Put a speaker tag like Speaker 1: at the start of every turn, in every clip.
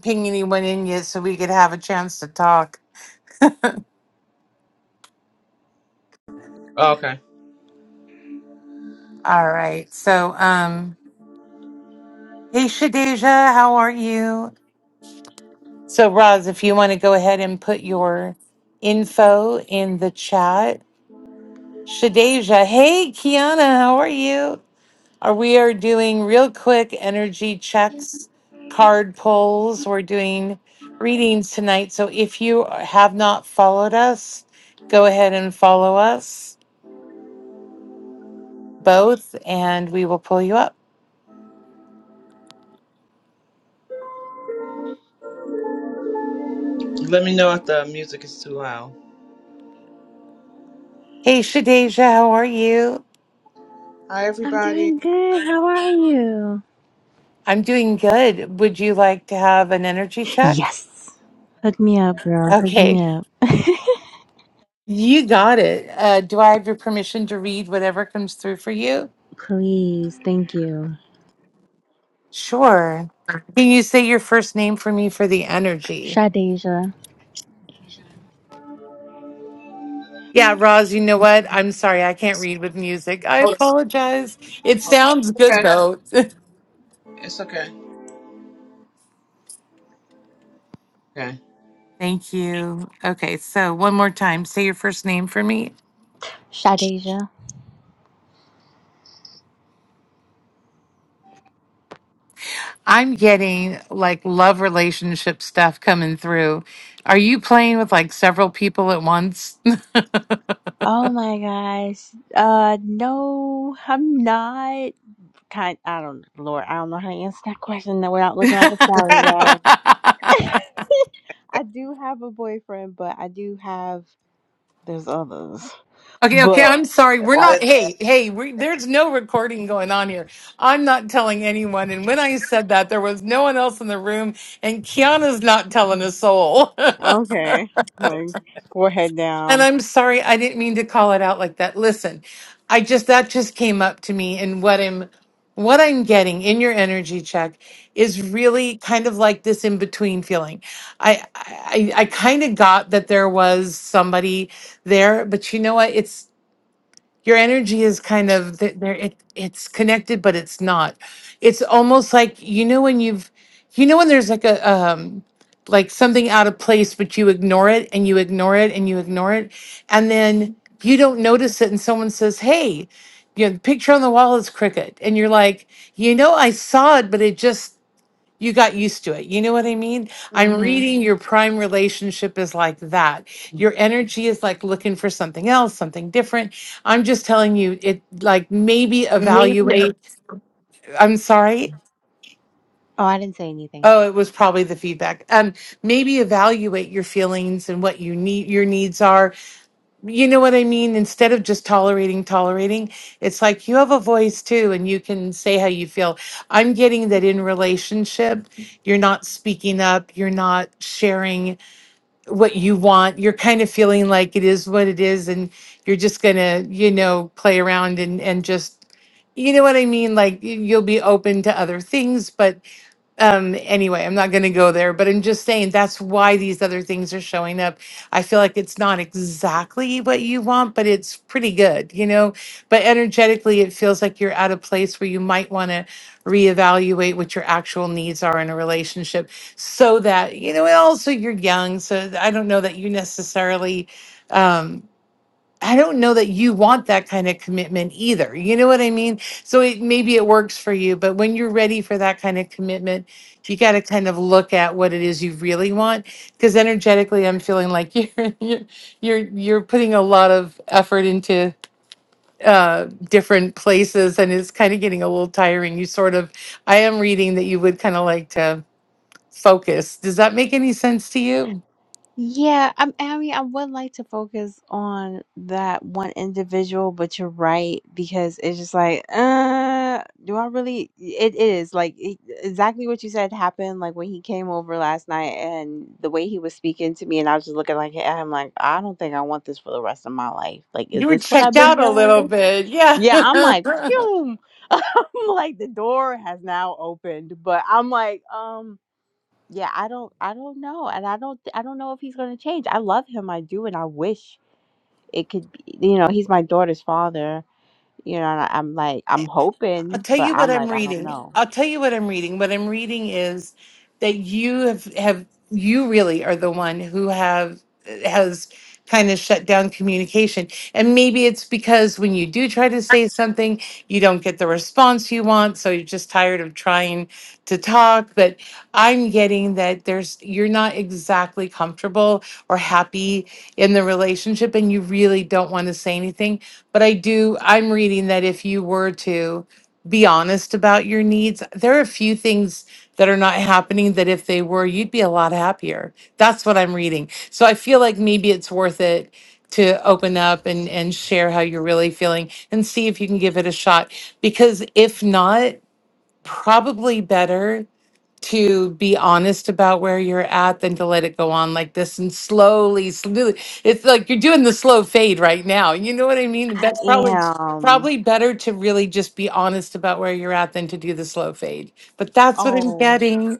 Speaker 1: ping anyone in yet so we could have a chance to talk.
Speaker 2: Oh, okay.
Speaker 1: All right. So, um, hey, Shadeja, how are you? So, Roz, if you want to go ahead and put your info in the chat. Shadeja, hey, Kiana, how are you? Are we are doing real quick energy checks, card pulls. We're doing readings tonight. So, if you have not followed us, go ahead and follow us both, and we will pull you up.
Speaker 2: Let me know if the music is too loud.
Speaker 1: Hey, Shadeja, how are you?
Speaker 2: Hi,
Speaker 3: I'm
Speaker 2: everybody.
Speaker 3: doing good. How are you?
Speaker 1: I'm doing good. Would you like to have an energy check?
Speaker 3: Yes. Hook me up, girl. Hook
Speaker 1: Okay,
Speaker 3: me up.
Speaker 1: you got it. Uh, do I have your permission to read whatever comes through for you?
Speaker 3: Please. Thank you.
Speaker 1: Sure. Can you say your first name for me for the energy?
Speaker 3: Shadeja.
Speaker 1: Yeah, Roz, you know what? I'm sorry, I can't read with music. I
Speaker 2: Hold
Speaker 1: apologize. It
Speaker 2: on.
Speaker 1: sounds good
Speaker 2: Okay.
Speaker 1: though.
Speaker 2: It's okay. Okay.
Speaker 1: Thank you. Okay, so one more time, say your first name for me.
Speaker 3: Shadeja.
Speaker 1: I'm getting like love relationship stuff coming through. Are you playing with like several people at once?
Speaker 3: Oh my gosh. Uh no, I'm not kind I don't Lord, I don't know how to answer that question without looking
Speaker 1: okay,
Speaker 3: like a scallywag. I do have a boyfriend, but I do have there's others.
Speaker 1: okay.
Speaker 3: But
Speaker 1: I'm sorry. We're
Speaker 3: I,
Speaker 1: not. Hey, hey. We, there's no recording going on here. I'm not telling anyone. And when I said that, there was no one else in the room, and Kiana's not telling a soul.
Speaker 3: okay. Like forehead
Speaker 1: And
Speaker 3: down.
Speaker 1: I'm sorry, I didn't mean to call it out like that. Listen, I just that just came up to me and what I'm what I'm getting in your energy check is really kind of like this in between feeling. I I, I kind of got that there was somebody there, but you know what? It's your energy is kind of th- there it it's connected but it's not it's almost like you know when you've you know when there's like a um like something out of place but you ignore it and you ignore it and you ignore it and then you don't notice it and someone says hey you know the picture on the wall is crooked," and you're like you know i saw it but it just you got used to it. You know what I mean? I'm Mhm.
Speaker 3: Mm-hmm.
Speaker 1: reading your prime relationship is like that. Your energy is like looking for something else, something different. I'm just telling you, it like maybe
Speaker 4: Me-
Speaker 1: evaluate. I'm sorry.
Speaker 3: Oh, I didn't say anything.
Speaker 1: Oh, it was probably the feedback. Um, maybe evaluate your feelings and what you need, your needs are you know what I mean? Instead of just tolerating, tolerating, it's like you have a voice too, and you can say how you feel. I'm getting that in relationship, you're not speaking up, you're not sharing what you want. You're kind of feeling like it is what it is, and you're just gonna, you know, play around and and just, you know what I mean? Like y- you'll be open to other things, but um anyway i'm not going to go there but i'm just saying that's why these other things are showing up i feel like it's not exactly what you want but it's pretty good you know but energetically it feels like you're at a place where you might want to reevaluate what your actual needs are in a relationship so that you know and also you're young so i don't know that you necessarily um, I don't know that you want that kind of commitment either. You know what I mean? So it maybe it works for you, but when you're ready for that kind of commitment, you got to kind of look at what it is you really want because energetically I'm feeling like you're you're you're you're putting a lot of effort into uh different places and it's kind of getting a little tiring. You sort of I am reading that you would kind of like to focus. Does that make any sense to you?
Speaker 3: Yeah, I'm, I mean, I would like to focus on that one individual, but you're right because it's just like, uh, do I really? It is like it, exactly what you said happened. Like when he came over last night and the way he was speaking to me, and I was just looking like at him, like I don't think I want this for the rest of my life. Like, is
Speaker 1: You were
Speaker 3: this what I've
Speaker 1: checked
Speaker 3: been
Speaker 1: out a
Speaker 3: dealing
Speaker 1: little
Speaker 3: with?
Speaker 1: bit.
Speaker 3: Yeah,
Speaker 1: Yeah.
Speaker 3: I'm like, phew. I'm like the door has now opened, but I'm like, um. Yeah, I don't I don't know. And I don't I don't know if he's going to change. I love him, I do, and I wish it could be, you know, he's my daughter's father. You know, and I, I'm like I'm
Speaker 1: I'll
Speaker 3: hoping,
Speaker 1: tell
Speaker 3: but
Speaker 1: you what
Speaker 3: I'm
Speaker 1: I'm
Speaker 3: like I don't
Speaker 1: reading.
Speaker 3: know.
Speaker 1: I'll tell you what I'm reading. What I'm reading is that you have have you really are the one who have has kind of shut down communication. And maybe it's because when you do try to say something, you don't get the response you want, so you're just tired of trying to talk, but I'm getting that there's you're not exactly comfortable or happy in the relationship and you really don't want to say anything, but I do I'm reading that if you were to be honest about your needs. There are a few things that are not happening that if they were, you'd be a lot happier. That's what I'm reading. So I feel like maybe it's worth it to open up and and share how you're really feeling and see if you can give it a shot because if not, probably better to be honest about where you're at than to let it go on like this and slowly, slowly. It's like you're doing the slow fade right now. You know what I mean?
Speaker 3: I
Speaker 1: That's probably
Speaker 3: am.
Speaker 1: probably better to really just be honest about where you're at than to do the slow fade. But that's what I'm
Speaker 3: Oh.
Speaker 1: getting.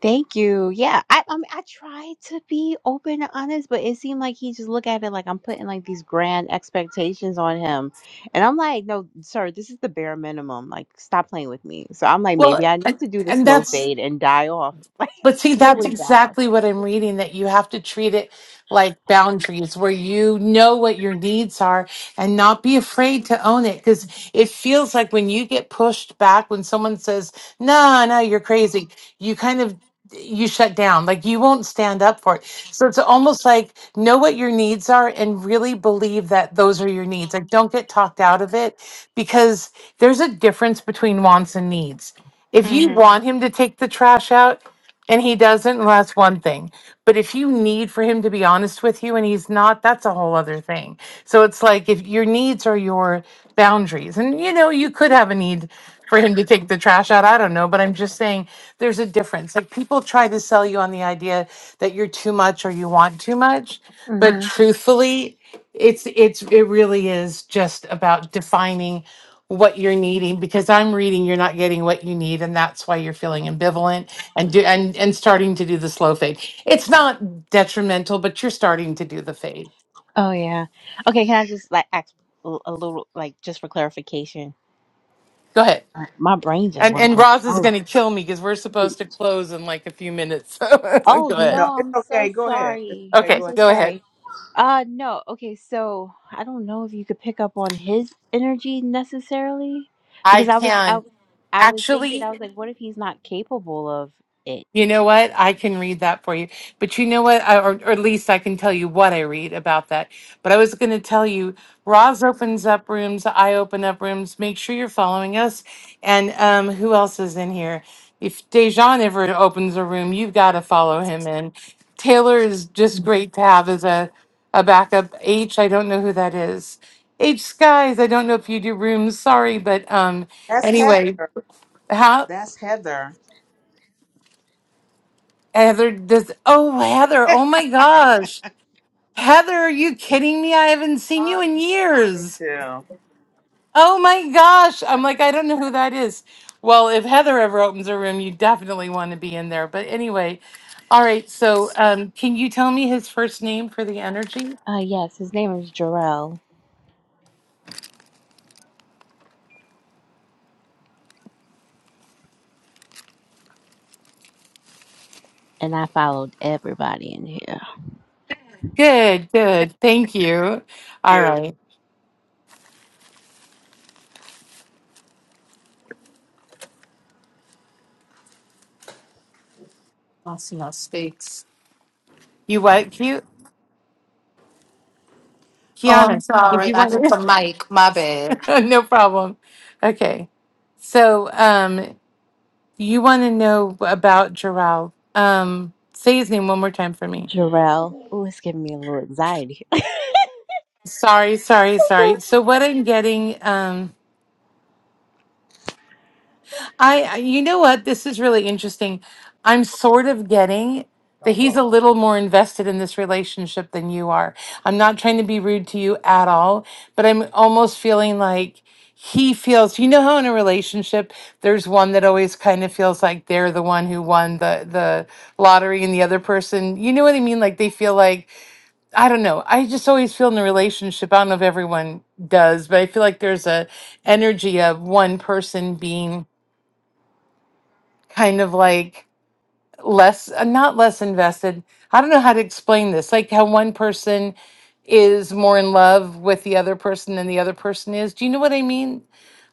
Speaker 3: Thank you. Yeah, I I, mean, I tried to be open and honest, but it seemed like he just looked at it like I'm putting like these grand expectations on him, and I'm like, no, sir, this is the bare minimum. Like, stop playing with me. So I'm like, maybe
Speaker 1: Well,
Speaker 3: I
Speaker 1: and,
Speaker 3: need to do the
Speaker 1: and
Speaker 3: slow
Speaker 1: that's
Speaker 3: fade and die off, like
Speaker 1: But see, that's
Speaker 3: slowly die.
Speaker 1: exactly what I'm reading that you have to treat it like boundaries where you know what your needs are and not be afraid to own it. Because it feels like when you get pushed back, when someone says, no, no, you're crazy, you kind of you shut down like you won't stand up for it so it's almost like know what your needs are and really believe that those are your needs like don't get talked out of it because there's a difference between wants and needs if you
Speaker 3: hmm
Speaker 1: want him to take the trash out and he doesn't, well, that's one thing. But if you need for him to be honest with you and he's not, that's a whole other thing. So it's like if your needs are your boundaries, and you know, you could have a need for him to take the trash out. I don't know. But I'm just saying there's a difference. Like people try to sell you on the idea that you're too much or you want too much. But Mhm.
Speaker 3: hmm
Speaker 1: truthfully, it's, it's, it really is just about defining what you're needing because I'm reading you're not getting what you need. And that's why you're feeling ambivalent and do and and starting to do the slow fade. It's not detrimental, but you're starting to do the fade.
Speaker 3: Oh yeah. Okay, can I just like ask a a little, like just for clarification?
Speaker 1: Go ahead.
Speaker 3: My brain just
Speaker 1: And
Speaker 3: went
Speaker 1: and
Speaker 3: blank.
Speaker 1: Roz is
Speaker 3: Oh,
Speaker 1: going to kill me because we're
Speaker 3: shoot.
Speaker 1: supposed to close in like a few minutes. So
Speaker 3: oh
Speaker 1: go ahead.
Speaker 2: No,
Speaker 3: no,
Speaker 2: it's
Speaker 3: I'm so
Speaker 2: okay. Go ahead. It's
Speaker 3: sorry.
Speaker 2: okay.
Speaker 3: I'm
Speaker 2: Go
Speaker 1: Okay,
Speaker 2: ahead.
Speaker 3: so
Speaker 1: go
Speaker 3: sorry.
Speaker 1: ahead.
Speaker 3: Uh no. Okay, so I don't know if you could pick up on his energy necessarily
Speaker 1: I
Speaker 3: because I was I,
Speaker 1: can
Speaker 3: I was thinking I
Speaker 1: actually.
Speaker 3: was like what if he's not capable of it?
Speaker 1: You know what? I can read that for you. But you know what? I, or, or at least I can tell you what I read about that. But I was going to tell you, Roz opens up rooms. I open up rooms. Make sure you're following us. And um, who else is in here? If Dejan ever opens a room, you've got to follow him in. Taylor is just great to have as a, a backup. H, I don't know who that is. H Skies, I don't know if you do rooms. Sorry. But um,
Speaker 2: That's
Speaker 1: anyway,
Speaker 2: Heather.
Speaker 1: how?
Speaker 2: That's Heather.
Speaker 1: Heather does. Oh, Heather. Oh my gosh. Heather, are you kidding me? I haven't seen you
Speaker 2: I'm
Speaker 1: in
Speaker 2: me
Speaker 1: years.
Speaker 2: too.
Speaker 1: Oh my gosh. I'm like, I don't know who that is. Well, if Heather ever opens a room, you definitely want to be in there. But anyway, all right. So, um, can you tell me his first name for the energy?
Speaker 3: Uh yes, his name is Jarrell and I followed everybody in here.
Speaker 1: Good, good. Thank you. All
Speaker 2: You.
Speaker 1: right.
Speaker 4: Asma speaks.
Speaker 1: You what? Cute.
Speaker 4: Oh, I'm
Speaker 1: Kiana, did
Speaker 4: sorry.
Speaker 1: you
Speaker 4: I
Speaker 1: want
Speaker 4: hit the mic. My bad.
Speaker 1: No problem. Okay. So, um, You want to know about Jarrell. Um, say his name one more time for me.
Speaker 3: Jarrell. Oh, it's giving me a little anxiety.
Speaker 1: Sorry, sorry,
Speaker 3: yeah,
Speaker 1: sorry. So what I'm getting, um, I, I you know what? This is really interesting. I'm sort of getting that
Speaker 2: Don't
Speaker 1: he's a little more invested in this relationship than you are. I'm not trying to be rude to you at all, but I'm almost feeling like he feels, you know how in a relationship there's one that always kind of feels like they're the one who won the the lottery and the other person, you know what I mean? Like they feel like I don't know. I just always feel in a relationship, I don't know if everyone does, but I feel like there's a energy of one person being kind of like less uh, not less invested. I don't know how to explain this. Like how one person is more in love with the other person than the other person is. Do you know what I mean?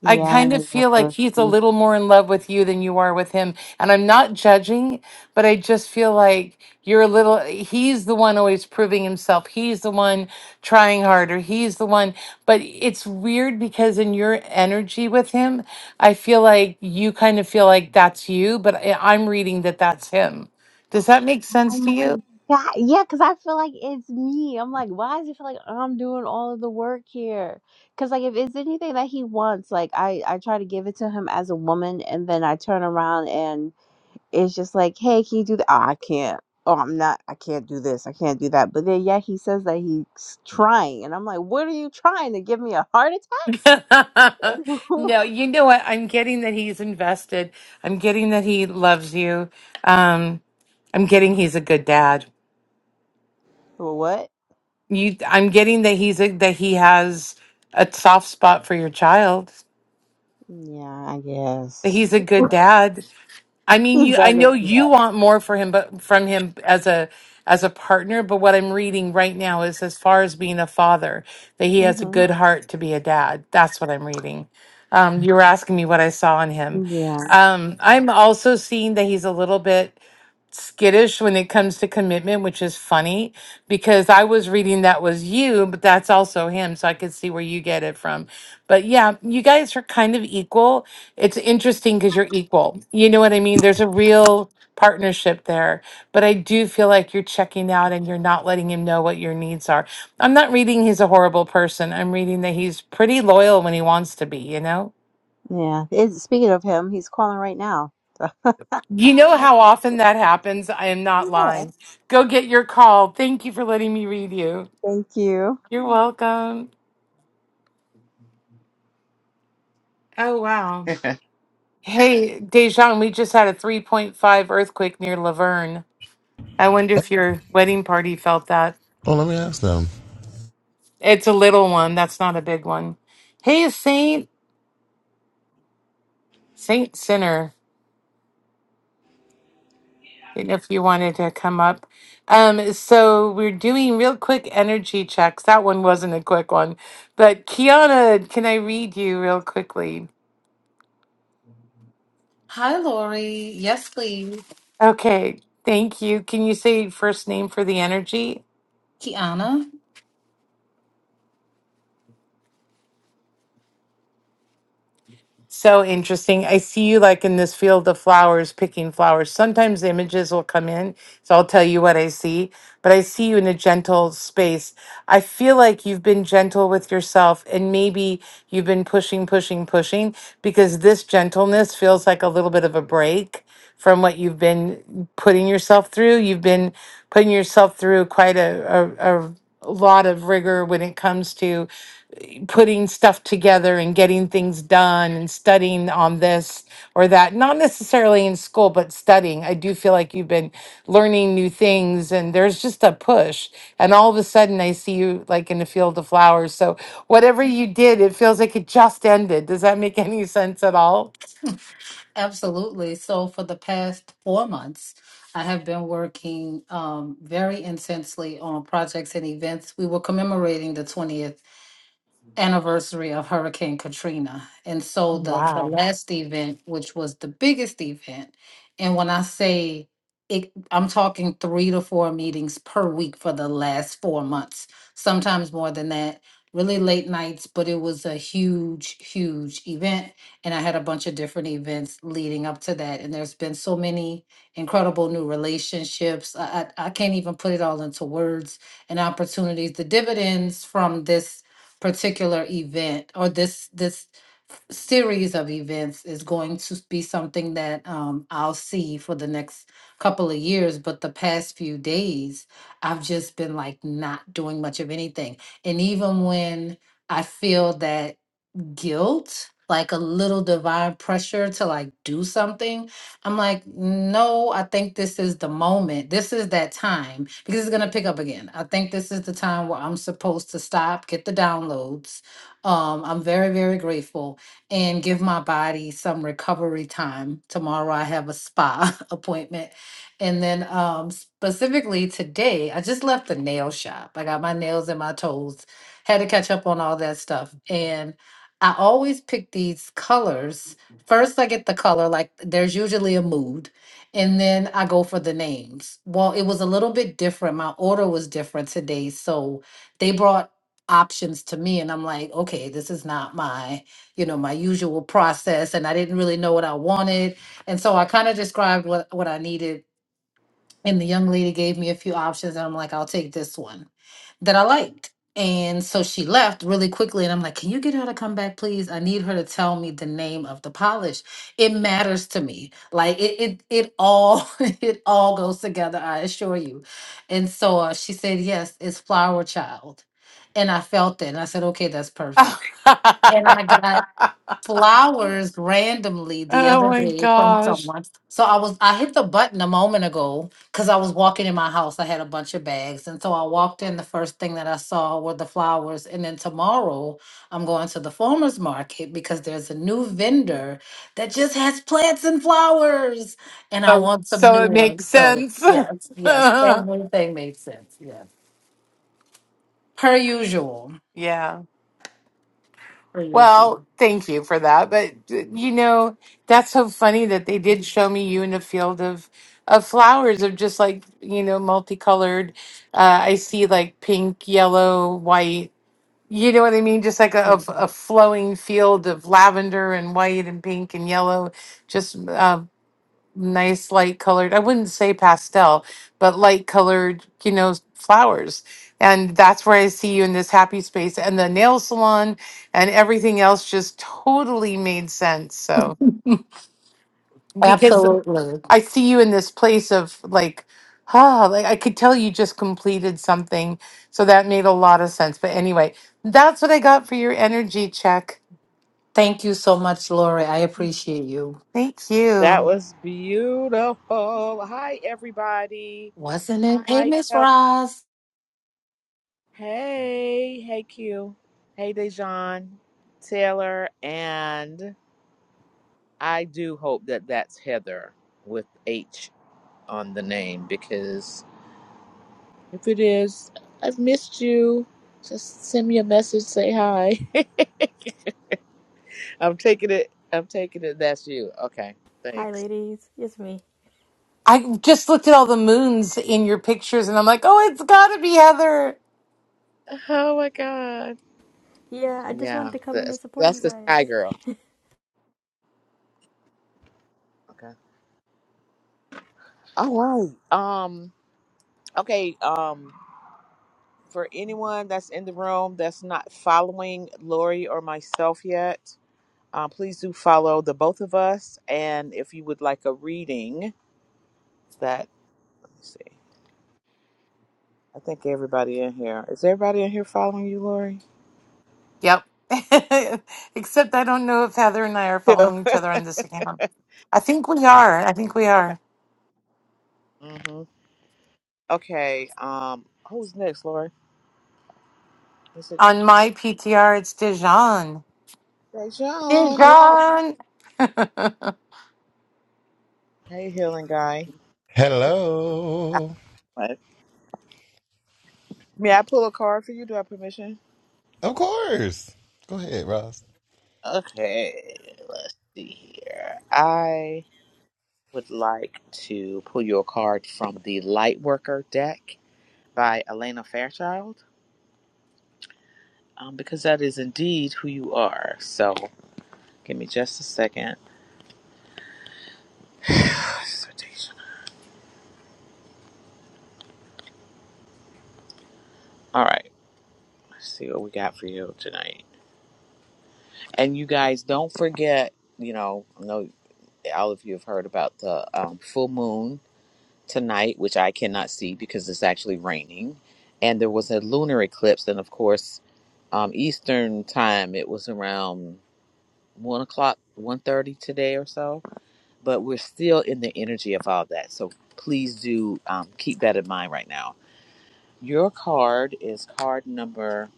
Speaker 1: I
Speaker 3: I
Speaker 1: kind of
Speaker 3: don't
Speaker 1: feel like
Speaker 3: know.
Speaker 1: he's a little more in love with you than you are with him. And I'm not judging, but I just feel like you're a little, he's the one always proving himself. He's the one trying harder. He's the one, but it's weird because in your energy with him, I feel like you kind of feel like that's you, but I- I'm reading that that's him. Does that make
Speaker 3: Oh
Speaker 1: sense to
Speaker 3: my
Speaker 1: you?
Speaker 3: God. Yeah, because I feel like it's me. I'm like, why does it feel like I'm doing all of the work here? Because, like, if it's anything that he wants, like, I, I try to give it to him as a woman, and then I turn around and it's just like, hey, can you do that? Oh, I can't. Oh, I'm not. I can't do this. I can't do that. But then, yeah, he says that he's trying. And I'm like, what are you trying to give me a heart attack? Like,
Speaker 1: no, you know what? I'm getting that he's invested. I'm getting that he loves you. Um, I'm
Speaker 3: well,
Speaker 1: getting he's a good dad.
Speaker 3: what?
Speaker 1: You, I'm getting that he's a, that he has a soft spot for your child.
Speaker 3: Yeah, I guess.
Speaker 1: That he's a good dad I mean,
Speaker 3: He's
Speaker 1: you. I
Speaker 3: better
Speaker 1: know
Speaker 3: than
Speaker 1: you
Speaker 3: that.
Speaker 1: want more for him, but from him as a as a partner. But what I'm reading right now is, as far as being a father, that he has a good heart to be a dad. That's what I'm reading. Um, you were asking me what I saw in him.
Speaker 3: Mm-hmm.
Speaker 1: Um, I'm also seeing that he's a little bit skittish when it comes to commitment, which is funny because I was reading that was you, but that's also him. So I could see where you get it from. But yeah, you guys are kind of equal. It's interesting because you're equal. You know what I mean? There's a real partnership there. But I do feel like you're checking out and you're not letting him know what your needs are. I'm not reading he's a horrible person. I'm reading that he's pretty loyal when he wants to be, you know?
Speaker 3: Yeah. It, speaking of him, he's calling right now.
Speaker 1: You
Speaker 3: Ah,
Speaker 1: know
Speaker 3: that's-
Speaker 1: how often that happens. I am not
Speaker 3: Yeah.
Speaker 1: lying. Go get your call. Thank you for letting me read you.
Speaker 3: Thank you.
Speaker 1: You're welcome. Oh, wow.
Speaker 2: bump.
Speaker 1: Hey, Dejan, we just had a 3.5 earthquake near Laverne. I wonder if your wedding party felt that.
Speaker 5: Well, let me ask them.
Speaker 1: It's a little one. That's not a big one. Hey, Saint, Saint Sinner, if you wanted to come up. Um, so we're doing real quick energy checks. That one wasn't a quick one, but Kiana, can I read you real quickly?
Speaker 4: Hi, Lori. Yes, please.
Speaker 1: Okay, thank you. Can you say first name for the energy?
Speaker 4: Kiana.
Speaker 1: So interesting. I see you like in this field of flowers, picking flowers. Sometimes images will come in, so I'll tell you what I see, but I see you in a gentle space. I feel like you've been gentle with yourself and maybe you've been pushing, pushing, pushing because this gentleness feels like a little bit of a break from what you've been putting yourself through. You've been putting yourself through quite a, a, a lot of rigor when it comes to putting stuff together and getting things done and studying on this or that not necessarily in school but studying i do feel like you've been learning new things and there's just a push and all of a sudden i see you like in a field of flowers so whatever you did it feels like it just ended does that make any sense at all
Speaker 4: Absolutely. So, for the past four months, I have been working um, very intensely on projects and events. We were commemorating the 20th. anniversary of Hurricane Katrina. And so the, the
Speaker 1: wow
Speaker 4: last event, which was the biggest event, and when I say it, I'm talking three to four meetings per week for the last four months, sometimes more than that, really late nights, but it was a huge, huge event. And I had a bunch of different events leading up to that. And there's been so many incredible new relationships. I, I, I can't even put it all into words and opportunities. The dividends from this particular event or this this series of events is going to be something that um, I'll see for the next couple of years. But the past few days, I've just been like not doing much of anything. And even when I feel that guilt, like a little divine pressure to like do something. I'm like, no, I think this is the moment. This is that time because it's going to pick up again. I think this is the time where I'm supposed to stop, get the downloads. Um, I'm very, very grateful and give my body some recovery time. Tomorrow I have a spa appointment. And then um, specifically today, I just left the nail shop. I got my nails and my toes had to catch up on all that stuff. And I always pick these colors. First, I get the color, like there's usually a mood, and then I go for the names. Well, it was a little bit different. My order was different today. So they brought options to me, and I'm like, okay, this is not my, you know, my usual process. And I didn't really know what I wanted. And so I kind of described what, what I needed and the young lady gave me a few options and i'm like i'll take this one that i liked and so she left really quickly and i'm like can you get her to come back please i need her to tell me the name of the polish it matters to me like it it, it all it all goes together i assure you and so uh, she said yes it's flower child and i felt it and i said okay that's
Speaker 1: oh
Speaker 4: perfect and i got flowers randomly the other
Speaker 1: my
Speaker 4: day from
Speaker 1: gosh
Speaker 4: someone. So I was I hit the button a moment ago because I was walking in my house. I had a bunch of bags. And so I walked in. The first thing that I saw were the flowers. And then tomorrow I'm going to the farmers market because there's a new vendor that just has plants and flowers. And I
Speaker 1: so
Speaker 4: want some
Speaker 1: so
Speaker 4: new
Speaker 1: it makes
Speaker 4: ones. So
Speaker 1: sense
Speaker 4: yes, yes, everything made sense. Yes. Per usual.
Speaker 1: yeah
Speaker 4: Per
Speaker 1: Well,
Speaker 4: usual.
Speaker 1: thank you for that. But uh, you know, that's so funny that they did show me you in a field of of flowers of just like, you know, multicolored. Uh, I see like pink, yellow, white. You know what I mean? Just like a,
Speaker 4: Yeah.
Speaker 1: a flowing field of lavender and white and pink and yellow, just uh, nice light colored i wouldn't say pastel but light colored you know flowers and that's where i see you in this happy space and the nail salon and everything else just totally made sense so because
Speaker 4: Absolutely.
Speaker 1: i see you in this place of like ah like i could tell you just completed something so that made a lot of sense but anyway that's what i got for your energy check
Speaker 4: Thank you so much, Lori. I appreciate you.
Speaker 1: thank
Speaker 2: That
Speaker 1: you
Speaker 2: was beautiful. Hi, everybody.
Speaker 4: Wasn't it? Hey,
Speaker 2: Hi,
Speaker 4: Miss
Speaker 2: Kelly.
Speaker 4: Ross.
Speaker 2: Hey, hey, Q. Hey, Dejan, Taylor, and I do hope that that's Heather with H. on the name because if it is, I've missed you. Just send me a message, say hi. I'm taking it. I'm taking it. That's you. Okay.
Speaker 6: Hi,
Speaker 2: Thanks.
Speaker 6: ladies. It's me.
Speaker 1: i just looked at all the moons in your pictures and i'm like oh it's gotta be heather
Speaker 2: Oh my god.
Speaker 6: Yeah, I just wanted
Speaker 2: Yeah.
Speaker 6: to come in and
Speaker 2: That's
Speaker 6: support
Speaker 2: that's
Speaker 6: you
Speaker 2: the
Speaker 6: guys.
Speaker 2: sky girl. Okay. All right. Um. Okay. Um. For anyone that's in the room that's not following Lori or myself yet, um, please do follow the both of us. And if you would like a reading, that let me see. I think everybody in here is everybody in here following you, Lori?
Speaker 1: Yep. Except I don't know if Heather and I are
Speaker 2: Yeah.
Speaker 1: following each other on this account. I think we are. I think we
Speaker 2: okay.
Speaker 1: are.
Speaker 2: hmm Okay. Um, who's next, Lori? Is it
Speaker 1: On my PTR, it's Dijon.
Speaker 2: Dejan?
Speaker 1: Dijon!
Speaker 2: Hey, healing guy.
Speaker 5: Hello.
Speaker 2: What? May I pull a card for you? Do I have permission?
Speaker 5: Of course. Go ahead, Ross.
Speaker 2: Okay. Let's see here. I would like to pull you a card from the Lightworker deck by Elena Fairchild, um, because that is indeed who you are. So, give me just a second. So Dejan. All right, let's see what we got for you tonight. And you guys, don't forget, you know, I know all of you have heard about the um, full moon tonight, which I cannot see because it's actually raining. And there was a lunar eclipse, and of course, um, Eastern time, it was around one o'clock, one thirty today or so. But we're still in the energy of all that, so please do um, keep that in mind right now. Your card is card number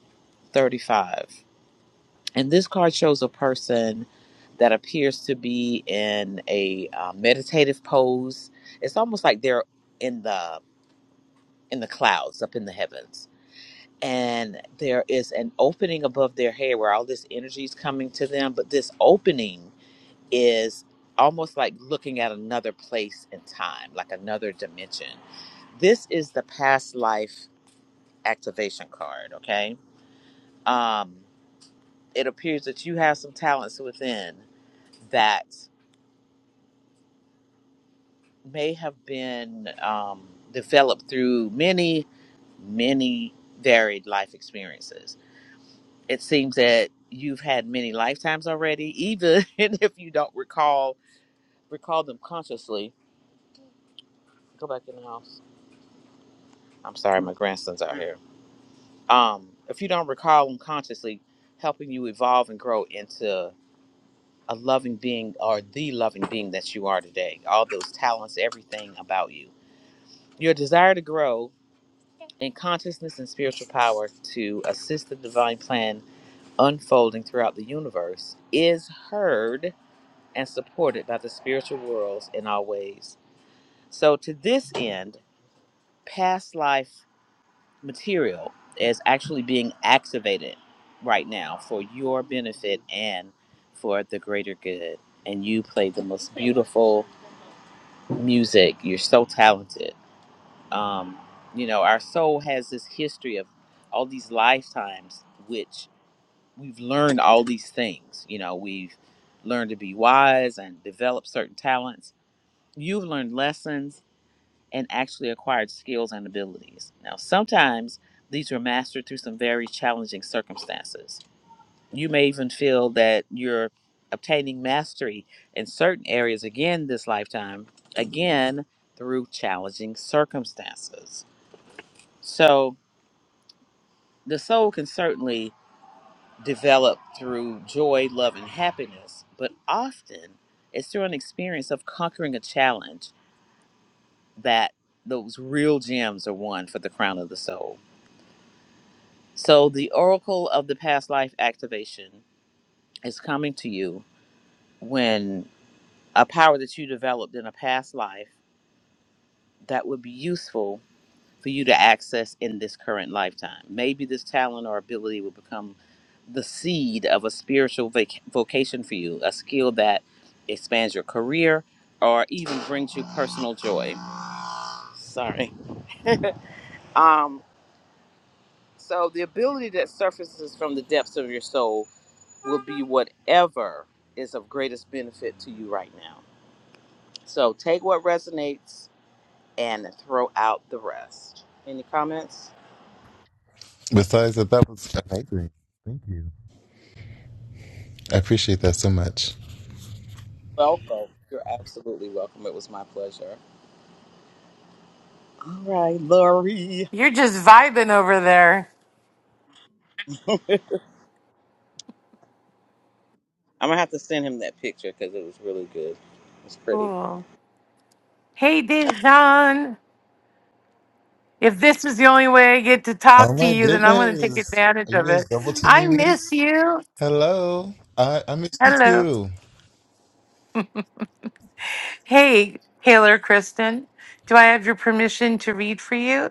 Speaker 2: thirty-five. And this card shows a person that appears to be in a uh, meditative pose. It's almost like they're in the in the clouds, up in the heavens, and there is an opening above their head where all this energy is coming to them. But this opening is almost like looking at another place in time, like another dimension. This is the past life activation card. Okay, um, it appears that you have some talents within that may have been um, developed through many, many varied life experiences. It seems that you've had many lifetimes already, even if you don't recall recall them consciously. Go back in the house. I'm sorry, my grandson's out here. Um, if you don't recall them consciously, helping you evolve and grow into a loving being or the loving being that you are today. All those talents, everything about you. Your desire to grow in consciousness and spiritual power to assist the divine plan unfolding throughout the universe is heard and supported by the spiritual worlds in all ways. So, to this end, past life material is actually being activated right now for your benefit and for the greater good. And you play the most beautiful music. You're so talented. um, you know our soul has this history of all these lifetimes which we've learned all these things you know we've learned to be wise and develop certain talents you've learned lessons and actually acquired skills and abilities now sometimes these were mastered through some very challenging circumstances you may even feel that you're obtaining mastery in certain areas again this lifetime again through challenging circumstances so The soul can certainly develop through joy, love, and happiness, but often it's through an experience of conquering a challenge that those real gems are won for the crown of the soul. So, the oracle of the past life activation is coming to you when a power that you developed in a past life that would be useful for you to access in this current lifetime. Maybe this talent or ability will become the seed of a spiritual vac- vocation for you, a skill that expands your career or even brings you personal joy. Sorry. Um, so, the ability that surfaces from the depths of your soul will be whatever is of greatest benefit to you right now. So, take what resonates and throw out the rest. Any comments?
Speaker 5: Besides that, that was amazing. Thank you. I appreciate that so much.
Speaker 2: welcome. You're absolutely welcome. It was my pleasure. All right, Lori.
Speaker 1: You're just vibing over there.
Speaker 2: I'm gonna have to send him that picture because it was really good. It's pretty.
Speaker 1: Cool. Hey, Dijon. If this is the only way I get to
Speaker 5: Oh
Speaker 1: talk to
Speaker 5: my
Speaker 1: you, then I'm going to take
Speaker 5: goodness.
Speaker 1: advantage
Speaker 5: Are you
Speaker 1: of
Speaker 5: guys
Speaker 1: it.
Speaker 5: double
Speaker 1: I
Speaker 5: teaming me?
Speaker 1: miss you.
Speaker 5: Hello. I, I miss you
Speaker 1: Hello.
Speaker 5: too.
Speaker 1: Hey, Taylor Kristen. Do I have your permission to read for you?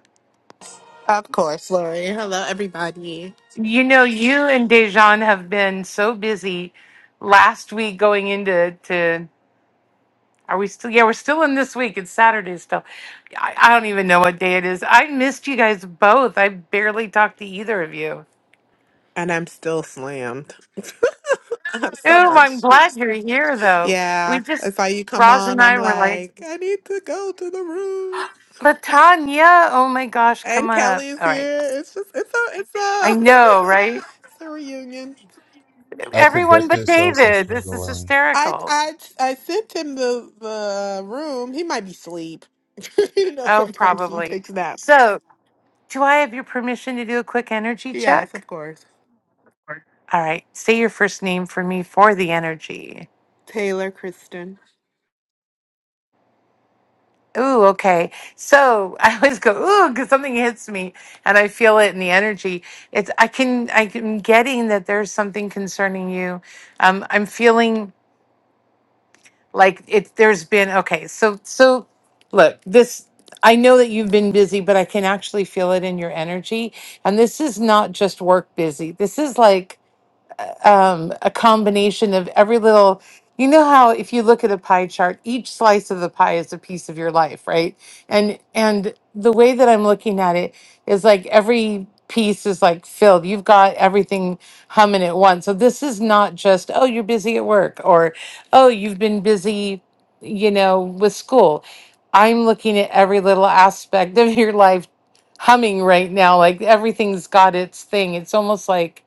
Speaker 7: Of course, Lori. Hello, everybody.
Speaker 1: You know, you and Dejan have been so busy last week going into to are we still yeah, we're still in this week. It's Saturday still. I, I don't even know what day it is. I missed you guys both. I barely talked to either of you.
Speaker 7: And I'm still slammed. I have so
Speaker 1: Oh, I'm
Speaker 7: much.
Speaker 1: glad you're here though. We
Speaker 7: Yeah,
Speaker 1: just
Speaker 7: it's like you come
Speaker 1: Roz and
Speaker 7: on. I'm
Speaker 1: I were like
Speaker 7: like, I need to go to the room.
Speaker 1: Latanya, oh my gosh, come
Speaker 7: And
Speaker 1: on up.
Speaker 7: Kelly's
Speaker 1: All right.
Speaker 7: here. It's just, it's a, it's
Speaker 1: I
Speaker 7: a,
Speaker 1: know, right?
Speaker 7: it's a reunion.
Speaker 5: Our
Speaker 1: Everyone
Speaker 5: projector
Speaker 1: but
Speaker 5: is are
Speaker 1: David. This is
Speaker 5: struggling.
Speaker 7: I,
Speaker 1: hysterical.
Speaker 7: I, I sent him the the room. He might be asleep. you know,
Speaker 1: Oh,
Speaker 7: sometimes he
Speaker 1: probably.
Speaker 7: takes naps.
Speaker 1: So Do I have your permission to do a quick energy
Speaker 7: Yes,
Speaker 1: check?
Speaker 7: of course.
Speaker 1: All right, say your first name for me for the energy.
Speaker 7: Taylor Kristen.
Speaker 1: Ooh, okay. So I always go ooh because something hits me, and I feel it in the energy. It's I can I am getting that there's something concerning you. Um, I'm feeling like it. There's been okay. So so look this. I know that you've been busy, but I can actually feel it in your energy. And this is not just work busy. This is like um, a combination of every little you know how if you look at a pie chart each slice of the pie is a piece of your life right and and the way that i'm looking at it is like every piece is like filled you've got everything humming at once so this is not just oh you're busy at work or oh you've been busy you know with school i'm looking at every little aspect of your life humming right now like everything's got its thing it's almost like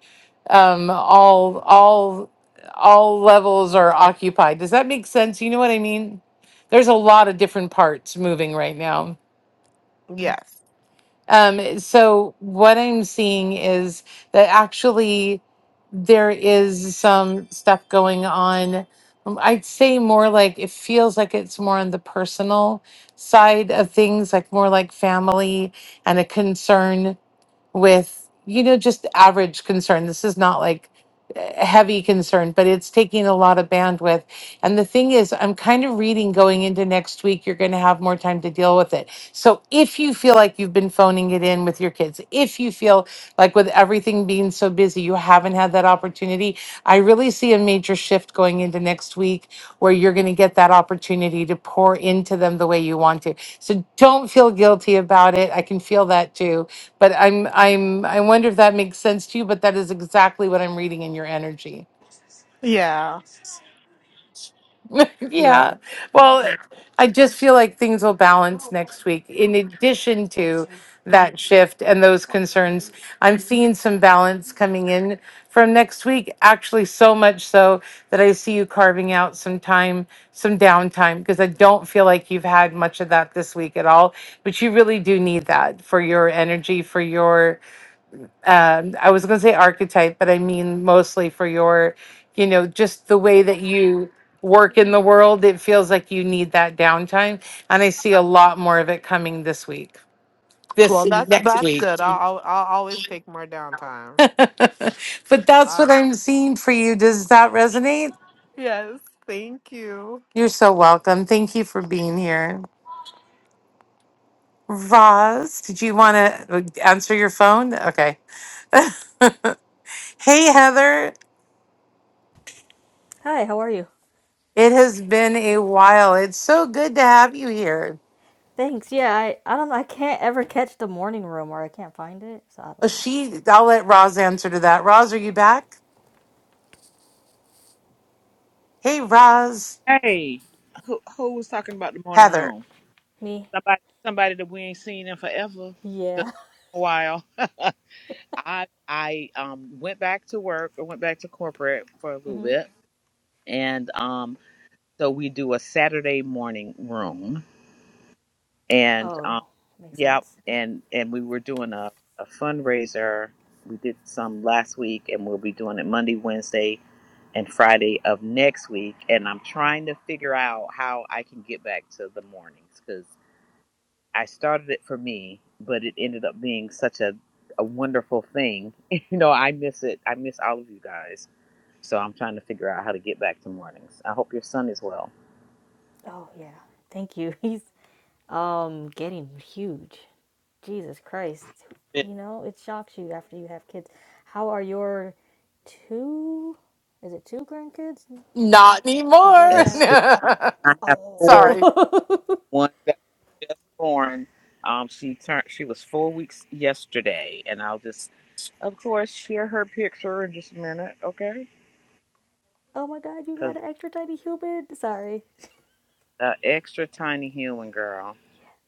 Speaker 1: um, all all all levels are occupied. Does that make sense? You know what I mean? There's a lot of different parts moving right now.
Speaker 7: Yes.
Speaker 1: Um, so what I'm seeing is that actually there is some stuff going on. um, I'd say more like it feels like it's more on the personal side of things, like more like family and a concern with you know just average concern this is not like uh, heavy concern but it's taking a lot of bandwidth and the thing is i'm kind of reading going into next week you're going to have more time to deal with it so if you feel like you've been phoning it in with your kids if you feel like with everything being so busy you haven't had that opportunity i really see a major shift going into next week where you're going to get that opportunity to pour into them the way you want to so don't feel guilty about it i can feel that too but I'm I'm I wonder if that makes sense to you, but that is exactly what I'm reading in your energy.
Speaker 7: Yeah. Yeah.
Speaker 1: Yeah. Well, Yeah. I just feel like things will balance next week. In addition to that shift and those concerns, I'm seeing some balance coming in from next week, actually so much so that I see you carving out some time, some downtime, because I don't feel like you've had much of that this week at all. But you really do need that for your energy, for your um, I was going to say archetype, but I mean mostly for your, you know, just the way that you work in the world. It feels like you need that downtime. And I see a lot more of it coming this week, this
Speaker 7: Well, that's
Speaker 1: next
Speaker 7: that's
Speaker 1: week.
Speaker 7: good. I'll I'll, I'll always take more downtime.
Speaker 1: but that's
Speaker 7: I,
Speaker 1: what I'm seeing for you. Does that resonate?
Speaker 7: yes, thank you.
Speaker 1: You're so welcome. Thank you for being here. Roz, did you want to answer your phone? Okay. Hey, Heather.
Speaker 6: Hi, how are you?
Speaker 1: It has been a while. It's so good to have you here.
Speaker 6: Thanks. Yeah, I, I don't know. I can't ever catch the morning room or I can't find it. So I
Speaker 1: Oh,
Speaker 6: don't know.
Speaker 1: she. I'll let Roz answer to that. Roz, are you back? Hey, Roz.
Speaker 2: Hey, who who was talking about the morning
Speaker 1: Heather.
Speaker 2: room?
Speaker 6: Me?
Speaker 2: Somebody, somebody that we ain't seen in forever, 'cause
Speaker 6: Yeah.
Speaker 2: a while. I I um went back to work. I went back to corporate for a little
Speaker 6: hmm
Speaker 2: bit, and um so we do a Saturday morning room, and um,
Speaker 6: Oh, makes
Speaker 2: yep,
Speaker 6: sense.
Speaker 2: and and we were doing a, a fundraiser. We did some last week, and we'll be doing it Monday, Wednesday, and Friday of next week. And I'm trying to figure out how I can get back to the mornings because I started it for me, but it ended up being such a a wonderful thing. you know, I miss it. I miss all of you guys. So I'm trying to figure out how to get back to mornings. I hope your son is well.
Speaker 6: Oh, yeah. Thank you. He's um getting huge. Jesus Christ.
Speaker 2: Amen.
Speaker 6: You know, it shocks you after you have kids. How are your two? Is it two grandkids?
Speaker 1: Not
Speaker 6: Your daughter
Speaker 2: It's
Speaker 6: had.
Speaker 2: three.
Speaker 1: anymore.
Speaker 2: I have four
Speaker 1: Sorry,
Speaker 6: Oh.
Speaker 2: one that was just born. Um, she turned. She was four weeks yesterday, and I'll just, of course, share her picture in just a minute, okay?
Speaker 6: Oh my god, you
Speaker 2: Because
Speaker 6: got an extra tiny human. Sorry.
Speaker 2: uh, extra tiny human girl.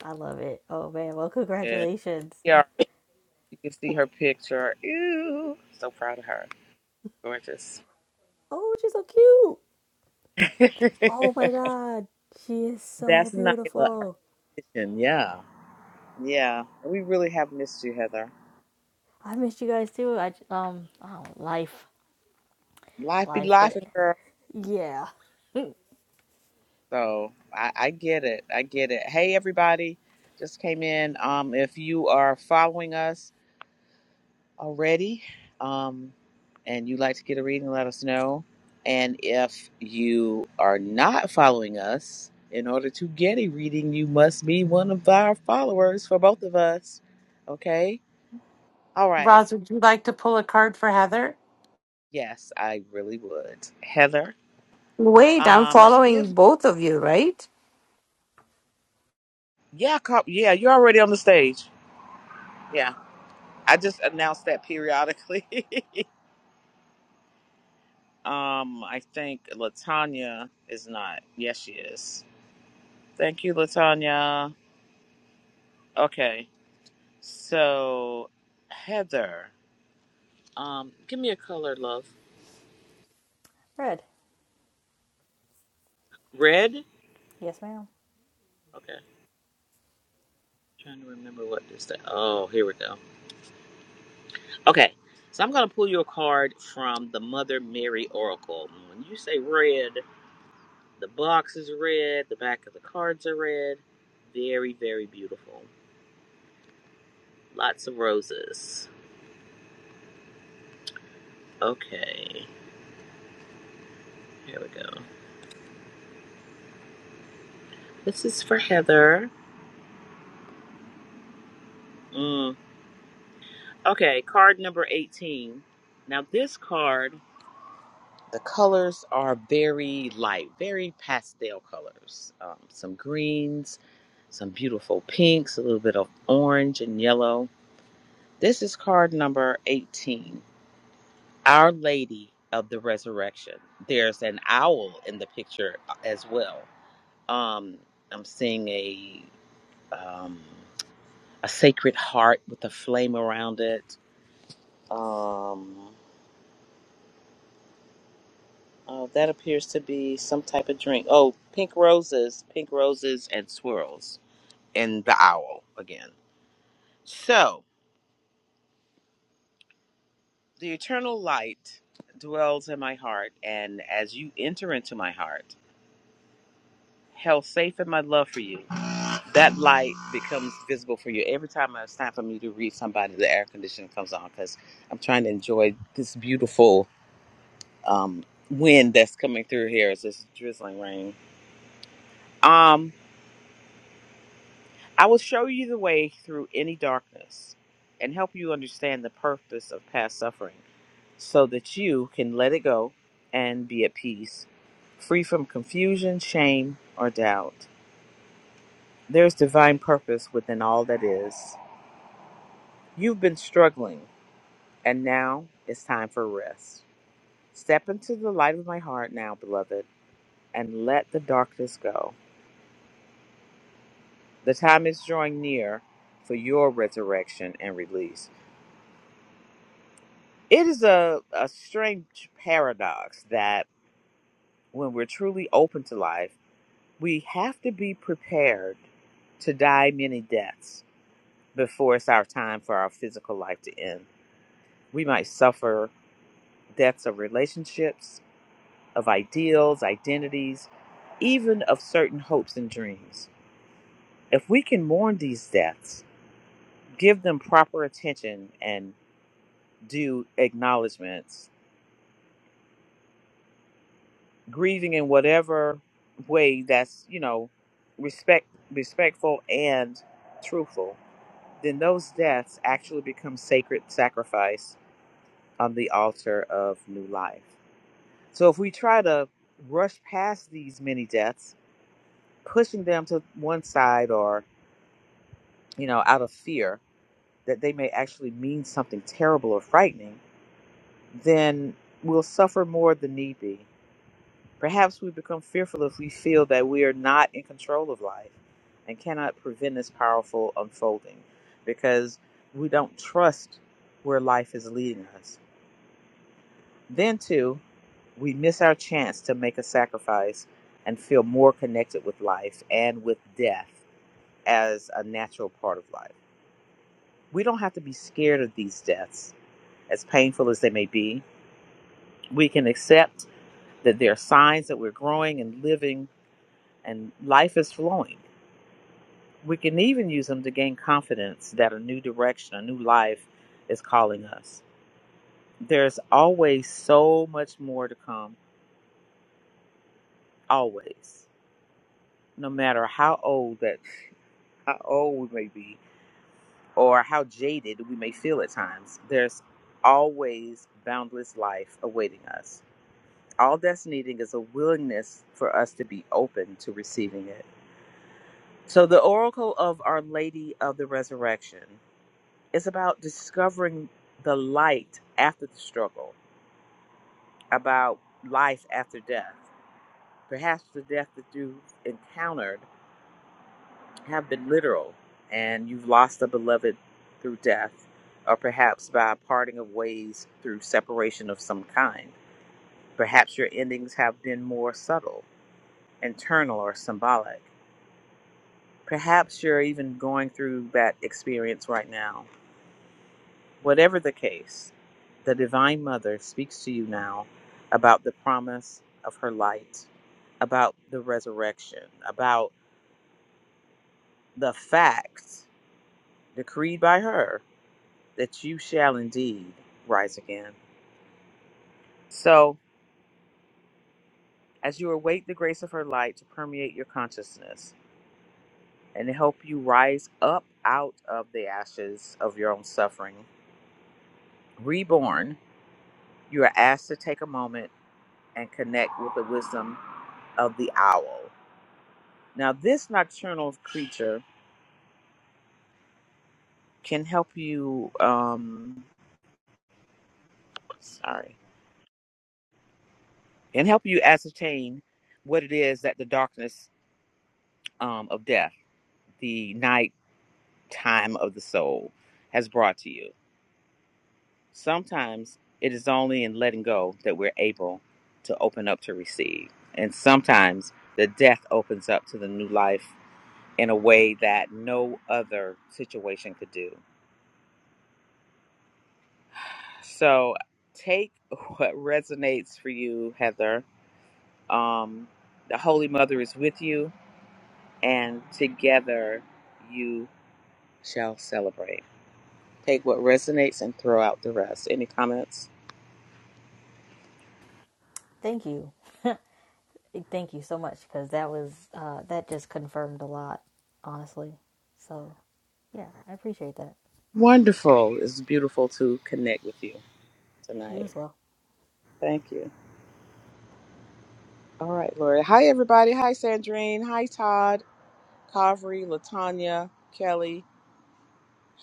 Speaker 6: I love it. Oh man, well,
Speaker 2: Yeah,
Speaker 6: congratulations.
Speaker 2: yeah. You can see her picture. Ew, so proud of her. Gorgeous.
Speaker 6: Oh, she's so cute.
Speaker 2: That's
Speaker 6: Oh my god, she is so
Speaker 2: Nyla, our
Speaker 6: beautiful.
Speaker 2: new addition. Yeah, yeah. We really have missed you, Heather.
Speaker 6: I missed you guys too. I um, oh, life,
Speaker 2: Life be
Speaker 6: life,
Speaker 2: life,
Speaker 6: but
Speaker 2: girl.
Speaker 6: yeah.
Speaker 2: So I, I get it. I get it. Hey, everybody, just came in. Um, if you are following us already, um, and you'd like to get a reading, let us know. And if you are not following us, in order to get a reading, you must be one of our followers for both of us. Okay. All right.
Speaker 1: Roz. Would you like to pull a card for Heather?
Speaker 2: Yes, I really would. Heather,
Speaker 8: Wait, I'm
Speaker 2: um, give
Speaker 8: following both of you, right?
Speaker 2: yeah, co- yeah. You're already on the stage. Yeah. I just announce that periodically. um, I think Latanya is not. Yes, she is. Thank you, Latanya. Okay, so Heather, um, give me a color, love.
Speaker 6: Red,
Speaker 2: Red.
Speaker 6: yes, ma'am.
Speaker 2: Okay, trying to remember what this. Thing. Oh, here we go. Okay, so I'm gonna pull you a card from the Mother Mary Oracle. When you say red, the box is red. The back of the cards are red. Very, very beautiful. Lots of roses Okay, here we go. This is for Heather. Mm. Okay, card number 18. Now, this card, the colors are very light, very pastel colors. Um, some greens, some beautiful pinks, a little bit of orange and yellow. This is card number 18 Our Lady of the Resurrection. There's an owl in the picture uh, as well. Um, I'm seeing a. Um, a sacred heart with a flame around it. Um, oh, that appears to be some type of drink. Oh, pink roses, pink roses, and swirls, and the owl again. So, the eternal light dwells in my heart, and as you enter into my heart, held safe in my love for you, that light becomes visible for you. Every time it's time for me to read somebody, the air conditioning comes on because I'm trying to enjoy this beautiful um, wind that's coming through here is this drizzling rain. Um, I will show you the way through any darkness and help you understand the purpose of past suffering so that you can let it go and be at peace, free from confusion, shame, or doubt. There is divine purpose within all that is. You've been struggling, and now it's time for rest. Step into the light of my heart now, beloved, and let the darkness go. The time is drawing near for your resurrection and release. It is a, a strange paradox that when we're truly open to life, we have to be prepared to die many deaths before it's our time for our physical life to end. We might suffer deaths of relationships, of ideals, identities, even of certain hopes and dreams. If we can mourn these deaths, give them proper attention and Due acknowledgments, grieving in whatever way that's you know respect respectful and truthful, then those deaths actually become sacred sacrifice on the altar of new life. So if we try to rush past these many deaths, pushing them to one side or you know out of fear that they may actually mean something terrible or frightening, then we'll suffer more than need be. Perhaps we become fearful if we feel that we are not in control of life and cannot prevent this powerful unfolding because we don't trust where life is leading us. Then, too, we miss our chance to make a sacrifice and feel more connected with life and with death as a natural part of life. We don't have to be scared of these deaths, as painful as they may be. We can accept that there are signs that we're growing and living and life is flowing. We can even use them to gain confidence that a new direction, a new life is calling us. There's always so much more to come, always. No matter how old that how old we may be or how jaded we may feel at times, there's always boundless life awaiting us. All that's needing is a willingness for us to be open to receiving it. So the oracle of Our Lady of the Resurrection. it's about discovering the light after the struggle, about life after death. Perhaps the death that you've encountered have been literal and you've lost a beloved through death, or perhaps by parting of ways through separation of some kind. Perhaps your endings have been more subtle, internal, or symbolic. Perhaps you're even going through that experience right now Whatever the case, the Divine Mother speaks to you now about the promise of her light, about the resurrection, about the fact decreed by her that you shall indeed rise again. So, as you await the grace of her light to permeate your consciousness and to help you rise up out of the ashes of your own suffering, reborn, you are asked to take a moment and connect with the wisdom of the owl. Now, this nocturnal creature can help you, um, sorry, can help you ascertain what it is that the darkness um, of death, the night time of the soul, has brought to you. Sometimes it is only in letting go that we're able to open up to receive. And sometimes the death opens up to the new life in a way that no other situation could do. So take what resonates for you, Heather Um, the Holy Mother is with you, and together you shall celebrate. Take what resonates and throw out the rest. Any comments?
Speaker 6: Thank you. Thank you so much because that was, uh, that just confirmed a lot, honestly. So, yeah, I appreciate that.
Speaker 2: Wonderful. It's beautiful to connect with you
Speaker 6: You
Speaker 2: tonight.
Speaker 6: as well.
Speaker 2: Thank you. All right, Lori. Hi, everybody. Hi, Sandrine. Hi, Todd, Kavri, Latanya, Kelly,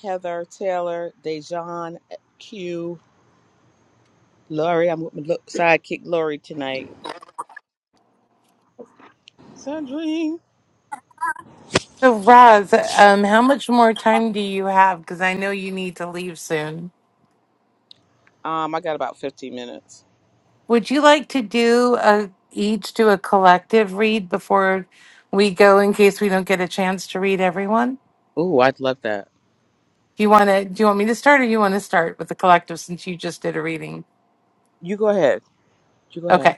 Speaker 2: Heather, Taylor, Dejan, Q, Lori. I'm with my lo- sidekick Lori tonight. Sandrine.
Speaker 1: So, Roz, um, how much more time do you have? Because I know you need to leave soon.
Speaker 2: Um, I got about 15 minutes.
Speaker 1: Would you like to do a each do a collective read before we go, in case we don't get a chance to read everyone?
Speaker 2: Ooh, I'd love that.
Speaker 1: Do you want to? Do you want me to start, or you want to start with the collective since you just did a reading?
Speaker 2: You go ahead. You go
Speaker 1: Okay.
Speaker 2: ahead.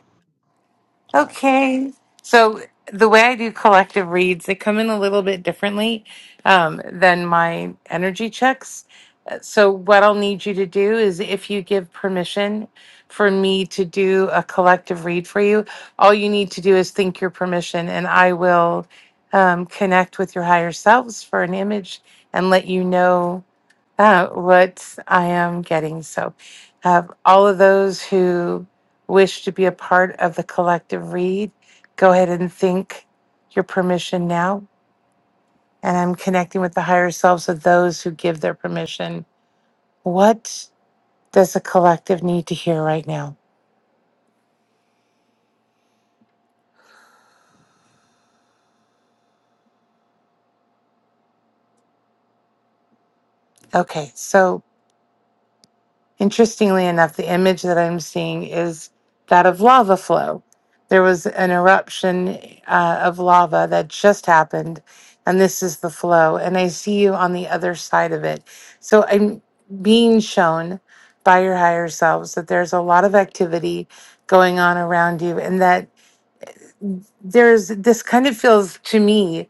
Speaker 2: All right.
Speaker 1: Okay. So the way I do collective reads, they come in a little bit differently um, than my energy checks. Uh, So what I'll need you to do is if you give permission for me to do a collective read for you, all you need to do is think your permission and I will um, connect with your higher selves for an image and let you know uh, what I am getting. So, uh, all of those who wish to be a part of the collective read, go ahead and think your permission now. And I'm connecting with the higher selves of those who give their permission. What does the collective need to hear right now? Okay, so Interestingly enough, the image that I'm seeing is that of lava flow. There was an eruption uh, of lava that just happened, and this is the flow. And I see you on the other side of it. So I'm being shown by your higher selves that there's a lot of activity going on around you, and that there's this kind of feels to me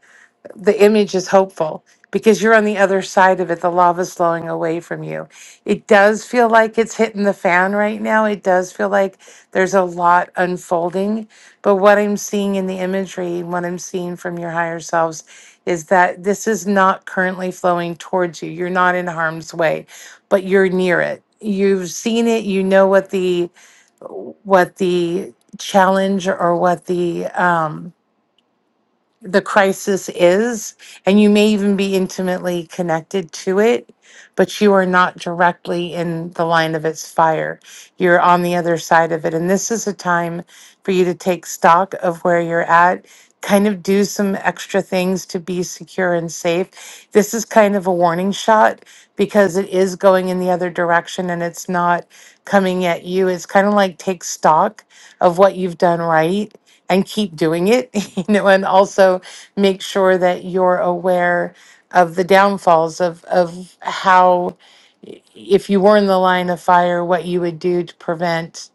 Speaker 1: the image is hopeful because you're on the other side of it. The lava's flowing away from you. It does feel like it's hitting the fan right now. It does feel like there's a lot unfolding. But what I'm seeing in the imagery, what I'm seeing from your higher selves, is that this is not currently flowing towards you. You're not in harm's way, but you're near it. You've seen it. You know what the what the challenge or what the um, the crisis is, and you may even be intimately connected to it, but you are not directly in the line of its fire. You're on the other side of it. And this is a time for you to take stock of where you're at, kind of do some extra things to be secure and safe. This is kind of a warning shot because it is going in the other direction and it's not coming at you. It's kind of like take stock of what you've done right and keep doing it, you know, and also make sure that you're aware of the downfalls of, of how, i- if you were in the line of fire, what you would do to prevent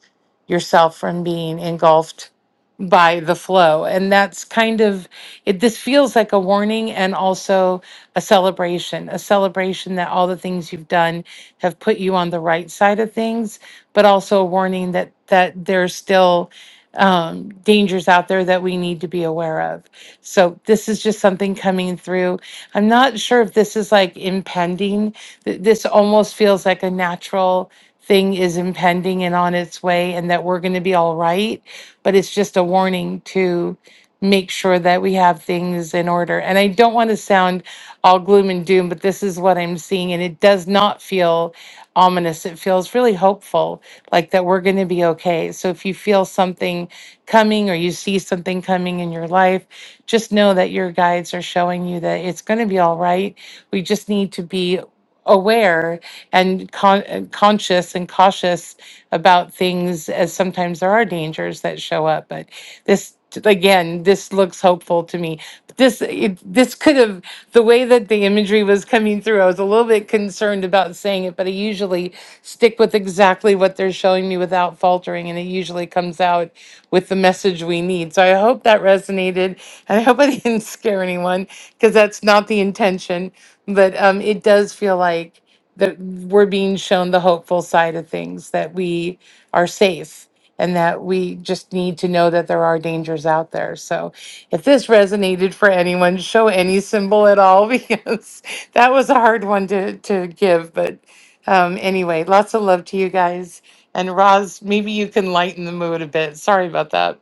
Speaker 1: yourself from being engulfed by the flow. And that's kind of it this feels like a warning and also a celebration, a celebration that all the things you've done have put you on the right side of things, but also a warning that that there's still um, dangers out there that we need to be aware of. So this is just something coming through. I'm not sure if this is like impending. Th- This almost feels like a natural thing is impending and on its way, and that we're going to be all right. But it's just a warning to make sure that we have things in order. And I don't want to sound all gloom and doom, but this is what I'm seeing. And it does not feel ominous. It feels really hopeful like that we're going to be okay. So if you feel something coming or you see something coming in your life, just know that your guides are showing you that it's going to be all right. We just need to be aware and con- uh, conscious and cautious about things as sometimes there are dangers that show up but this again, this looks hopeful to me. This it, this could have the way that the imagery was coming through. I was a little bit concerned about saying it, but I usually stick with exactly what they're showing me without faltering, and it usually comes out with the message we need. So I hope that resonated, and I hope I didn't scare anyone because that's not the intention. But um, it does feel like that we're being shown the hopeful side of things that we are safe and that we just need to know that there are dangers out there. So, if this resonated for anyone, show any symbol at all because that was a hard one to to give. But um, anyway, lots of love to you guys. And Roz, maybe you can lighten the mood a bit. Sorry about that.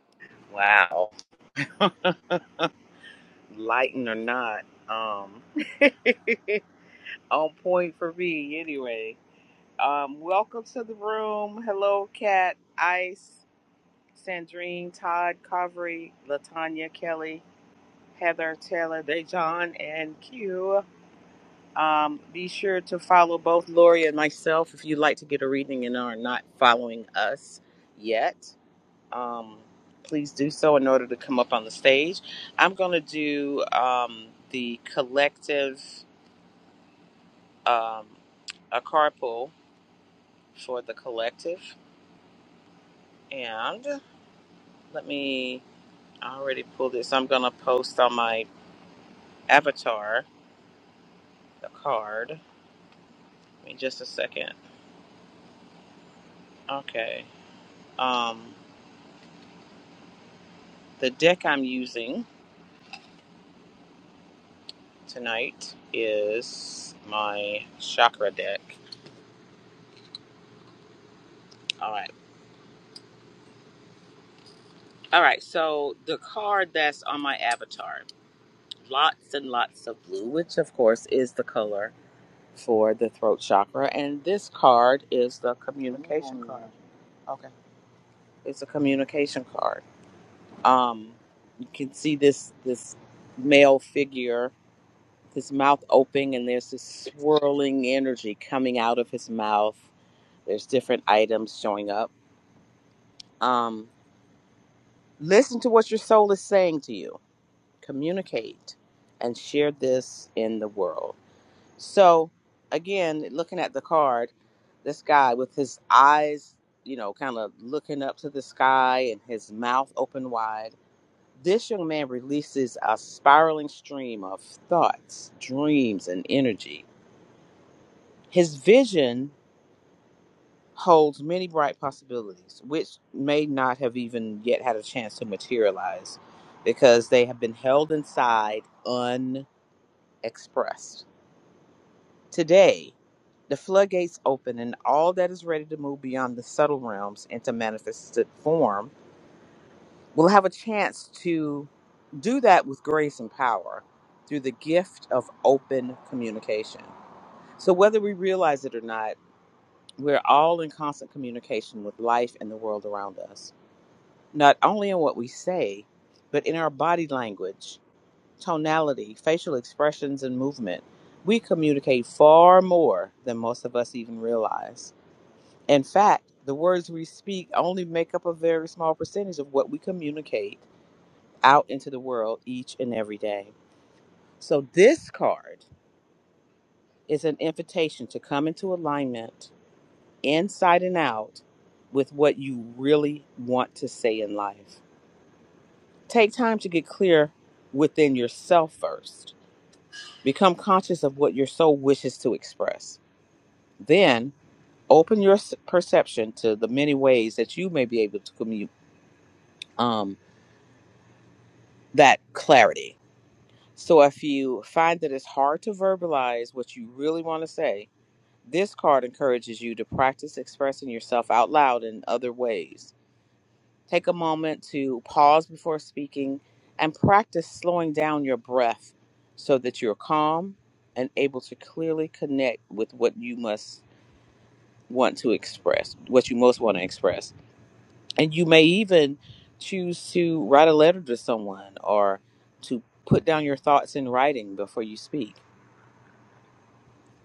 Speaker 2: Wow. Lighten or not, um, on point for me anyway. Um, welcome to the room. Hello, Kat, Ice, Sandrine, Todd, Covery, Latanya, Kelly, Heather, Taylor, Dejan, and Q. Um, be sure to follow both Lori and myself if you'd like to get a reading and are not following us yet. um, please do so in order to come up on the stage. I'm going to do um, the collective, um, a carpool for the collective. And let me, I already pulled this. I'm going to post on my avatar the card. Give me just a second. Okay. Um, the deck I'm using tonight is my chakra deck. All right. All right. So the card that's on my avatar. lots and lots of blue, which of course is the color for the throat chakra. And this card is the communication card. It's a communication card. Um, you can see this this male figure, his mouth open, and there's this swirling energy coming out of his mouth. There's different items showing up. Um, listen to what your soul is saying to you. Communicate and share this in the world. So again, looking at the card, this guy with his eyes, you know, kind of looking up to the sky and his mouth open wide, this young man releases a spiraling stream of thoughts, dreams, and energy. His vision holds many bright possibilities, which may not have even yet had a chance to materialize because they have been held inside unexpressed. Today, the floodgates open, and all that is ready to move beyond the subtle realms into manifested form will have a chance to do that with grace and power through the gift of open communication. So, whether we realize it or not, we're all in constant communication with life and the world around us, not only in what we say, but in our body language tonality, facial expressions, and movement, we communicate far more than most of us even realize. In fact, the words we speak only make up a very small percentage of what we communicate out into the world each and every day. So, this card is an invitation to come into alignment, inside and out, with what you really want to say in life. Take time to get clear within yourself first. Become conscious of what your soul wishes to express Then open your s- perception to the many ways that you may be able to commute um, that clarity. So if you find that it's hard to verbalize what you really want to say, this card encourages you to practice expressing yourself out loud in other ways. Take a moment to pause before speaking and practice slowing down your breath so that you're calm and able to clearly connect with what you must want to express, what you most want to express. And you may even choose to write a letter to someone or to put down your thoughts in writing before you speak.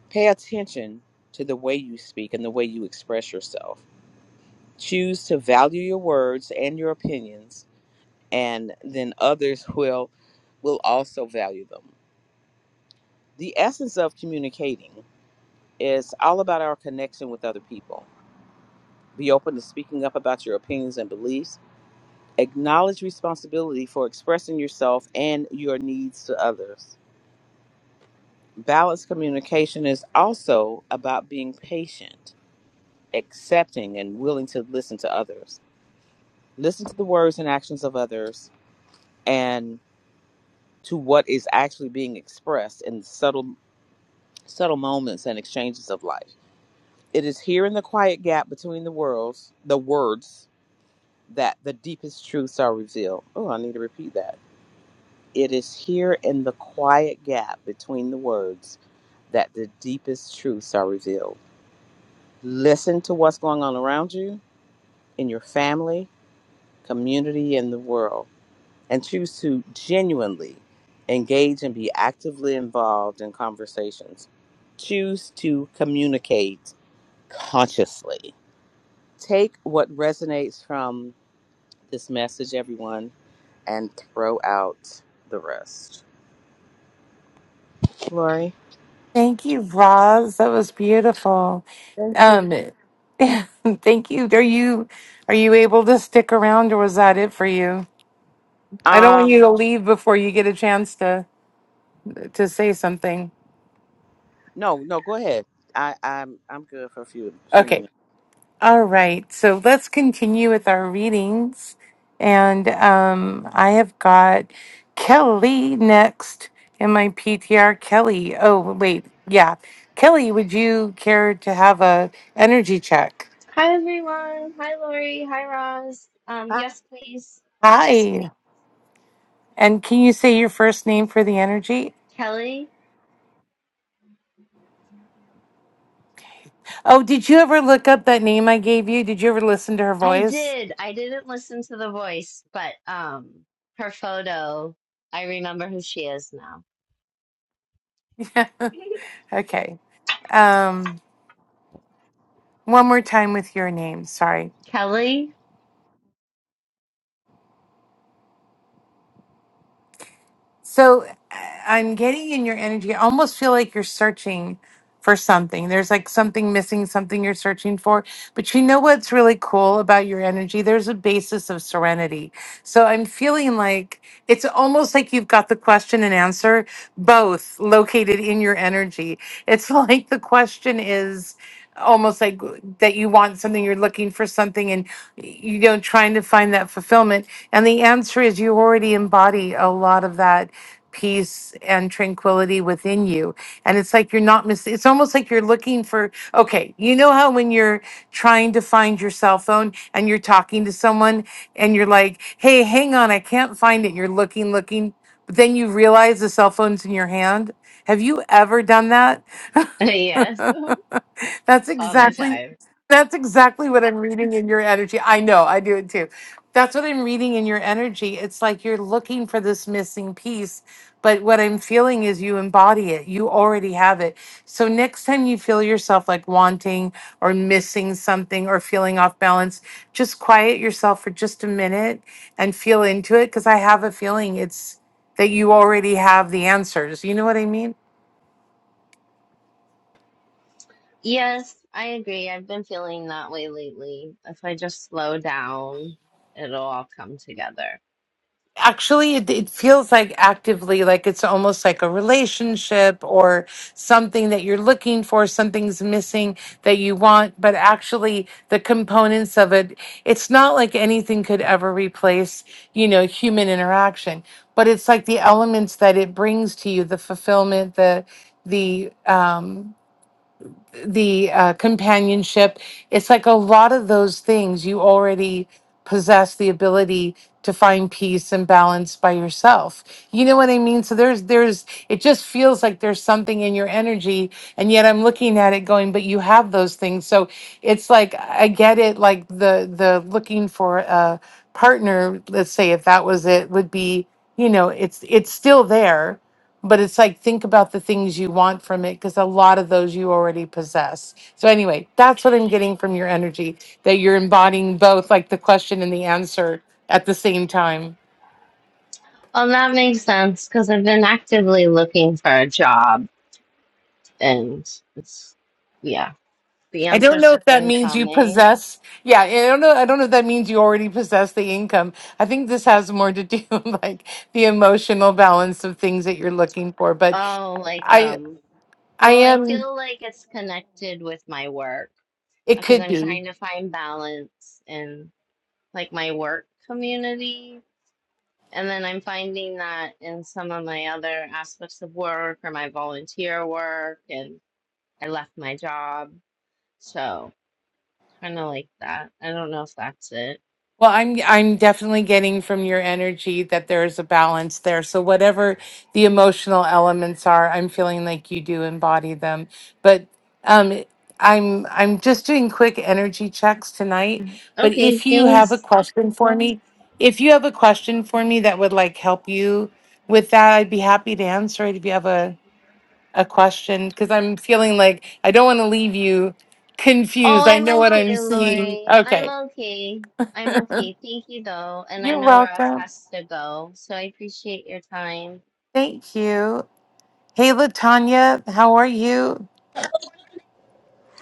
Speaker 2: Pay attention to the way you speak and the way you express yourself. Choose to value your words and your opinions, and then others will will also value them. The essence of communicating is all about our connection with other people. Be open to speaking up about your opinions and beliefs Acknowledge responsibility for expressing yourself and your needs to others. Balanced communication is also about being patient, accepting, and willing to listen to others. Listen to the words and actions of others and to what is actually being expressed in subtle subtle moments and exchanges of life. It is here in the quiet gap between the worlds, the words, that the deepest truths are revealed. Oh, I need to repeat that. It is here in the quiet gap between the words that the deepest truths are revealed. Listen to what's going on around you, in your family, community, and the world, and choose to genuinely engage and be actively involved in conversations. Choose to communicate consciously. Take what resonates from this message, everyone, and throw out the rest. Lori,
Speaker 1: Thank you, Roz. That was beautiful.
Speaker 2: thank you.
Speaker 1: Um, thank you. Are you are you able to stick around, or was that it for you? I don't
Speaker 2: Um,
Speaker 1: want you to leave before you get a chance to to say something.
Speaker 2: No, no, go ahead. I, I'm I'm good for a few few
Speaker 1: Okay.
Speaker 2: minutes.
Speaker 1: All right. So let's continue with our readings. And um, I have got Kelly next in my PTR. Kelly. Oh, wait. Yeah. Kelly, would you care to have a energy check?
Speaker 9: Hi everyone. Hi Lori. Hi Roz. Um, yes, please.
Speaker 1: Hi. And can you say your first name for the energy?
Speaker 9: Kelly.
Speaker 1: Oh, did you ever look up that name I gave you? Did you ever listen to her
Speaker 9: I
Speaker 1: voice?
Speaker 9: did. I didn't listen to the voice, but um, her photo. I remember who she is now.
Speaker 1: okay. Um, one more time with your name. Sorry.
Speaker 9: Kelly.
Speaker 1: So I- I'm getting in your energy. I almost feel like you're searching for something. There's like something missing, something you're searching for. But you know what's really cool about your energy? There's a basis of serenity. So I'm feeling like it's almost like you've got the question and answer both located in your energy. It's like the question is almost like that you want something you're looking for something and you know trying to find that fulfillment and the answer is you already embody a lot of that peace and tranquility within you. And it's like you're not miss it's almost like you're looking for okay, you know how when you're trying to find your cell phone and you're talking to someone and you're like, "Hey, hang on, I can't find it." You're looking, looking, but then you realize the cell phone's in your hand. Have you ever done that?
Speaker 9: yes,
Speaker 1: that's
Speaker 9: all the
Speaker 1: exactly
Speaker 9: time.
Speaker 1: that's exactly what I'm reading in your energy. I know, I do it too. That's what I'm reading in your energy. It's like you're looking for this missing piece, but what I'm feeling is you embody it. You already have it. So next time you feel yourself like wanting or missing something or feeling off balance, just quiet yourself for just a minute and feel into it because I have a feeling it's that you already have the answers. You know what I mean?
Speaker 9: Yes, I agree. I've been feeling that way lately. If I just slow down, it'll all come together.
Speaker 1: actually it, it feels like actively like it's almost like a relationship or something that you're looking for something's missing that you want but actually the components of it it's not like anything could ever replace you know human interaction but it's like the elements that it brings to you the fulfillment the the um the uh, companionship. It's like a lot of those things you already possess the ability to find peace and balance by yourself. You know what I mean? So there's there's it just feels like there's something in your energy and yet I'm looking at it going but you have those things. So it's like I get it like the the looking for a partner, let's say if that was it would be, you know, it's it's still there but it's like think about the things you want from it because a lot of those you already possess so anyway that's what i'm getting from your energy that you're embodying both like the question and the answer at the same time
Speaker 9: Well, that makes sense because I've been actively looking for a job, and it's yeah. The
Speaker 1: i don't
Speaker 9: answers
Speaker 1: know if
Speaker 9: have
Speaker 1: that
Speaker 9: been
Speaker 1: means you
Speaker 9: coming.
Speaker 1: possess yeah i don't know i don't know if that means you already possess the income i think this has more to do with, like the emotional balance of things that you're looking for but
Speaker 9: Oh, like
Speaker 1: i
Speaker 9: um
Speaker 1: i
Speaker 9: well, I
Speaker 1: am
Speaker 9: feel like it's connected with my work
Speaker 1: it
Speaker 9: because
Speaker 1: could
Speaker 9: I'm
Speaker 1: be
Speaker 9: trying to find balance in like my work community. And then I'm finding that in some of my other aspects of work or my volunteer work and I left my job. So kind of like that. I don't know if that's it.
Speaker 1: Well, I'm I'm definitely getting from your energy that there's a balance there. So whatever the emotional elements are, I'm feeling like you do embody them. But um I'm I'm just doing quick energy checks tonight, but
Speaker 9: Okay,
Speaker 1: if you have a
Speaker 9: thanks.
Speaker 1: question for me, if you have a question for me that would like help you with that, I'd be happy to answer it if you have a a question because I'm feeling like I don't want to leave you
Speaker 9: Oh,
Speaker 1: confused. I
Speaker 9: I'm
Speaker 1: know what
Speaker 9: okay,
Speaker 1: I'm seeing.
Speaker 9: Lori. I'm
Speaker 1: Okay.
Speaker 9: okay. I'm okay. Thank you, though. And I
Speaker 1: You're
Speaker 9: know Ross
Speaker 1: welcome.
Speaker 9: has to go, so I appreciate your time.
Speaker 1: Thank you. Hey, Latanya, how are you?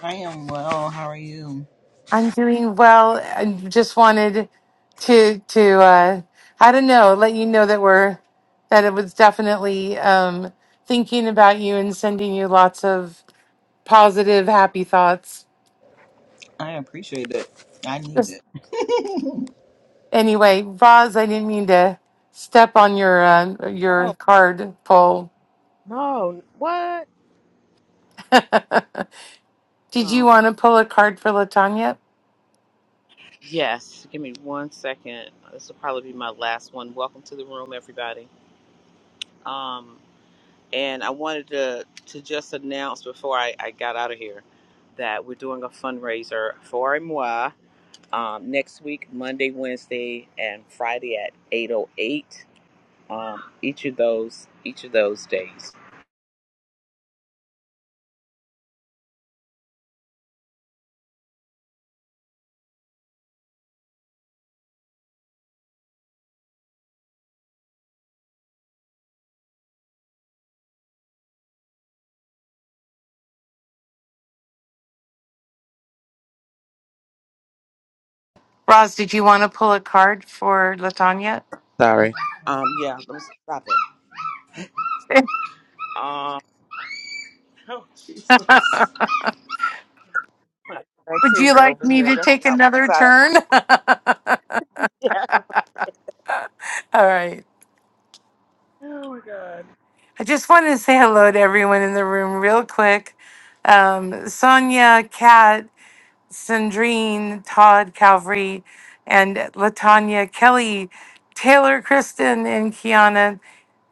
Speaker 10: I am well. How are you?
Speaker 1: I'm doing well. I just wanted to to uh, I don't know, let you know that we're that it was definitely um, thinking about you and sending you lots of positive, happy thoughts.
Speaker 10: I appreciate it. I need
Speaker 1: Just
Speaker 10: it.
Speaker 1: anyway, Roz, I didn't mean to step on your uh,
Speaker 2: Oh
Speaker 1: your card pull.
Speaker 2: no! What?
Speaker 1: did you
Speaker 2: Hello.
Speaker 1: want to pull a card for Latanya?
Speaker 2: Yes, give me one second. This will probably be my last one. Welcome to the room, everybody. Um, and I wanted to to just announce before I, I got out of here that we're doing a fundraiser for Moi um, next week, Monday, Wednesday, and Friday at 8:08. Um, each of those each of those days.
Speaker 1: Roz, did you want to pull a card for Latanya?
Speaker 2: Sorry. Um, yeah, let me stop it. Um, oh, Jesus. My my
Speaker 1: Would you
Speaker 2: kids are
Speaker 1: like
Speaker 2: over
Speaker 1: me
Speaker 2: here.
Speaker 1: to
Speaker 2: That's why
Speaker 1: take
Speaker 2: I want to
Speaker 1: another
Speaker 2: say.
Speaker 1: turn?
Speaker 2: Yeah.
Speaker 1: All right. I just wanted to say hello to everyone in the room real quick. Um, Sonia, Kat, Sandrine, Todd, Calvary, and Latanya, Kelly, Taylor, Kristen, and Kiana.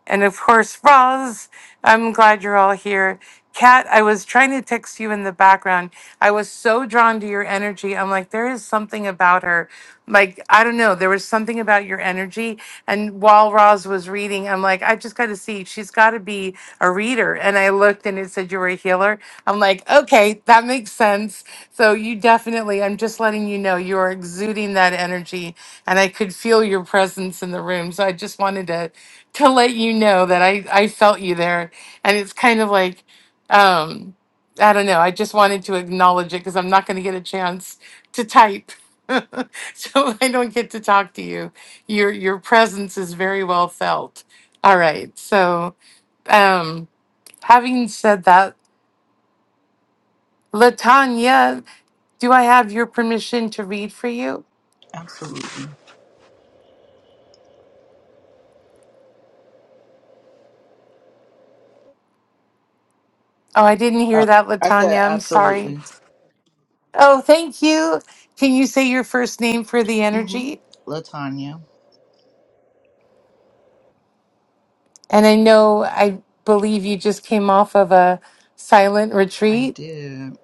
Speaker 1: And of course, Roz, I'm glad you're all here. Kat, I was trying to text you in the background. I was so drawn to your energy. I'm like, there is something about her. Like, I don't know. There was something about your energy. And while Roz was reading, I'm like, I just got to see. She's got to be a reader. And I looked and it said you were a healer. I'm like, okay, that makes sense. So you definitely, I'm just letting you know you are exuding that energy. And I could feel your presence in the room. So I just wanted to to let you know that I, I felt you there. And it's kind of like, um, I don't know, I just wanted to acknowledge it because I'm not going to get a chance to type. so I don't get to talk to you. Your your presence is very well felt. All right. So um having said that, Latanya, do I have your permission to read for you?
Speaker 10: Absolutely.
Speaker 1: Oh, I didn't hear
Speaker 10: Oh,
Speaker 1: that,
Speaker 10: I said
Speaker 1: Latanya. I'm sorry.
Speaker 10: absolutely.
Speaker 1: Oh, thank you. Can you say your first name for the
Speaker 10: Mm-hmm.
Speaker 1: energy?
Speaker 10: Latanya,
Speaker 1: And I know, I believe you just came off of a silent
Speaker 10: I
Speaker 1: retreat.
Speaker 10: did.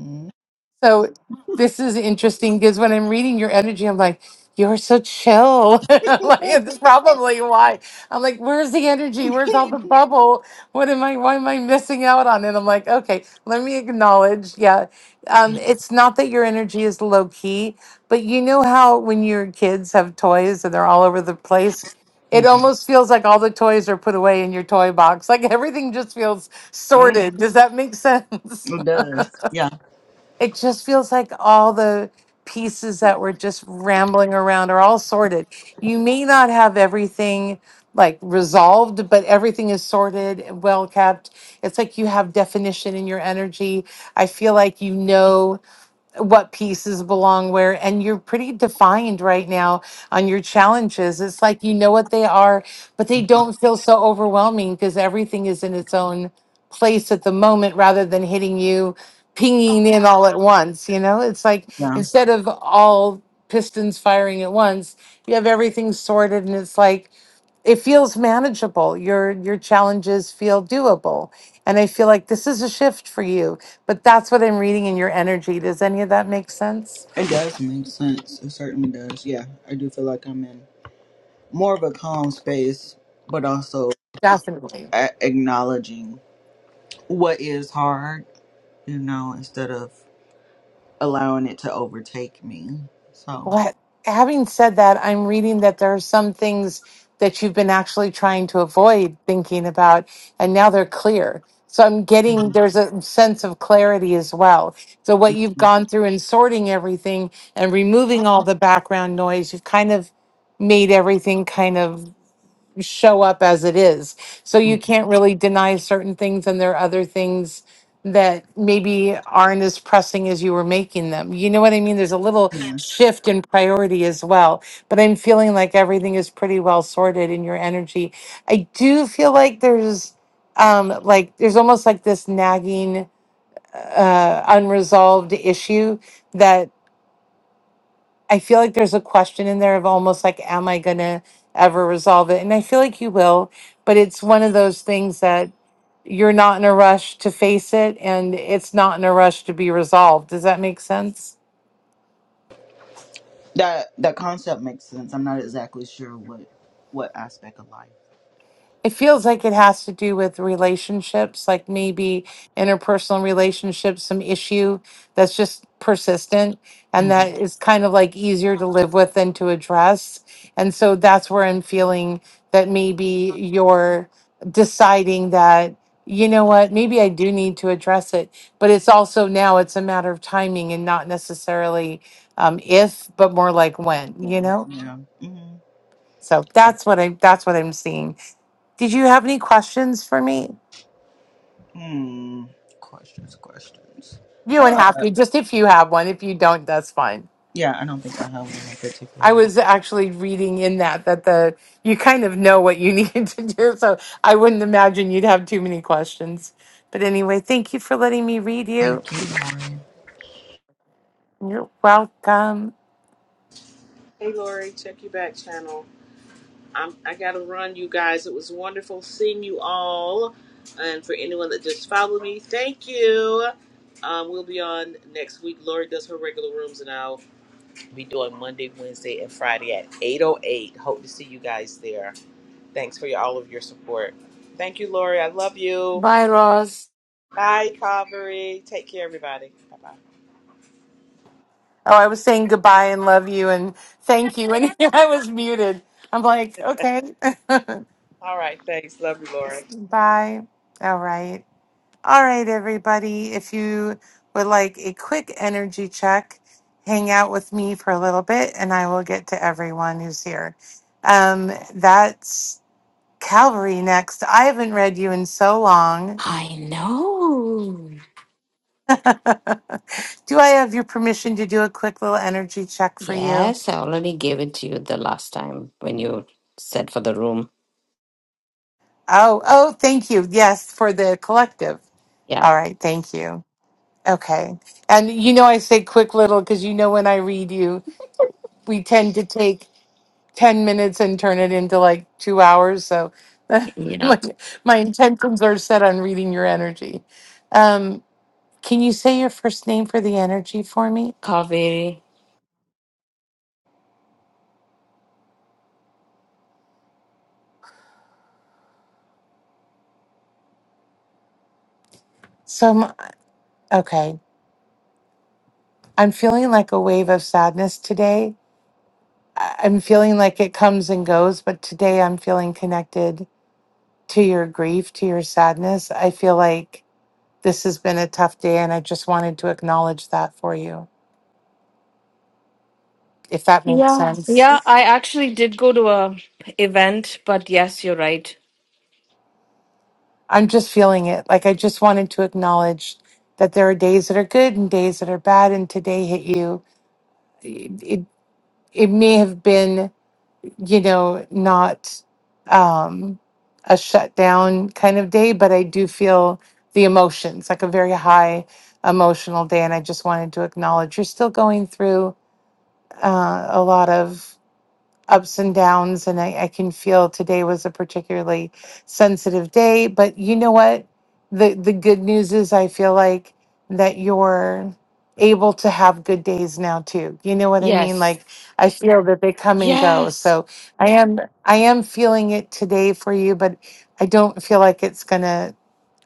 Speaker 10: Mm-hmm.
Speaker 1: So this is interesting because when I'm reading your energy, I'm like, you're so chill. like it's probably why. I'm like, where's the energy? Where's all the bubble? What am I why am I missing out on? And I'm like, okay, let me acknowledge. Yeah. Um, it's not that your energy is low key, but you know how when your kids have toys and they're all over the place? It almost feels like all the toys are put away in your toy box. Like everything just feels
Speaker 10: mm
Speaker 1: sorted. Does that make sense?
Speaker 10: It does. Yeah,
Speaker 1: it just feels like all the pieces that were just rambling around are all sorted. You may not have everything like resolved, but everything is sorted and well kept. It's like you have definition in your energy. I feel like you know what pieces belong where and you're pretty defined right now on your challenges it's like you know what they are but they don't feel so overwhelming because everything is in its own place at the moment rather than hitting you pinging in all at once you know it's like
Speaker 10: yeah.
Speaker 1: instead of all pistons firing at once you have everything sorted and it's like it feels manageable your your challenges feel doable and i feel like this is a shift for you but that's what i'm reading in your energy does any of that make sense
Speaker 10: It does make sense. It certainly does. Yeah, I do feel like I'm in more of a calm space, but also
Speaker 1: definitely
Speaker 10: a- acknowledging what is hard, you know, instead of allowing it to overtake me. So,
Speaker 1: Well, having said that i'm reading that there are some things that you've been actually trying to avoid thinking about and now they're clear so i'm getting
Speaker 10: mhm,
Speaker 1: there's a sense of clarity as well so what you've
Speaker 10: mhm,
Speaker 1: gone through in sorting everything and removing all the background noise you've kind of made everything kind of show up as it is. So you can't really deny certain things, and there are other things that maybe aren't as pressing as you were making them. You know what I mean? There's a little
Speaker 10: mhm.
Speaker 1: shift in priority as well. But I'm feeling like everything is pretty well sorted in your energy. I do feel like there's um like there's almost like this nagging uh unresolved issue that. I feel like there's a question in there of almost like, am I going to ever resolve it? And I feel like you will, but it's one of those things that you're not in a rush to face it and it's not in a rush to be resolved. Does that make sense?
Speaker 10: That that concept makes sense. I'm not exactly sure what what aspect of life.
Speaker 1: It feels like it has to do with relationships, like maybe interpersonal relationships, some issue that's just persistent and
Speaker 10: hmm
Speaker 1: that is kind of like easier to live with than to address. And so that's where I'm feeling that maybe you're deciding that, you know what, maybe I do need to address it. But it's also now it's a matter of timing and not necessarily um, if, but more like when, you
Speaker 10: Yeah.
Speaker 1: know?
Speaker 10: Yeah. hmm
Speaker 1: So that's what I that's what I'm seeing. Did you have any questions for me?
Speaker 10: Hmm. Questions. Questions.
Speaker 1: You
Speaker 10: I don't
Speaker 1: don't have
Speaker 10: know.
Speaker 1: to, just if you have one. If you don't, that's fine.
Speaker 10: Yeah, I don't think I have one in particular
Speaker 1: I
Speaker 10: right. now.
Speaker 1: was actually reading in that that the you kind of know what you need to do, so I wouldn't imagine you'd have too many questions. But anyway, thank you for letting me read you.
Speaker 10: Thank you, Lauren.
Speaker 1: You're welcome.
Speaker 2: Hey, Lori, check your back channel. I'm, I got to run, you guys. It was wonderful seeing you all. And for anyone that just followed me, thank you. Um, we'll be on next week. Lori does her regular rooms now. be doing Monday, Wednesday, and Friday at 8.08. Hope to see you guys there. Thanks for your, all of your support. Thank you, Lori. I love you.
Speaker 8: Bye, Ross.
Speaker 2: Bye, Calvary. Take care, everybody. Bye-bye.
Speaker 1: Oh, I was saying goodbye and love you and thank you, and I was muted. I'm like, okay,
Speaker 2: All right. Thanks. Love you, Lori.
Speaker 1: bye. All right. All right, everybody. If you would like a quick energy check, hang out with me for a little bit and I will get to everyone who's here. Um, that's Calvary next. I haven't read you in so long.
Speaker 8: I know.
Speaker 1: do I have your permission to do a quick little energy check for you?
Speaker 8: Yes, I already gave it to you the last time when you said for the room.
Speaker 1: Oh, oh, thank you. Yes, for the collective.
Speaker 8: Yeah.
Speaker 1: All right, thank you. Okay. And you know, I say quick little because you know, when I read you, we tend to take. 10 minutes and turn it into like two hours. So
Speaker 8: Yeah.
Speaker 1: my, my intentions are set on reading your energy. Um, can you say your first name for the energy for me?
Speaker 8: Kaveri.
Speaker 1: So, I'm- okay. I'm feeling like a wave of sadness today. I- I'm feeling like it comes and goes, but today I'm feeling connected to your grief, to your sadness. I feel like this has been a tough day and I just wanted to acknowledge that for you, if that makes
Speaker 8: Yeah,
Speaker 1: sense.
Speaker 8: yeah, I actually did go to a event, but yes, you're right.
Speaker 1: I'm just feeling it. Like I just wanted to acknowledge that there are days that are good and days that are bad, and today hit you. It it, it may have been, you know, not um, a shutdown kind of day, but I do feel the emotions, like a very high emotional day, and I just wanted to acknowledge you're still going through uh, a lot of ups and downs. And I, I can feel today was a particularly sensitive day. But you know what? The the good news is I feel like that you're able to have good days now too. You know what I mean?
Speaker 8: Yes.
Speaker 1: Like I feel that they come and go.
Speaker 8: Yes.
Speaker 1: So I am I am feeling it today for you, but I don't feel like it's gonna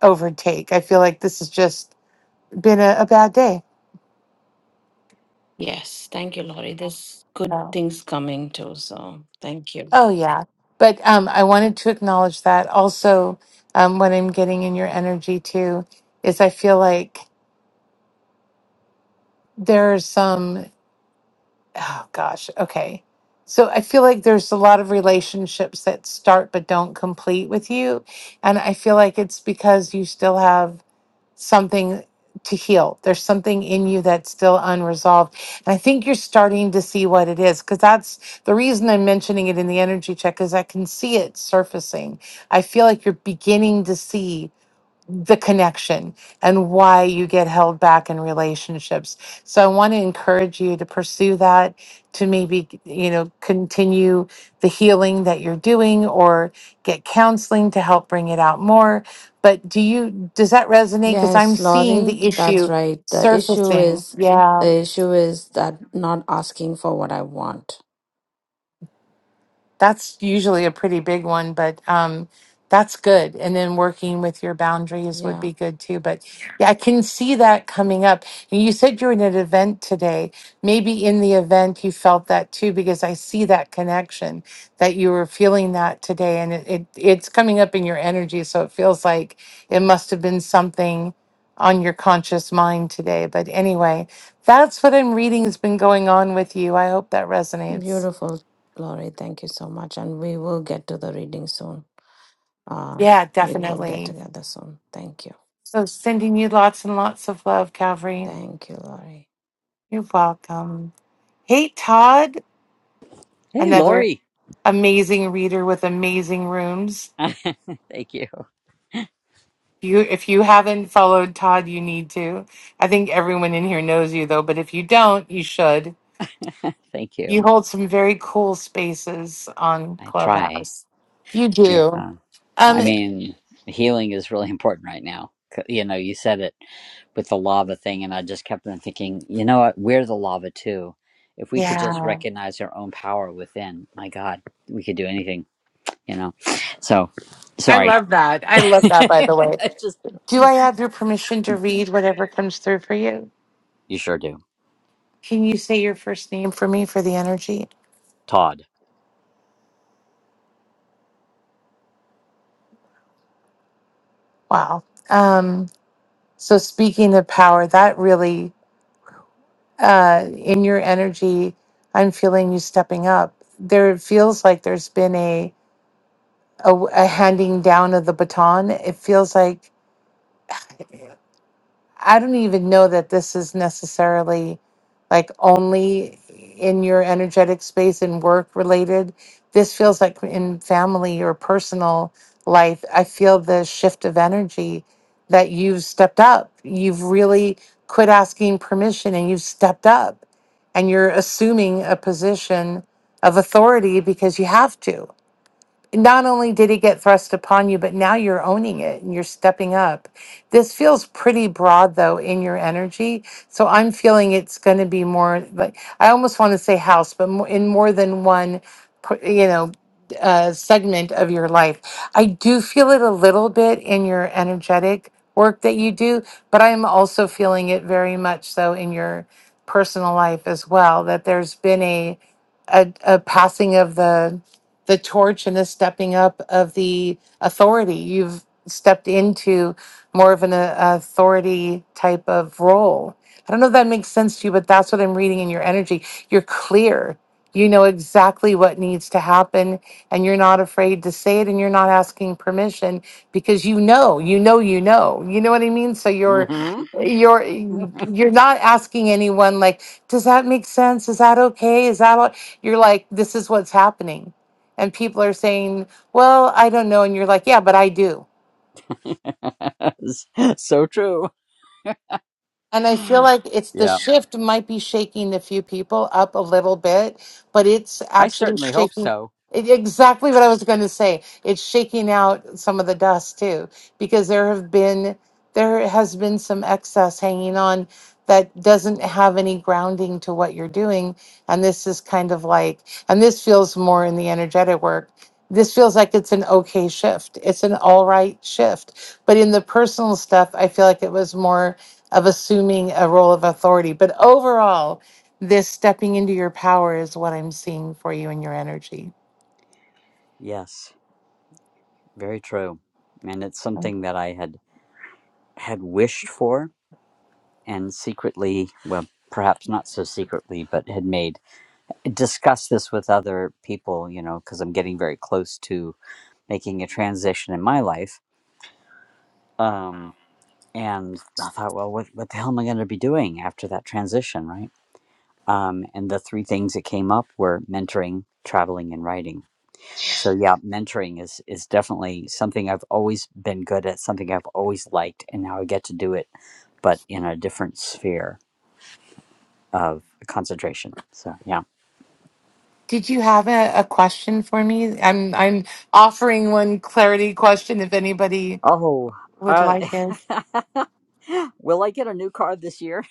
Speaker 1: overtake. I feel like this has just been a, a bad day.
Speaker 8: Yes. Thank you, Lori. There's good things coming too. So thank you.
Speaker 1: Oh, yeah. But um, I wanted to acknowledge that. Also, um, what I'm getting in your energy too is I feel like there's some, oh gosh, okay. So I feel like there's a lot of relationships that start but don't complete with you. And I feel like it's because you still have something to heal. There's something in you that's still unresolved. And I think you're starting to see what it is because that's the reason I'm mentioning it in the energy check is I can see it surfacing. I feel like you're beginning to see the connection and why you get held back in relationships. So I want to encourage you to pursue that to maybe, you know, continue the healing that you're doing or get counseling to help bring it out more. But do you does that resonate cuz I'm
Speaker 8: Yes,
Speaker 1: seeing
Speaker 8: Laurie,
Speaker 1: the
Speaker 8: that's
Speaker 1: issue
Speaker 8: right. The issue
Speaker 1: surfacing.
Speaker 8: is
Speaker 1: Yeah.
Speaker 8: the issue is that not asking for what I want.
Speaker 1: that's usually a pretty big one, but um, that's good. And then working with your boundaries would
Speaker 8: Yeah,
Speaker 1: be good too. But yeah, I can see that coming up. And you said you're in an event today. Maybe in the event you felt that too, because I see that connection that you were feeling that today, and it, it it's coming up in your energy. So it feels like it must have been something on your conscious mind today. But anyway, that's what I'm reading has been going on with you. I hope that resonates.
Speaker 8: beautiful, Laurie. Thank you so much, and we will get to the reading soon. Uh,
Speaker 1: Yeah,
Speaker 8: we will get
Speaker 1: definitely.
Speaker 8: together soon. Thank you,
Speaker 1: So sending you lots and lots of love, Calvary.
Speaker 8: thank you, Laurie.
Speaker 1: You're welcome. Hey, Todd,
Speaker 11: Hey,
Speaker 1: another
Speaker 11: Lori.
Speaker 1: amazing reader with amazing rooms.
Speaker 11: Thank you.
Speaker 1: You, if you haven't followed Todd, you need to. I think everyone in here knows you though, but if you don't, you should.
Speaker 11: Thank
Speaker 1: You
Speaker 11: you.
Speaker 1: hold some very cool spaces on
Speaker 11: I try.
Speaker 1: Clubhouse. You do.
Speaker 11: Yeah. I
Speaker 1: Um,
Speaker 11: mean, healing is really important right now. C- You know, you said it with the lava thing, and I just kept on thinking, you know what? We're the lava too. If we could just
Speaker 1: yeah,
Speaker 11: recognize our own power within, my God, we could do anything, you know? So,
Speaker 1: I
Speaker 11: sorry.
Speaker 1: love that. I love that. By the way,
Speaker 11: I just,
Speaker 1: do I have your permission to read whatever comes through for you?
Speaker 11: you sure do.
Speaker 1: Can you say your first name for me for the energy?
Speaker 11: Todd.
Speaker 1: Wow. Um, so speaking of power, that really uh, in your energy, I'm feeling you stepping up. There it feels like there's been a, a a handing down of the baton. It feels like. I don't even know that this is necessarily like only in your energetic space and work related. This feels like in family or personal life, I feel the shift of energy that you've stepped up. You've really quit asking permission and you've stepped up and you're assuming a position of authority because you have to not only did it get thrust upon you, but now you're owning it and you're stepping up. This feels pretty broad though in your energy. So I'm feeling it's going to be more like I almost want to say house, but mo- in more than one, p- you know, uh, segment of your life. I do feel it a little bit in your energetic work that you do, but I'm also feeling it very much so in your personal life as well. That there's been a a, a passing of the the torch and the stepping up of the authority. You've stepped into more of an uh, authority type of role. I don't know if that makes sense to you, but that's what I'm reading in your energy. You're clear. You know exactly what needs to happen, and you're not afraid to say it, and you're not asking permission because you know, you know, you know, you know what I mean. So you're,
Speaker 11: hmm
Speaker 1: you're, you're not asking anyone like, does that make sense? Is that okay? Is that all? You're like, this is what's happening and people are saying, well, I don't know. And you're like, yeah, but I do.
Speaker 11: so true.
Speaker 1: And I feel like it's the
Speaker 11: Yeah.
Speaker 1: shift might be shaking the few people up a little bit, but it's
Speaker 11: I
Speaker 1: actually
Speaker 11: certainly hope
Speaker 1: shaking
Speaker 11: so.
Speaker 1: e- exactly what I was going to say. It's shaking out some of the dust too, because there have been there has been some excess hanging on that doesn't have any grounding to what you're doing, and this is kind of like, and this feels more in the energetic work. This feels like it's an okay shift. It's an all right shift. But in the personal stuff, I feel like it was more of assuming a role of authority. But overall, this stepping into your power is what I'm seeing for you in your energy.
Speaker 11: Yes, very true. And it's something that I had had wished for and secretly, well, perhaps not so secretly, but had made discussed this with other people, you know, because I'm getting very close to making a transition in my life. Um, and I thought, well, what, what the hell am I going to be doing after that transition, right? Um, and the three things that came up were mentoring, traveling, and writing So yeah, mentoring is is definitely something I've always been good at, something I've always liked, and now I get to do it, but in a different sphere of concentration. So yeah.
Speaker 1: Did you have a, a question for me? I'm I'm offering one clarity question if anybody
Speaker 11: Oh,
Speaker 1: would
Speaker 11: uh,
Speaker 1: like this.
Speaker 11: will I get a new car this year?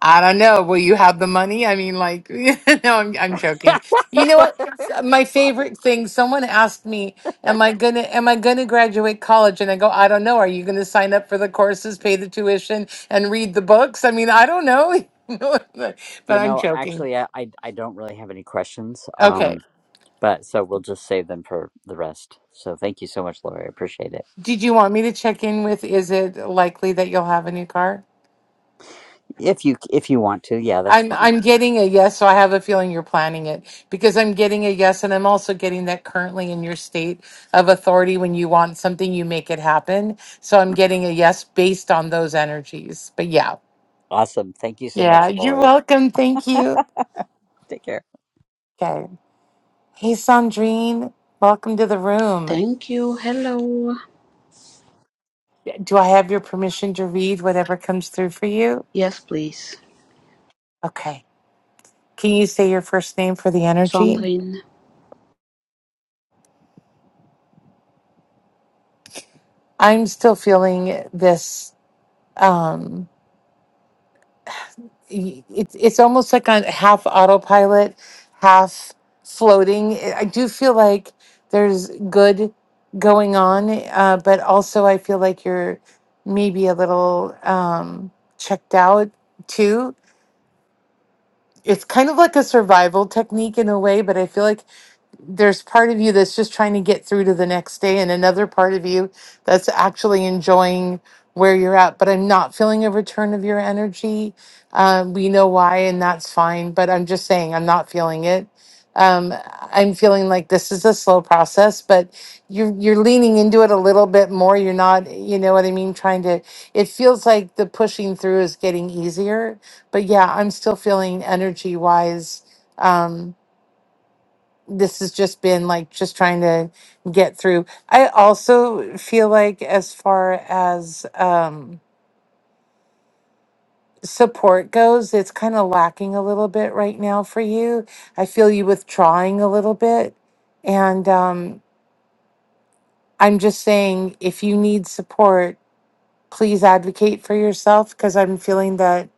Speaker 1: I don't know. Will you have the money? I mean, like, no, I'm, I'm joking. You know what? My
Speaker 11: Probably.
Speaker 1: favorite thing. Someone asked me, "Am I gonna Am I gonna graduate college?" And I go, "I don't know. Are you gonna sign up for the courses, pay the tuition, and read the books?" I mean, I don't know. but
Speaker 11: You
Speaker 1: I'm
Speaker 11: know,
Speaker 1: joking.
Speaker 11: actually, I, I I don't really have any questions.
Speaker 1: Okay.
Speaker 11: Um, but so we'll just save them for the rest. So thank you so much, Lori. I appreciate it.
Speaker 1: Did you want me to check in with? Is it likely that you'll have a new car?
Speaker 11: If you if you want to, yeah, that's
Speaker 1: I'm
Speaker 11: fine.
Speaker 1: I'm getting a yes, so I have a feeling you're planning it because I'm getting a yes, and I'm also getting that currently in your state of authority, when you want something, you make it happen. So I'm getting a yes based on those energies. But yeah,
Speaker 11: Awesome. Thank you so
Speaker 1: yeah,
Speaker 11: much,
Speaker 1: you're
Speaker 11: Lori.
Speaker 1: welcome. Thank you.
Speaker 11: Take care.
Speaker 1: Okay. Hey, Sandrine, welcome to the room.
Speaker 12: Thank you. Hello.
Speaker 1: Do I have your permission to read whatever comes through for you?
Speaker 12: Yes, please.
Speaker 1: Okay. Can you say your first name for the energy?
Speaker 12: Sandrine.
Speaker 1: I'm still feeling this. Um, y- it's it's almost like on half autopilot, half floating. I I do feel like there's good going on, uh, but also I feel like you're maybe a little um, checked out too. It's kind of like a survival technique in a way, but I feel like there's part of you that's just trying to get through to the next day and another part of you that's actually enjoying where you're at but i'm not feeling a return of your energy um, we know why and that's fine but i'm just saying i'm not feeling it um, i'm feeling like this is a slow process but you're you're leaning into it a little bit more you're not you know what i mean trying to it feels like the pushing through is getting easier but yeah i'm still feeling energy wise Um, this has just been like just trying to get through. I also feel like as far as um support goes, it's kind of lacking a little bit right now for you. I feel you withdrawing a little bit. And um I'm just saying if you need support, please advocate for yourself because I'm feeling that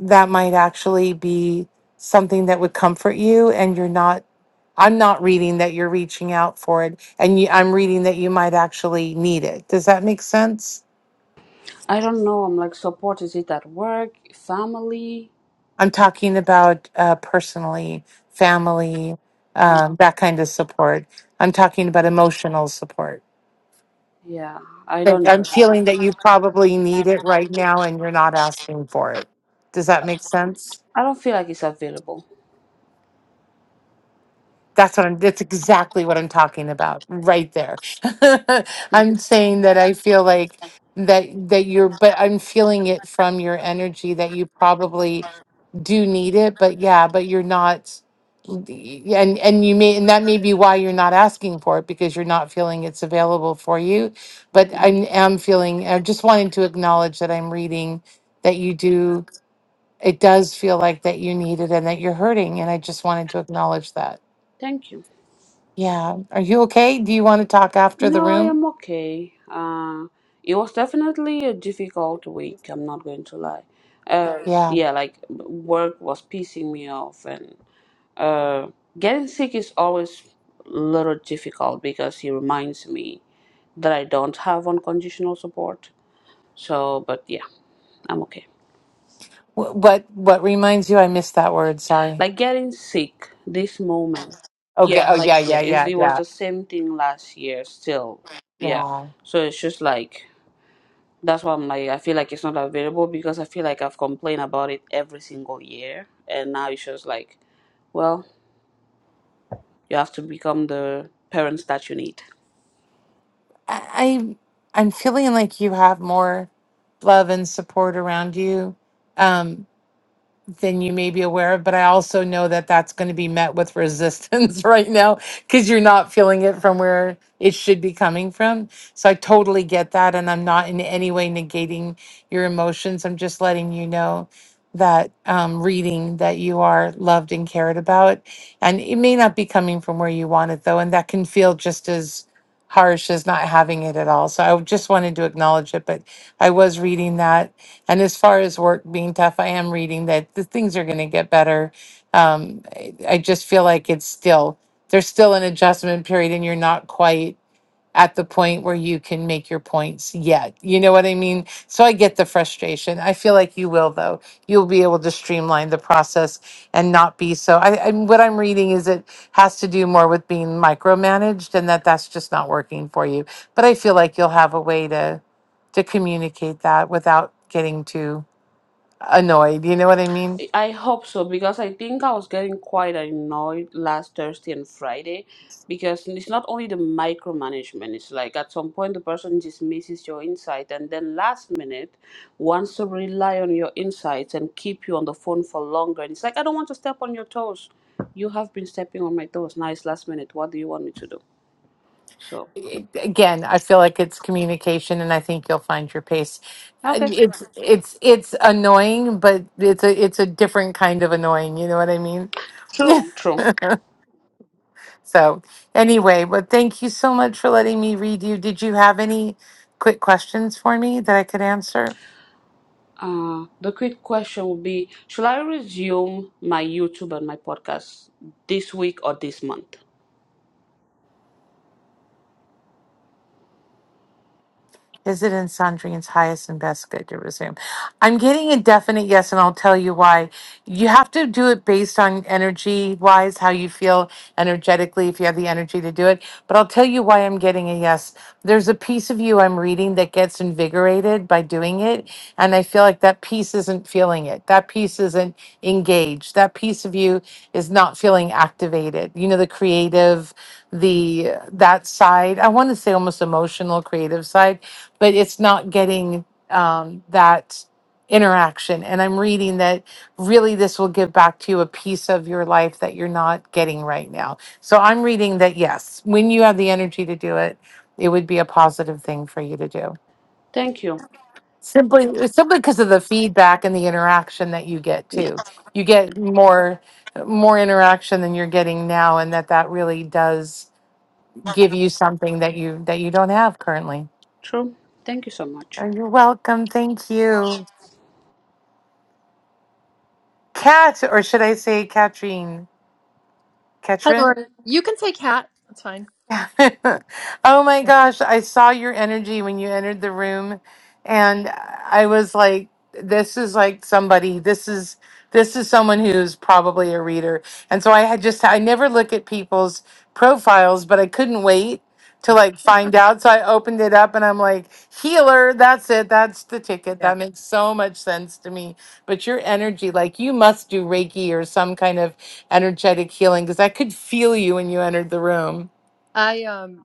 Speaker 1: that might actually be something that would comfort you and you're not I'm not reading that you're reaching out for it, and you, I'm reading that you might actually need it. Does that make sense?
Speaker 12: I don't know. I'm like, support is it at work, family?
Speaker 1: I'm talking about uh, personally, family,
Speaker 12: Oh,
Speaker 1: um, that kind of support. I'm talking about emotional support.
Speaker 12: yeah. I
Speaker 1: That
Speaker 12: don't.
Speaker 1: I'm
Speaker 12: even-
Speaker 1: feeling that you probably need it right now, and you're not asking for it. Does that make sense?
Speaker 12: I don't feel like it's available.
Speaker 1: That's what I'm, that's exactly what I'm talking about right there. I'm saying that I feel like that, that you're, but I'm feeling it from your energy that you probably do need it, but yeah, but you're not, yeah, and, and you may, and that may be why you're not asking for it because you're not feeling it's available for you. But
Speaker 12: Yeah.
Speaker 1: I am feeling, I just wanted to acknowledge that I'm reading that you do, it does feel like that you need it and that you're hurting. And I just wanted to acknowledge that.
Speaker 12: Thank you.
Speaker 1: Yeah. Are you okay? Do you want to talk after the
Speaker 12: No, I
Speaker 1: room?
Speaker 12: am okay. Uh, it was definitely a difficult week. I'm not going to lie. Uh,
Speaker 1: Yeah.
Speaker 12: yeah, like work was pissing me off, and uh, getting sick is always a little difficult because it reminds me. that I don't have unconditional support. So, but yeah, I'm okay.
Speaker 1: Wh- What what reminds you I missed that word, sorry.
Speaker 12: Like getting sick this moment.
Speaker 1: Okay.
Speaker 12: Yeah,
Speaker 1: Oh yeah,
Speaker 12: like
Speaker 1: yeah,
Speaker 12: yeah, it's,
Speaker 1: yeah,
Speaker 12: it was
Speaker 1: yeah.
Speaker 12: the same thing last year still. Yeah.
Speaker 1: Yeah.
Speaker 12: So it's just like that's why I'm like I feel like it's not available because I feel like I've complained about it every single year and now it's just like, well, you have to become the parents that you need.
Speaker 1: I I- I'm feeling like you have more love and support around you. Um than you may be aware of. But I also know that that's going to be met with resistance right now because you're not feeling it from where it should be coming from. So I totally get that. And I'm not in any way negating your emotions. I'm just letting you know that um, reading that you are loved and cared about. And it may not be coming from where you want it, though. And that can feel just as harsh as not having it at all. So I just wanted to acknowledge it. But I was reading that and as far as work being tough, I am reading that the things are going to get better. Um, I I just feel like it's still there's still an adjustment period, and you're not quite at the point where you can make your points yet. You know what I mean? So I get the frustration. I feel like you will, though. You'll be able to streamline the process and not be so. I, I what I'm reading is it has to do more with being micromanaged, and that that's just not working for you. But I feel like you'll have a way to to communicate that without getting too annoyed. You know what I mean?
Speaker 12: I hope so because I think I was getting quite annoyed last Thursday and Friday because it's not only the micromanagement, it's like at some point the person just misses your insight and then last minute wants to rely on your insights and keep you on the phone for longer. And it's like, I don't want to step on your toes. You have been stepping on my toes. Now it's last minute. What do you want me to do? So,
Speaker 1: again, I feel like it's communication, and I think you'll find your pace.
Speaker 12: okay.
Speaker 1: And It's it's it's annoying, but it's a it's a different kind of annoying. You know what I mean?
Speaker 12: True. True.
Speaker 1: so anyway, but thank you so much for letting me read you. Did you have any quick questions for me that I could answer?
Speaker 12: Uh, the quick question would be Should I resume my YouTube and my podcast this week or this month?
Speaker 1: Is it in Sandrine's highest and best good to resume? I'm getting a definite yes, and I'll tell you why. You have to do it based on energy wise, how you feel energetically, if you have the energy to do it. But I'll tell you why I'm getting a yes. There's a piece of you I'm reading that gets invigorated by doing it. And I feel like that piece isn't feeling it. That piece isn't engaged. That piece of you is not feeling activated. You know, the creative, the that side, I want to say almost emotional, creative side but it's not getting um, that interaction. And I'm reading that really this will give back to you a piece of your life that you're not getting right now. So I'm reading that yes, when you have the energy to do it, it would be a positive thing for you to do.
Speaker 12: Thank you.
Speaker 1: Simply, simply because of the feedback and the interaction that you get
Speaker 12: Yeah,
Speaker 1: too. You get more, more interaction than you're getting now, and that that really does give you something that you that you don't have currently.
Speaker 12: true. Thank you so much.
Speaker 1: Oh, You're welcome. Thank you. Cat, or should I say Katrin?
Speaker 13: Hi,
Speaker 1: Katrin?
Speaker 13: Laura. You can say cat. That's fine.
Speaker 1: oh my gosh, I saw your energy when you entered the room and I was like this is like somebody this is this is someone who's probably a reader. And so I had just I never look at people's profiles, but I couldn't wait to like find out. So I opened it up and I'm like, "Healer, that's it. That's the ticket.
Speaker 13: Yeah.
Speaker 1: That makes so much sense to me." But your energy, like you must do Reiki or some kind of energetic healing because I could feel you when you entered the room.
Speaker 13: I um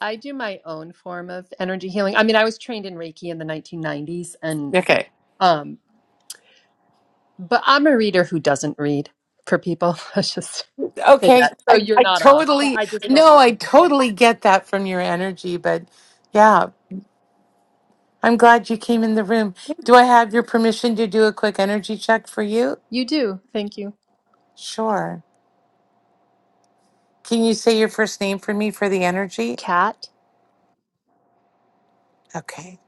Speaker 13: I do my own form of energy healing. I mean, I was trained in Reiki in the 1990s and
Speaker 1: Okay.
Speaker 13: um but I'm a reader who doesn't read for people. Let's just say
Speaker 1: Okay.
Speaker 13: that. So
Speaker 1: I,
Speaker 13: you're
Speaker 1: I
Speaker 13: not off, but
Speaker 1: totally,
Speaker 13: I just don't
Speaker 1: no,
Speaker 13: read
Speaker 1: I
Speaker 13: for people.
Speaker 1: totally get that from your energy, but yeah, I'm glad you came in the room. Do I have your permission to do a quick energy check for you?
Speaker 13: You do. Thank you.
Speaker 1: Sure. Can you say your first name for me for the energy?
Speaker 13: Cat?
Speaker 1: Okay.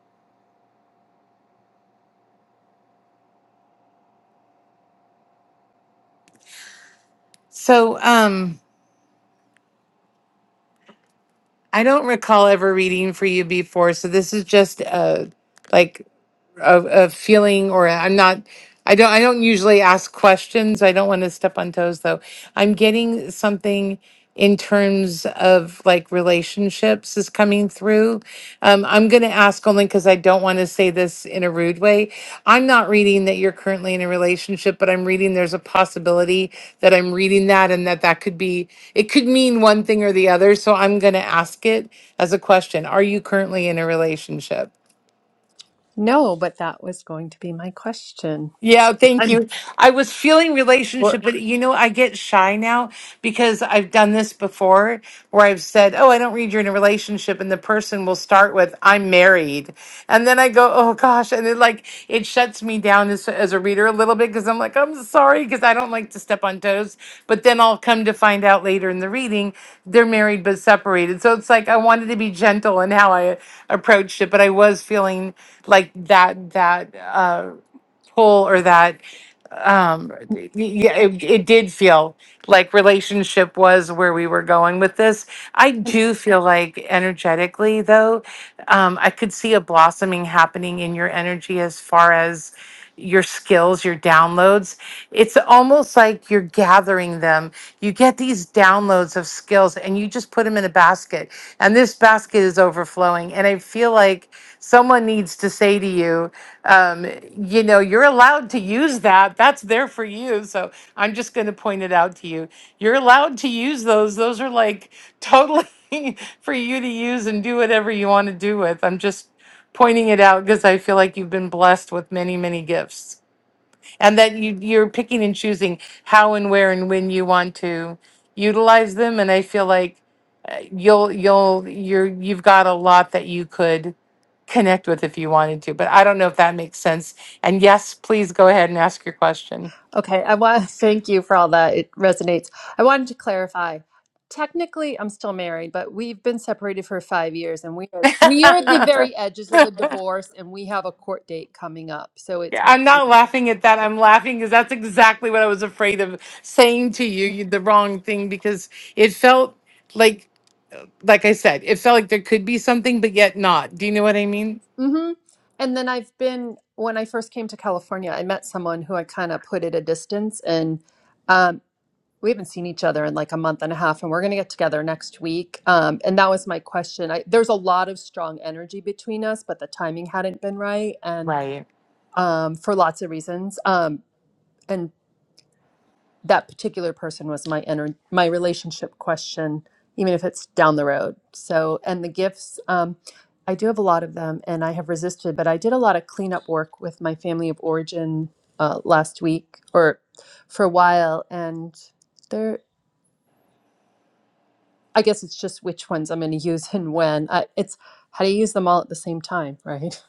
Speaker 1: So, um, I don't recall ever reading for you before, so this is just uh like of, of feeling or i'm not i don't i don't usually ask questions i don't want to step on toes though i'm getting something in terms of like relationships is coming through um, i'm going to ask only because i don't want to say this in a rude way i'm not reading that you're currently in a relationship but i'm reading there's a possibility that i'm reading that and that that could be it could mean one thing or the other so i'm going to ask it as a question are you currently in a relationship
Speaker 13: No, but that was going to be my question.
Speaker 1: Yeah, thank
Speaker 13: I'm,
Speaker 1: you. I was feeling relationship, but you know, I get shy now because I've done this before where I've said, Oh, I don't read you're in a relationship. And the person will start with, I'm married. And then I go, Oh gosh. And then like it shuts me down as, as a reader a little bit because I'm like, I'm sorry because I don't like to step on toes. But then I'll come to find out later in the reading they're married but separated. So it's like I wanted to be gentle in how I approached it, but I was feeling like that, that, uh, pull or that um y- yeah it, it did feel like relationship was where we were going with this i do feel like energetically though um i could see a blossoming happening in your energy as far as your skills your downloads it's almost like you're gathering them you get these downloads of skills and you just put them in a basket and this basket is overflowing and i feel like someone needs to say to you um, you know you're allowed to use that that's there for you so i'm just going to point it out to you you're allowed to use those those are like totally for you to use and do whatever you want to do with i'm just pointing it out because i feel like you've been blessed with many many gifts and that you you're picking and choosing how and where and when you want to utilize them and i feel like you'll you'll you're you've got a lot that you could connect with if you wanted to but i don't know if that makes sense and yes please go ahead and ask your question
Speaker 13: Okay, I want thank you for all that. It resonates. I wanted to clarify. Technically, I'm still married, but we've been separated for five years, and we are we are at the very edges of the divorce, and we have a court date coming up. So it's
Speaker 1: Yeah, i'm not laughing at that i'm laughing because that's exactly what i was afraid of saying to you, you the wrong thing because it felt like like i said it felt like there could be something but yet not do you know what i mean
Speaker 13: mm-hmm. And then I've been when I first came to California, I met someone who I kind of put at a distance, and um, we haven't seen each other in like a month and a half, and we're gonna get together next week. Um, and that was my question. I, there's a lot of strong energy between us, but the timing hadn't been right, and
Speaker 1: right
Speaker 13: um, for lots of reasons. Um, and that particular person was my inner my relationship question, even if it's down the road. So, and the gifts, um, I do have a lot of them, and I have resisted. But I did a lot of cleanup work with my family of origin uh, last week, or for a while, and there. I guess it's just which ones I'm going to use and when. I, it's how do you use them all at the same time, right?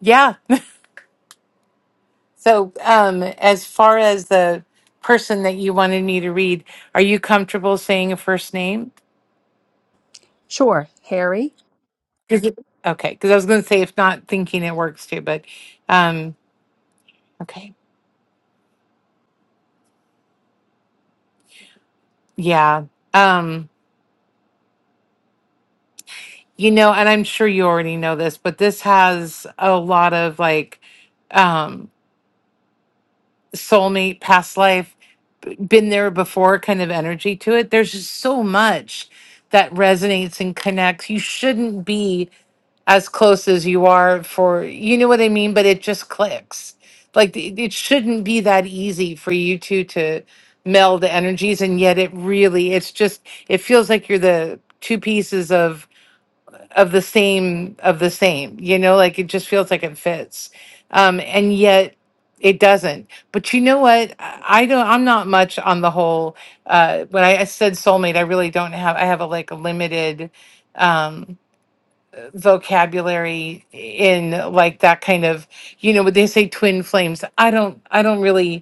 Speaker 1: yeah So, um, as far as the person that you wanted me to read, are you comfortable saying a first name?
Speaker 13: Sure, Harry.
Speaker 1: Is it- Okay, because I was going to say if not, thinking it works too, but um, okay, yeah, um, you know, and I'm sure you already know this, but this has a lot of like um, soulmate, past life, been there before kind of energy to it. There's just so much that resonates and connects. You shouldn't be as close as you are for you know what I mean, but it just clicks. Like it it shouldn't be that easy for you two to meld energies, and yet it really it's just it feels like you're the two pieces of of the same of the same. You know, like it just feels like it fits, um, and yet it doesn't. But you know what? I I don't. I'm not much on the whole. Uh, when I, I said soulmate, I really don't have. I have a like a limited. Um, vocabulary in like that kind of you know what they say twin flames i don't i don't really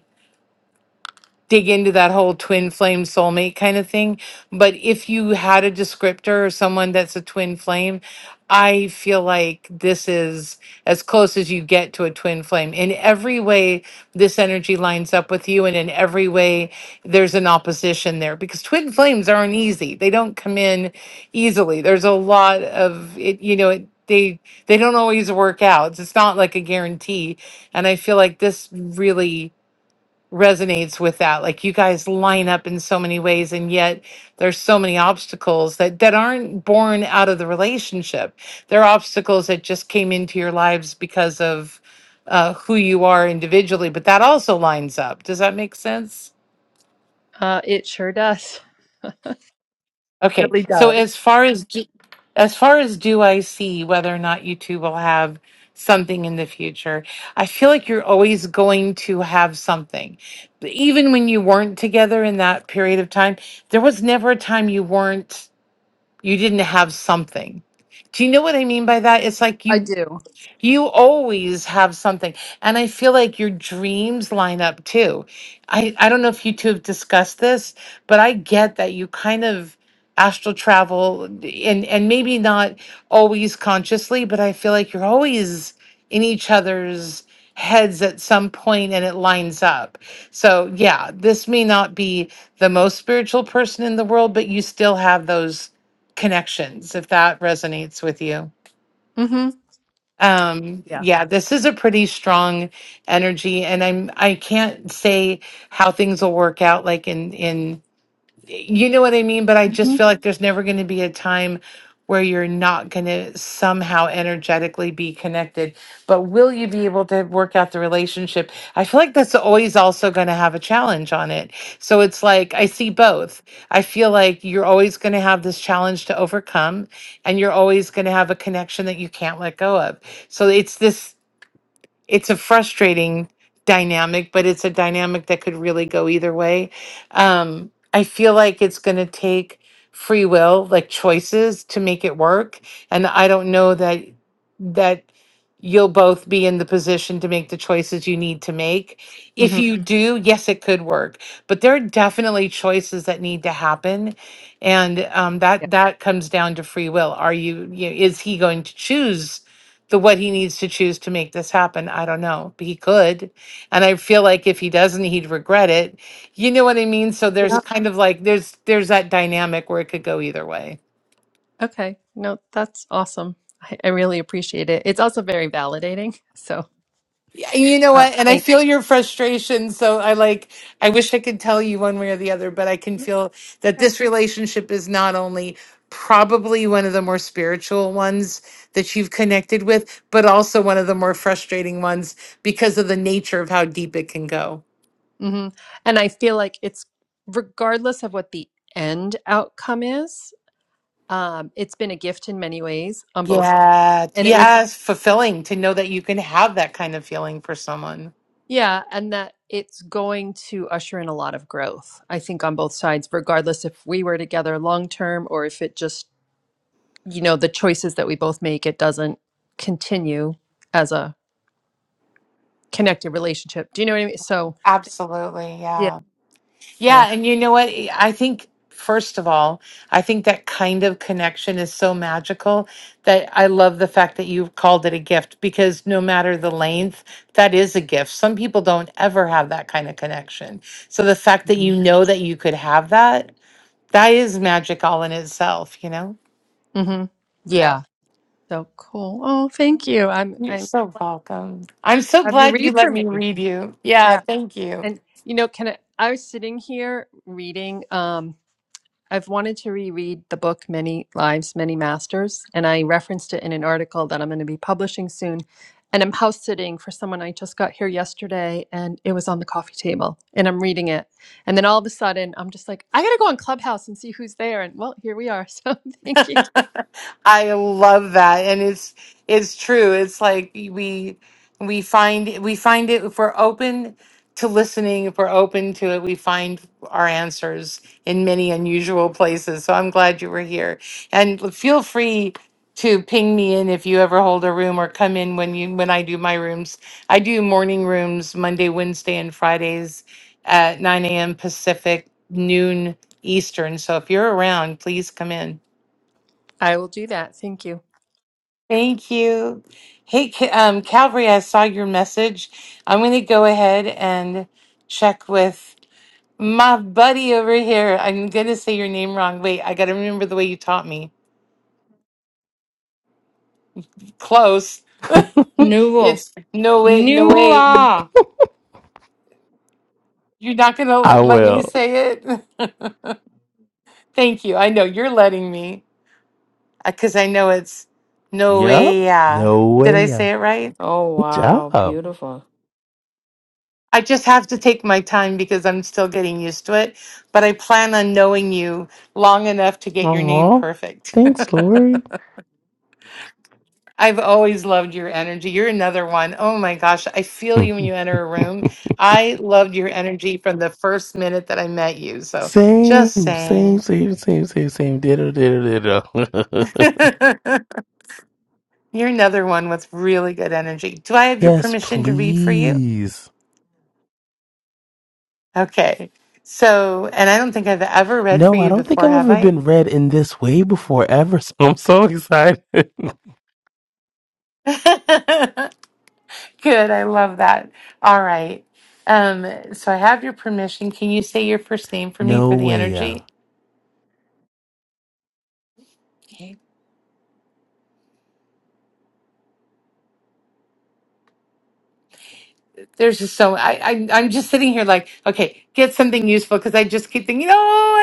Speaker 1: dig into that whole twin flame soulmate kind of thing. But if you had a descriptor or someone that's a twin flame, I feel like this is as close as you get to a twin flame. In every way, this energy lines up with you, and in every way, there's an opposition there because twin flames aren't easy. They don't come in easily. There's a lot of it, you know, it, they they don't always work out. It's not like a guarantee. And I feel like this really resonates with that. Like you guys line up in so many ways, and yet there's so many obstacles that that aren't born out of the relationship. They're obstacles that just came into your lives because of uh, who you are individually. But that also lines up. Does that make sense?
Speaker 13: Uh, it sure does.
Speaker 1: Okay.
Speaker 13: Really
Speaker 1: So as
Speaker 13: does.
Speaker 1: far as as far as do I see whether or not YouTube will have something in the future, I feel like you're always going to have something. But Even when you weren't together in that period of time, there was never a time you weren't, you didn't have something. Do you know what I mean by that? It's like
Speaker 13: I
Speaker 1: you
Speaker 13: do.
Speaker 1: you always have something. And I feel like your dreams line up too. I, I don't know if you two have discussed this, but I get that you kind of astral travel and, and maybe not always consciously, but I feel like you're always in each other's heads at some point and it lines up. So, yeah, this may not be the most spiritual person in the world, but you still have those connections if that resonates with you.
Speaker 13: Mm-hmm.
Speaker 1: Um,
Speaker 13: Yeah.
Speaker 1: yeah, this is a pretty strong energy, and I'm I can't say how things will work out like in in you know what I mean? But I just
Speaker 13: hmm
Speaker 1: feel like there's never going to be a time where you're not going to somehow energetically be connected. But will you be able to work out the relationship? I feel like that's always also going to have a challenge on it. So it's like I see both. I feel like you're always going to have this challenge to overcome and you're always going to have a connection that you can't let go of. So it's this it's a frustrating dynamic, but it's a dynamic that could really go either way. Um, I feel like it's going to take free will, like choices, to make it work, and I don't know that that you'll both be in the position to make the choices you need to make. If
Speaker 13: hmm
Speaker 1: you do, yes, it could work, but there are definitely choices that need to happen, and um, that
Speaker 13: Yeah.
Speaker 1: that comes down to free will. Are you, you is he going to choose? the what he needs to choose to make this happen. I don't know. But he could. And I feel like if he doesn't, he'd regret it. You know what I mean? So there's
Speaker 13: Yeah.
Speaker 1: kind of like there's there's that dynamic where it could go either way.
Speaker 13: Okay. No, that's awesome. I, I really appreciate it. It's also very validating. So
Speaker 1: Yeah, and You know
Speaker 13: uh,
Speaker 1: what? And I
Speaker 13: thank
Speaker 1: feel your frustration. So I like I wish I could tell you one way or the other, but I can
Speaker 13: you.
Speaker 1: feel that
Speaker 13: Okay.
Speaker 1: this relationship is not only probably one of the more spiritual ones that you've connected with, but also one of the more frustrating ones because of the nature of how deep it can go.
Speaker 13: hmm And I feel like it's regardless of what the end outcome is, um, it's been a gift in many ways on both.
Speaker 1: Yeah.
Speaker 13: And it will,
Speaker 1: Yes. It's fulfilling to know that you can have that kind of feeling for someone.
Speaker 13: yeah, and that it's going to usher in a lot of growth, I think, on both sides, regardless if we were together long term or if it just, you know, the choices that we both make, it doesn't continue. as a connected relationship. Do you know what I mean? So,
Speaker 1: Absolutely.
Speaker 13: Yeah.
Speaker 1: Yeah.
Speaker 13: so,
Speaker 1: Yeah. And you know what? eh, I think, first of all, I think that kind of connection is so magical that I love the fact that you've called it a gift because no matter the length, that is a gift. Some people don't ever have that kind of connection. So the fact that you
Speaker 13: Mhm.
Speaker 1: know that you could have that, that is magic all in itself, you know?
Speaker 13: hmm
Speaker 1: So.
Speaker 13: yeah. So cool. Oh, thank you. I'm,
Speaker 1: You're
Speaker 13: I'm
Speaker 1: so
Speaker 13: like,
Speaker 1: welcome. I'm so
Speaker 13: have you
Speaker 1: glad you
Speaker 13: read
Speaker 1: let
Speaker 13: for
Speaker 1: me
Speaker 13: me.
Speaker 1: read you. Yeah,
Speaker 13: Yeah.
Speaker 1: thank you.
Speaker 13: And, you know, can I, I was sitting here reading. Um. I've wanted to reread the book Many Lives, Many Masters, and I referenced it in an article that I'm going to be publishing soon. And I'm house sitting for someone I just got here yesterday, and it was on the coffee table, and I'm reading it. And then all of a sudden, I'm just like, I got to go on Clubhouse and see who's there. And well, here we are. So thank you.
Speaker 1: I love that, and it's it's true. It's like we we find we find it if we're open to listening, if we're open to it, we find our answers in many unusual places. So I'm glad you were here, and feel free to ping me in if you ever hold a room or come in when you when I do my rooms. I do morning rooms Monday, Wednesday, and Fridays at 9 a.m. Pacific, noon Eastern. So if you're around, please come in.
Speaker 13: I will do that. Thank you.
Speaker 1: Thank you. Hey, Ca- um, Calvary, I saw your message. I'm going to go ahead and check with my buddy over here. I'm going to say your name wrong. Wait, I got to remember the way you taught me. Close.
Speaker 8: Nuvo.
Speaker 1: it's no way, no way.
Speaker 8: Nua.
Speaker 1: You're not going
Speaker 14: I
Speaker 1: to let me
Speaker 14: will.
Speaker 1: say it. Thank you. I know you're letting me because I know it's no
Speaker 14: Yep.
Speaker 1: way. Yeah.
Speaker 14: No
Speaker 1: Did
Speaker 14: way.
Speaker 1: I
Speaker 14: yeah.
Speaker 1: say it right?
Speaker 8: Oh,
Speaker 14: Good
Speaker 8: wow.
Speaker 14: job.
Speaker 8: Beautiful.
Speaker 1: I just have to take my time because I'm still getting used to it, but I plan on knowing you long enough to get your name
Speaker 14: Aw.
Speaker 1: perfect.
Speaker 14: Thanks, Lori.
Speaker 1: I've always loved your energy. You're another one. Oh my gosh, I feel you when you enter a room. I loved your energy from the first minute that I met you. So just
Speaker 14: same, same,
Speaker 1: saying.
Speaker 14: same, same, same, same. Ditto, ditto, ditto.
Speaker 1: You're another one with really good energy. Do I have your
Speaker 14: yes,
Speaker 1: permission to read for you?
Speaker 14: please.
Speaker 1: Okay. So, and I don't think I've ever read for
Speaker 14: No, I
Speaker 1: you
Speaker 14: don't think
Speaker 1: before,
Speaker 14: I've
Speaker 1: have
Speaker 14: ever
Speaker 1: I?
Speaker 14: been read in this way before, ever. So I'm so excited.
Speaker 1: Good. I love that. All right. Um, so I have your permission. Can you say your first name for me for
Speaker 14: no
Speaker 1: the
Speaker 14: way.
Speaker 1: energy? Okay. There's just so I, I I'm just sitting here like, okay, get something useful because I just keep thinking, oh,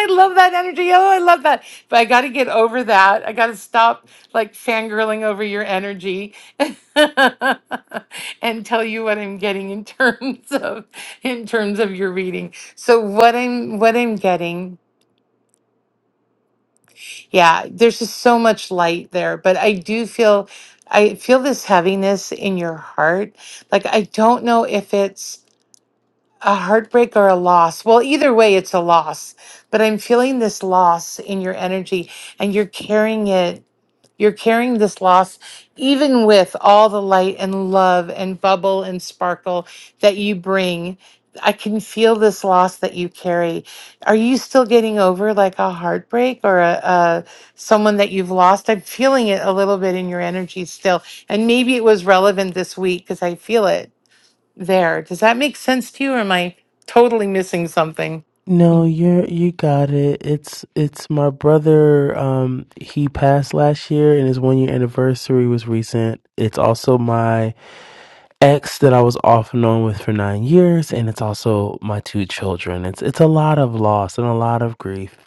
Speaker 1: I love that energy. Oh, I love that. But I gotta get over that. I gotta stop like fangirling over your energy and tell you what I'm getting in terms of in terms of your reading. So what I'm what I'm getting Yeah, there's just so much light there, but I do feel I feel this heaviness in your heart. Like I don't know if it's a heartbreak or a loss. Well, either way it's a loss, but I'm feeling this loss in your energy and you're carrying it you're carrying this loss, even with all the light and love and bubble and sparkle that you bring. I can feel this loss that you carry. Are you still getting over like a heartbreak or a, a someone that you've lost? I'm feeling it a little bit in your energy still, and maybe it was relevant this week because I feel it there. Does that make sense to you, or am I totally missing something?
Speaker 14: No, you're you got it. It's it's my brother. Um, he passed last year, and his one year anniversary was recent. It's also my ex that I was off and on with for nine years, and it's also my two children. It's it's a lot of loss and a lot of grief.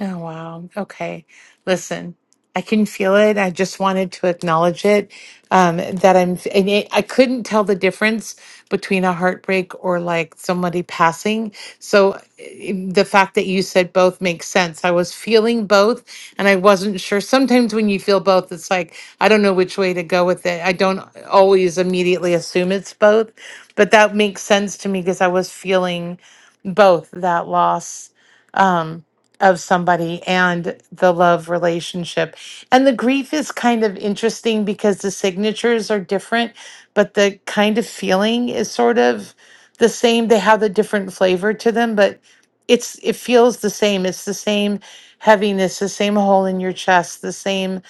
Speaker 1: Oh, wow. Okay. Listen, I can feel it. I just wanted to acknowledge it. Um, that I'm, and it, I couldn't tell the difference between a heartbreak or like somebody passing. So eh, the fact that you said both makes sense. I was feeling both and I wasn't sure. Sometimes when you feel both, it's like, I don't know which way to go with it. I don't always immediately assume it's both, but that makes sense to me because I was feeling both that loss. Um, of somebody and the love relationship. And the grief is kind of interesting because the signatures are different, but the kind of feeling is sort of the same. They have a different flavor to them, but it's it feels the same. It's the same heaviness, the same hole in your chest, the same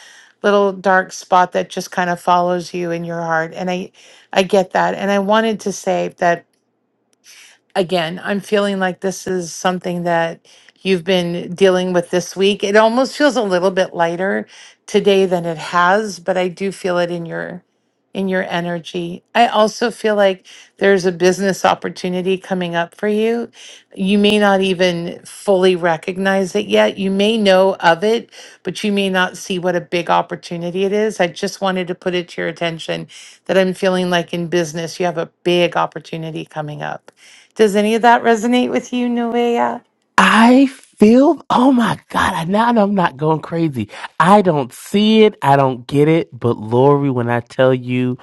Speaker 1: little dark spot that just kind of follows you in your heart. And I I get that. And I wanted to say that again, I'm feeling like this is something that you've been dealing with this week. It almost feels a little bit lighter today than it has, but I do feel it in your in your energy. I also feel like there's a business opportunity coming up for you. You may not even fully recognize it yet. You may know of it, but you may not see what a big opportunity it is. I just wanted to put it to your attention that I'm feeling like in business you have a big opportunity coming up. Does any of that resonate with you, Nuea?
Speaker 14: I feel. Oh my God! I now know I'm not going crazy. I don't see it. I don't get it. But Lori, when I tell you.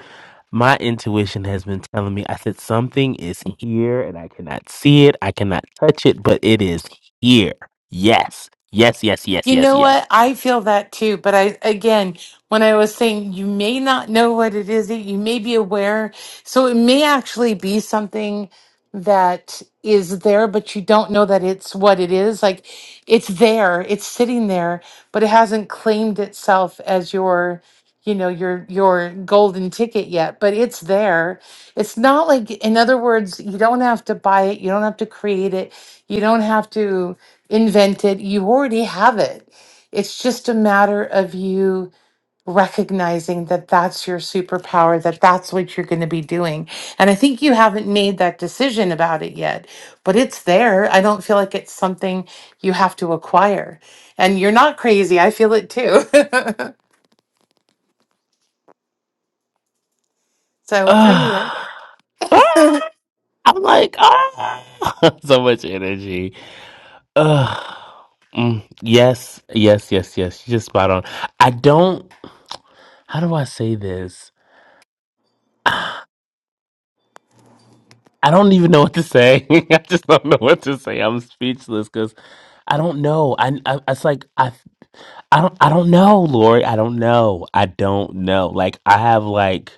Speaker 14: my intuition has been telling me i said something is here and i cannot see it i cannot touch it but it is here yes yes yes yes
Speaker 1: You
Speaker 14: yes
Speaker 1: know what?
Speaker 14: yes
Speaker 1: I feel that too. But I, again, when I was saying you may not know what it is, you may be aware. So it may actually be something that is there, but you don't know that it's what it is. Like it's there, it's sitting there, but it hasn't claimed itself as your, you know, your, your golden ticket yet, but it's there. It's not like, in other words, you don't have to buy it. You don't have to create it. You don't have to invent it. You already have it. It's just a matter of you recognizing that that's your superpower, that that's what you're going to be doing. And I think you haven't made that decision about it yet, but it's there. I don't feel like it's something you have to acquire. And you're not crazy. I feel it too. so, anyway.
Speaker 14: Ah, Ah. i'm like ah, so much energy Ah, mm, yes yes yes yes you're just spot on i don't how do i say this i don't even know what to say i just don't know what to say i'm speechless because I don't know. I, I it's like I I don't I don't know, Lori. I don't know. I don't know. Like I have like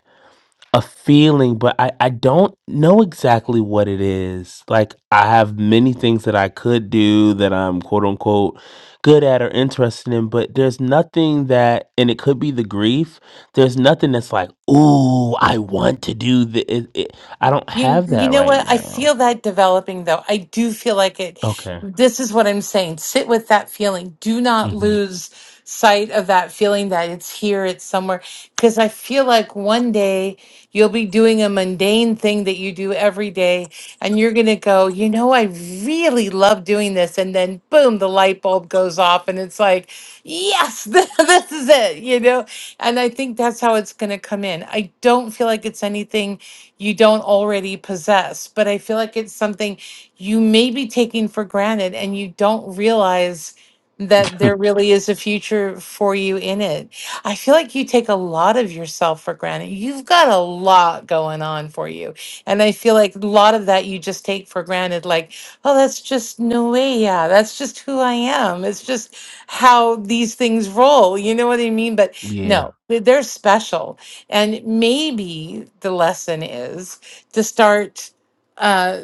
Speaker 14: a feeling, but I, I don't know exactly what it is. Like I have many things that I could do that I'm quote unquote good at or interested in, but there's nothing that and it could be the grief. There's nothing that's like, ooh, I want to do the it, it, I don't
Speaker 1: You
Speaker 14: have
Speaker 1: you
Speaker 14: that
Speaker 1: know
Speaker 14: right
Speaker 1: what? I feel
Speaker 14: now.
Speaker 1: that developing though. I do feel like it.
Speaker 14: Okay.
Speaker 1: This is what I'm saying. Sit with that feeling. Do not
Speaker 14: hmm
Speaker 1: lose sight of that feeling that it's here, it's somewhere. Because I feel like one day you'll be doing a mundane thing that you do every day, and you're gonna go, you know, I really love doing this, and then boom, the light bulb goes off, and it's like, yes, this is it, you know. And I think that's how it's gonna come in. I don't feel like it's anything you don't already possess. But I feel like it's something you may be taking for granted and you don't realize that there really is a future for you in it. I feel like you take a lot of yourself for granted. You've got a lot going on for you. And I feel like a lot of that you just take for granted like, oh, that's just no way. Yeah, that's just who I am. It's just how these things roll. You know what I mean? But
Speaker 14: yeah.
Speaker 1: no, they- they're special and maybe the lesson is to start uh,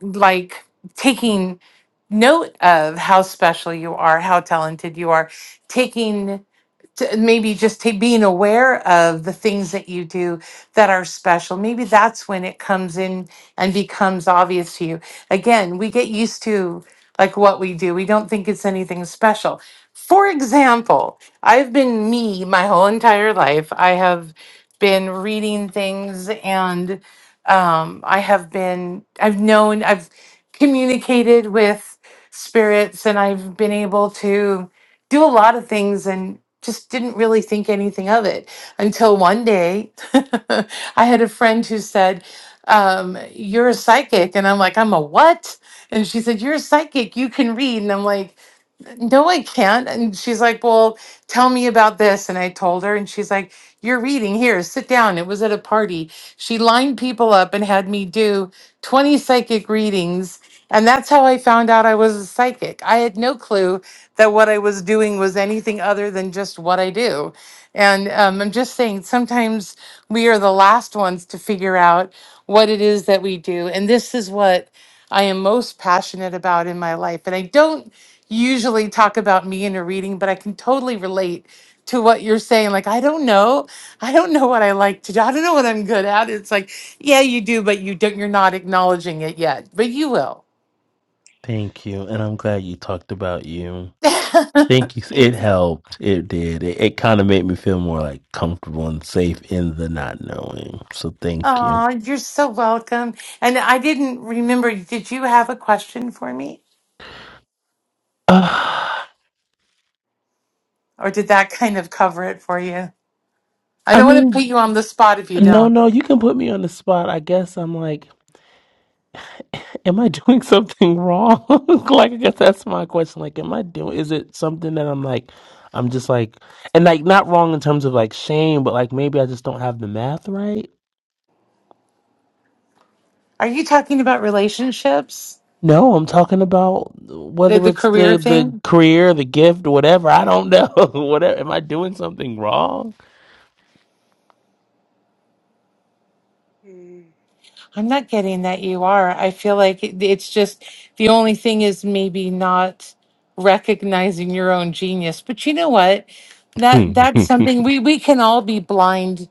Speaker 1: like taking note of how special you are, how talented you are, taking to maybe just ta being aware of the things that you do that are special. Maybe that's when it comes in and becomes obvious to you. Again, we get used to like what we do. We don't think it's anything special. For example, I've been me my whole entire life. I have been reading things and um, I have been, I've known, I've communicated with spirits and I've been able to do a lot of things and just didn't really think anything of it until one day I had a friend who said, um, You're a psychic. And I'm like, I'm a what? And she said, You're a psychic. You can read. And I'm like, no, I can't. And she's like, Well, tell me about this. And I told her, and she's like, You're reading here, sit down. It was at a party. She lined people up and had me do 20 psychic readings. And that's how I found out I was a psychic. I had no clue that what I was doing was anything other than just what I do. And um, I'm just saying, sometimes we are the last ones to figure out what it is that we do. And this is what I am most passionate about in my life. And I don't usually talk about me in a reading, but I can totally relate to what you're saying. Like, I don't know. I don't know what I like to do. I don't know what I'm good at. It's like, yeah, you do, but you don't you're not acknowledging it yet. But you will.
Speaker 14: Thank you. And I'm glad you talked about you. Thank you. It helped. It did. It, it kind of made me feel more like comfortable and safe in the not knowing. So thank you.
Speaker 1: oh, you're so welcome. And I didn't remember, did you have a question for me?
Speaker 14: Uh,
Speaker 1: Or did that kind of cover it for you? I
Speaker 14: I
Speaker 1: don't want to
Speaker 14: mean,
Speaker 1: put you on the spot if you
Speaker 14: no,
Speaker 1: don't.
Speaker 14: no, you can put me on the spot. I guess I'm like, am I doing something wrong? like, I guess that's my question. Like, am I doing, is it something that I'm like, I'm just like, and like, not wrong in terms of like shame, but like maybe I just don't have the math right.
Speaker 1: Are you talking about relationships?
Speaker 14: No, I'm talking about
Speaker 1: The,
Speaker 14: whether
Speaker 1: the
Speaker 14: it's
Speaker 1: career
Speaker 14: the
Speaker 1: thing?
Speaker 14: the career, the gift, whatever. I don't know. Whatever. Am I doing something wrong?
Speaker 15: Mm,
Speaker 1: I'm not getting that you are. I feel like it- it's just the only thing is maybe not recognizing your own genius. But you know what? That that's
Speaker 14: Ooh.
Speaker 1: something we we can all be blind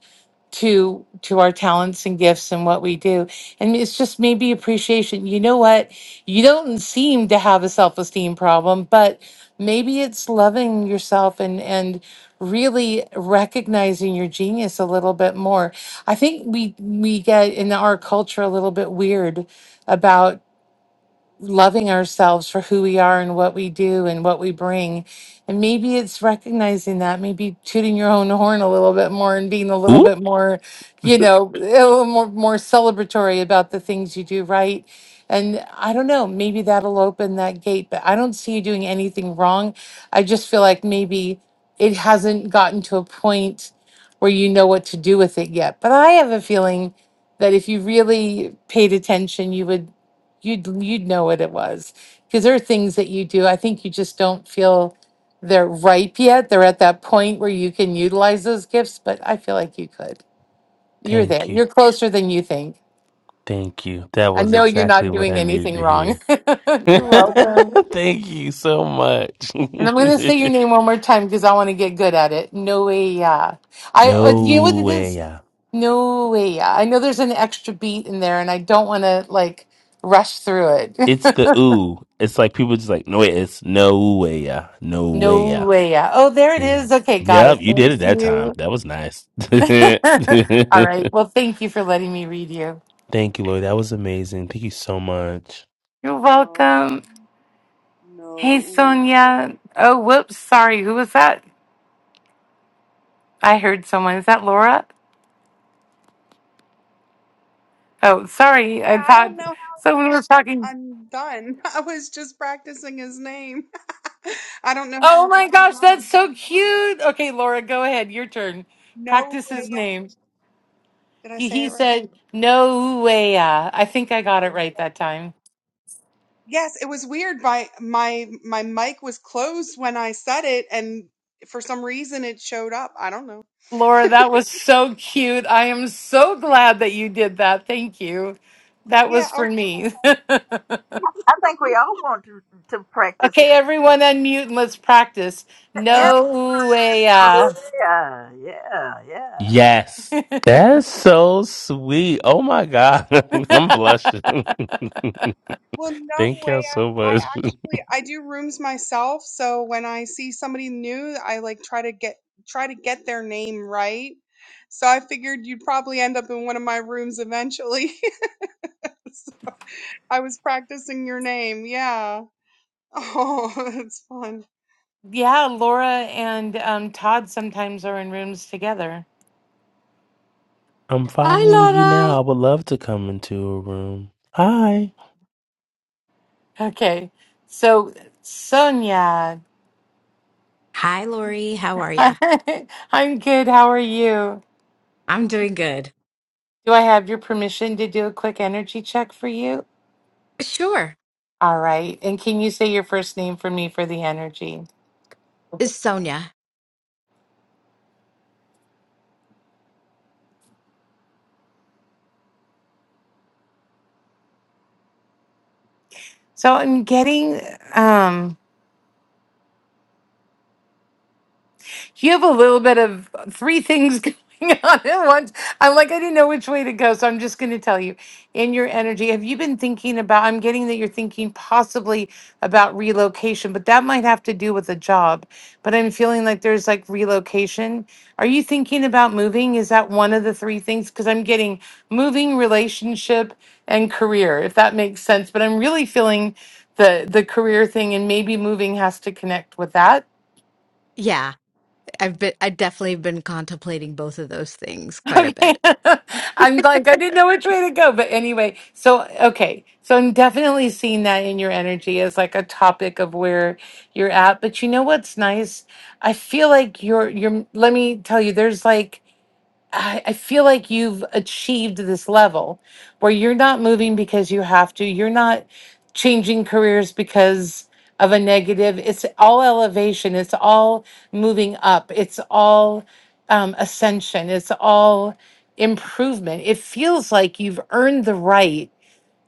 Speaker 1: to to our talents and gifts and what we do and it's just maybe appreciation you know what you don't seem to have a self-esteem problem but maybe it's loving yourself and and really recognizing your genius a little bit more i think we we get in our culture a little bit weird about loving ourselves for who we are and what we do and what we bring. And maybe it's recognizing that, maybe tooting your own horn a little bit more and being a little bit more, you know, a little more, more celebratory about the things you do right. And I don't know, maybe that'll open that gate, but I don't see you doing anything wrong. I just feel like maybe it hasn't gotten to a point where you know what to do with it yet. But I have a feeling that if you really paid attention, you would you'd you'd know what it was because there are things that you do i think you just don't feel they're ripe yet they're at that point where you can utilize those gifts but i feel like you could you're there
Speaker 14: Thank you.
Speaker 1: you're closer than you think
Speaker 14: Thank you. That
Speaker 1: i
Speaker 14: was
Speaker 1: know you're
Speaker 14: exactly
Speaker 1: not
Speaker 14: what
Speaker 1: doing
Speaker 14: I needed
Speaker 1: anything
Speaker 14: to
Speaker 1: wrong
Speaker 14: hear.
Speaker 1: you're welcome
Speaker 14: Thank you so much.
Speaker 1: and i'm going to say your name one more time because i want to get good at it noelia i uh, you know what
Speaker 14: no
Speaker 1: it
Speaker 14: way.
Speaker 1: is
Speaker 14: yeah.
Speaker 1: noelia i know there's an extra beat in there and i don't want to like rush through it
Speaker 14: It's the ooh. It's like people just like, no, it's no way. yeah. No way.
Speaker 1: No
Speaker 14: yeah.
Speaker 1: way. Yeah. Oh, there it
Speaker 14: Yeah.
Speaker 1: is. Okay, got
Speaker 14: Yep,
Speaker 1: it.
Speaker 14: you did
Speaker 1: Thank
Speaker 14: it that time.
Speaker 1: you.
Speaker 14: That was nice.
Speaker 1: All right. Well, thank you for letting me read you.
Speaker 14: Thank you, Lord. That was amazing. Thank you so much.
Speaker 1: You're
Speaker 15: no,
Speaker 1: welcome.
Speaker 15: no.
Speaker 1: Hey,
Speaker 15: Ooh. no.
Speaker 1: Sonia. Oh, whoops. Sorry. Who was that? I heard someone. Is that Laura? Oh, sorry. I
Speaker 15: Yeah, I
Speaker 1: thought
Speaker 15: don't know
Speaker 1: someone was
Speaker 15: how
Speaker 1: talking.
Speaker 15: I'm done. I was just practicing his name. I don't know how
Speaker 1: Oh
Speaker 15: I
Speaker 1: my
Speaker 15: got
Speaker 1: gosh, that's
Speaker 15: done.
Speaker 1: so cute. Okay, Laura, go ahead. Your turn.
Speaker 15: No
Speaker 1: Practice
Speaker 15: way.
Speaker 1: his name.
Speaker 15: Did I
Speaker 1: He
Speaker 15: say it
Speaker 1: he
Speaker 15: right?
Speaker 1: said, no way. Yeah. I think I
Speaker 15: No.
Speaker 1: got it right that time.
Speaker 15: Yes, it was weird. My my my mic was closed when I said it, and for some reason it showed up. I don't know.
Speaker 1: Laura, that was so cute. I am so glad that you did that. Thank you. That
Speaker 15: Yeah,
Speaker 1: was
Speaker 15: I was.
Speaker 1: for me.
Speaker 16: I think we all want to, to practice it.
Speaker 1: okay, everyone unmute and let's practice.
Speaker 15: No.
Speaker 16: Yeah,
Speaker 1: No way. uh.
Speaker 16: yeah, yeah, yeah.
Speaker 14: Yes. That's so sweet. Oh my God. I'm blushing.
Speaker 15: Well, no
Speaker 14: Thank
Speaker 15: way.
Speaker 14: y'all so
Speaker 15: I I
Speaker 14: much.
Speaker 15: actually I do rooms myself, so when I see somebody new, I like try to get try to get their name right. So I figured you'd probably end up in one of my rooms eventually. So I was practicing your name. Yeah. Oh, that's fun.
Speaker 1: yeah, Laura and um, Todd sometimes are in rooms together.
Speaker 14: I'm following
Speaker 8: Hi,
Speaker 14: you
Speaker 8: Laura.
Speaker 14: now. I would love to come into a room. Hi.
Speaker 1: Okay, so Sonia,
Speaker 17: Hi, Lori. How are you?
Speaker 1: I'm good. How are you?
Speaker 17: I'm doing good.
Speaker 1: Do I have your permission to do a quick energy check for you?
Speaker 17: Sure.
Speaker 1: All right. And can you say your first name for me for the energy?
Speaker 17: Is Sonia.
Speaker 1: So I'm getting um you have a little bit of three things going on at once. I'm like, I didn't know which way to go. So I'm just going to tell you in your energy, have you been thinking about? I'm getting that you're thinking possibly about relocation, but that might have to do with a job. But I'm feeling like there's like relocation. Are you thinking about moving? Is that one of the three things? Because I'm getting moving, relationship, and career, if that makes sense. But I'm really feeling the the career thing and maybe moving has to connect with that
Speaker 17: Yeah, I've been i definitely been contemplating both of those things quite a
Speaker 1: Okay.
Speaker 17: bit.
Speaker 1: I'm like, I didn't know which way to go. But anyway, so, okay. So I'm definitely seeing that in your energy as like a topic of where you're at. But you know what's nice? I feel like you're, you're, let me tell you, there's like, I, I feel like you've achieved this level where you're not moving because you have to. You're not changing careers because of a negative. It's all elevation. It's all moving up. It's all um, ascension. It's all improvement. It feels like you've earned the right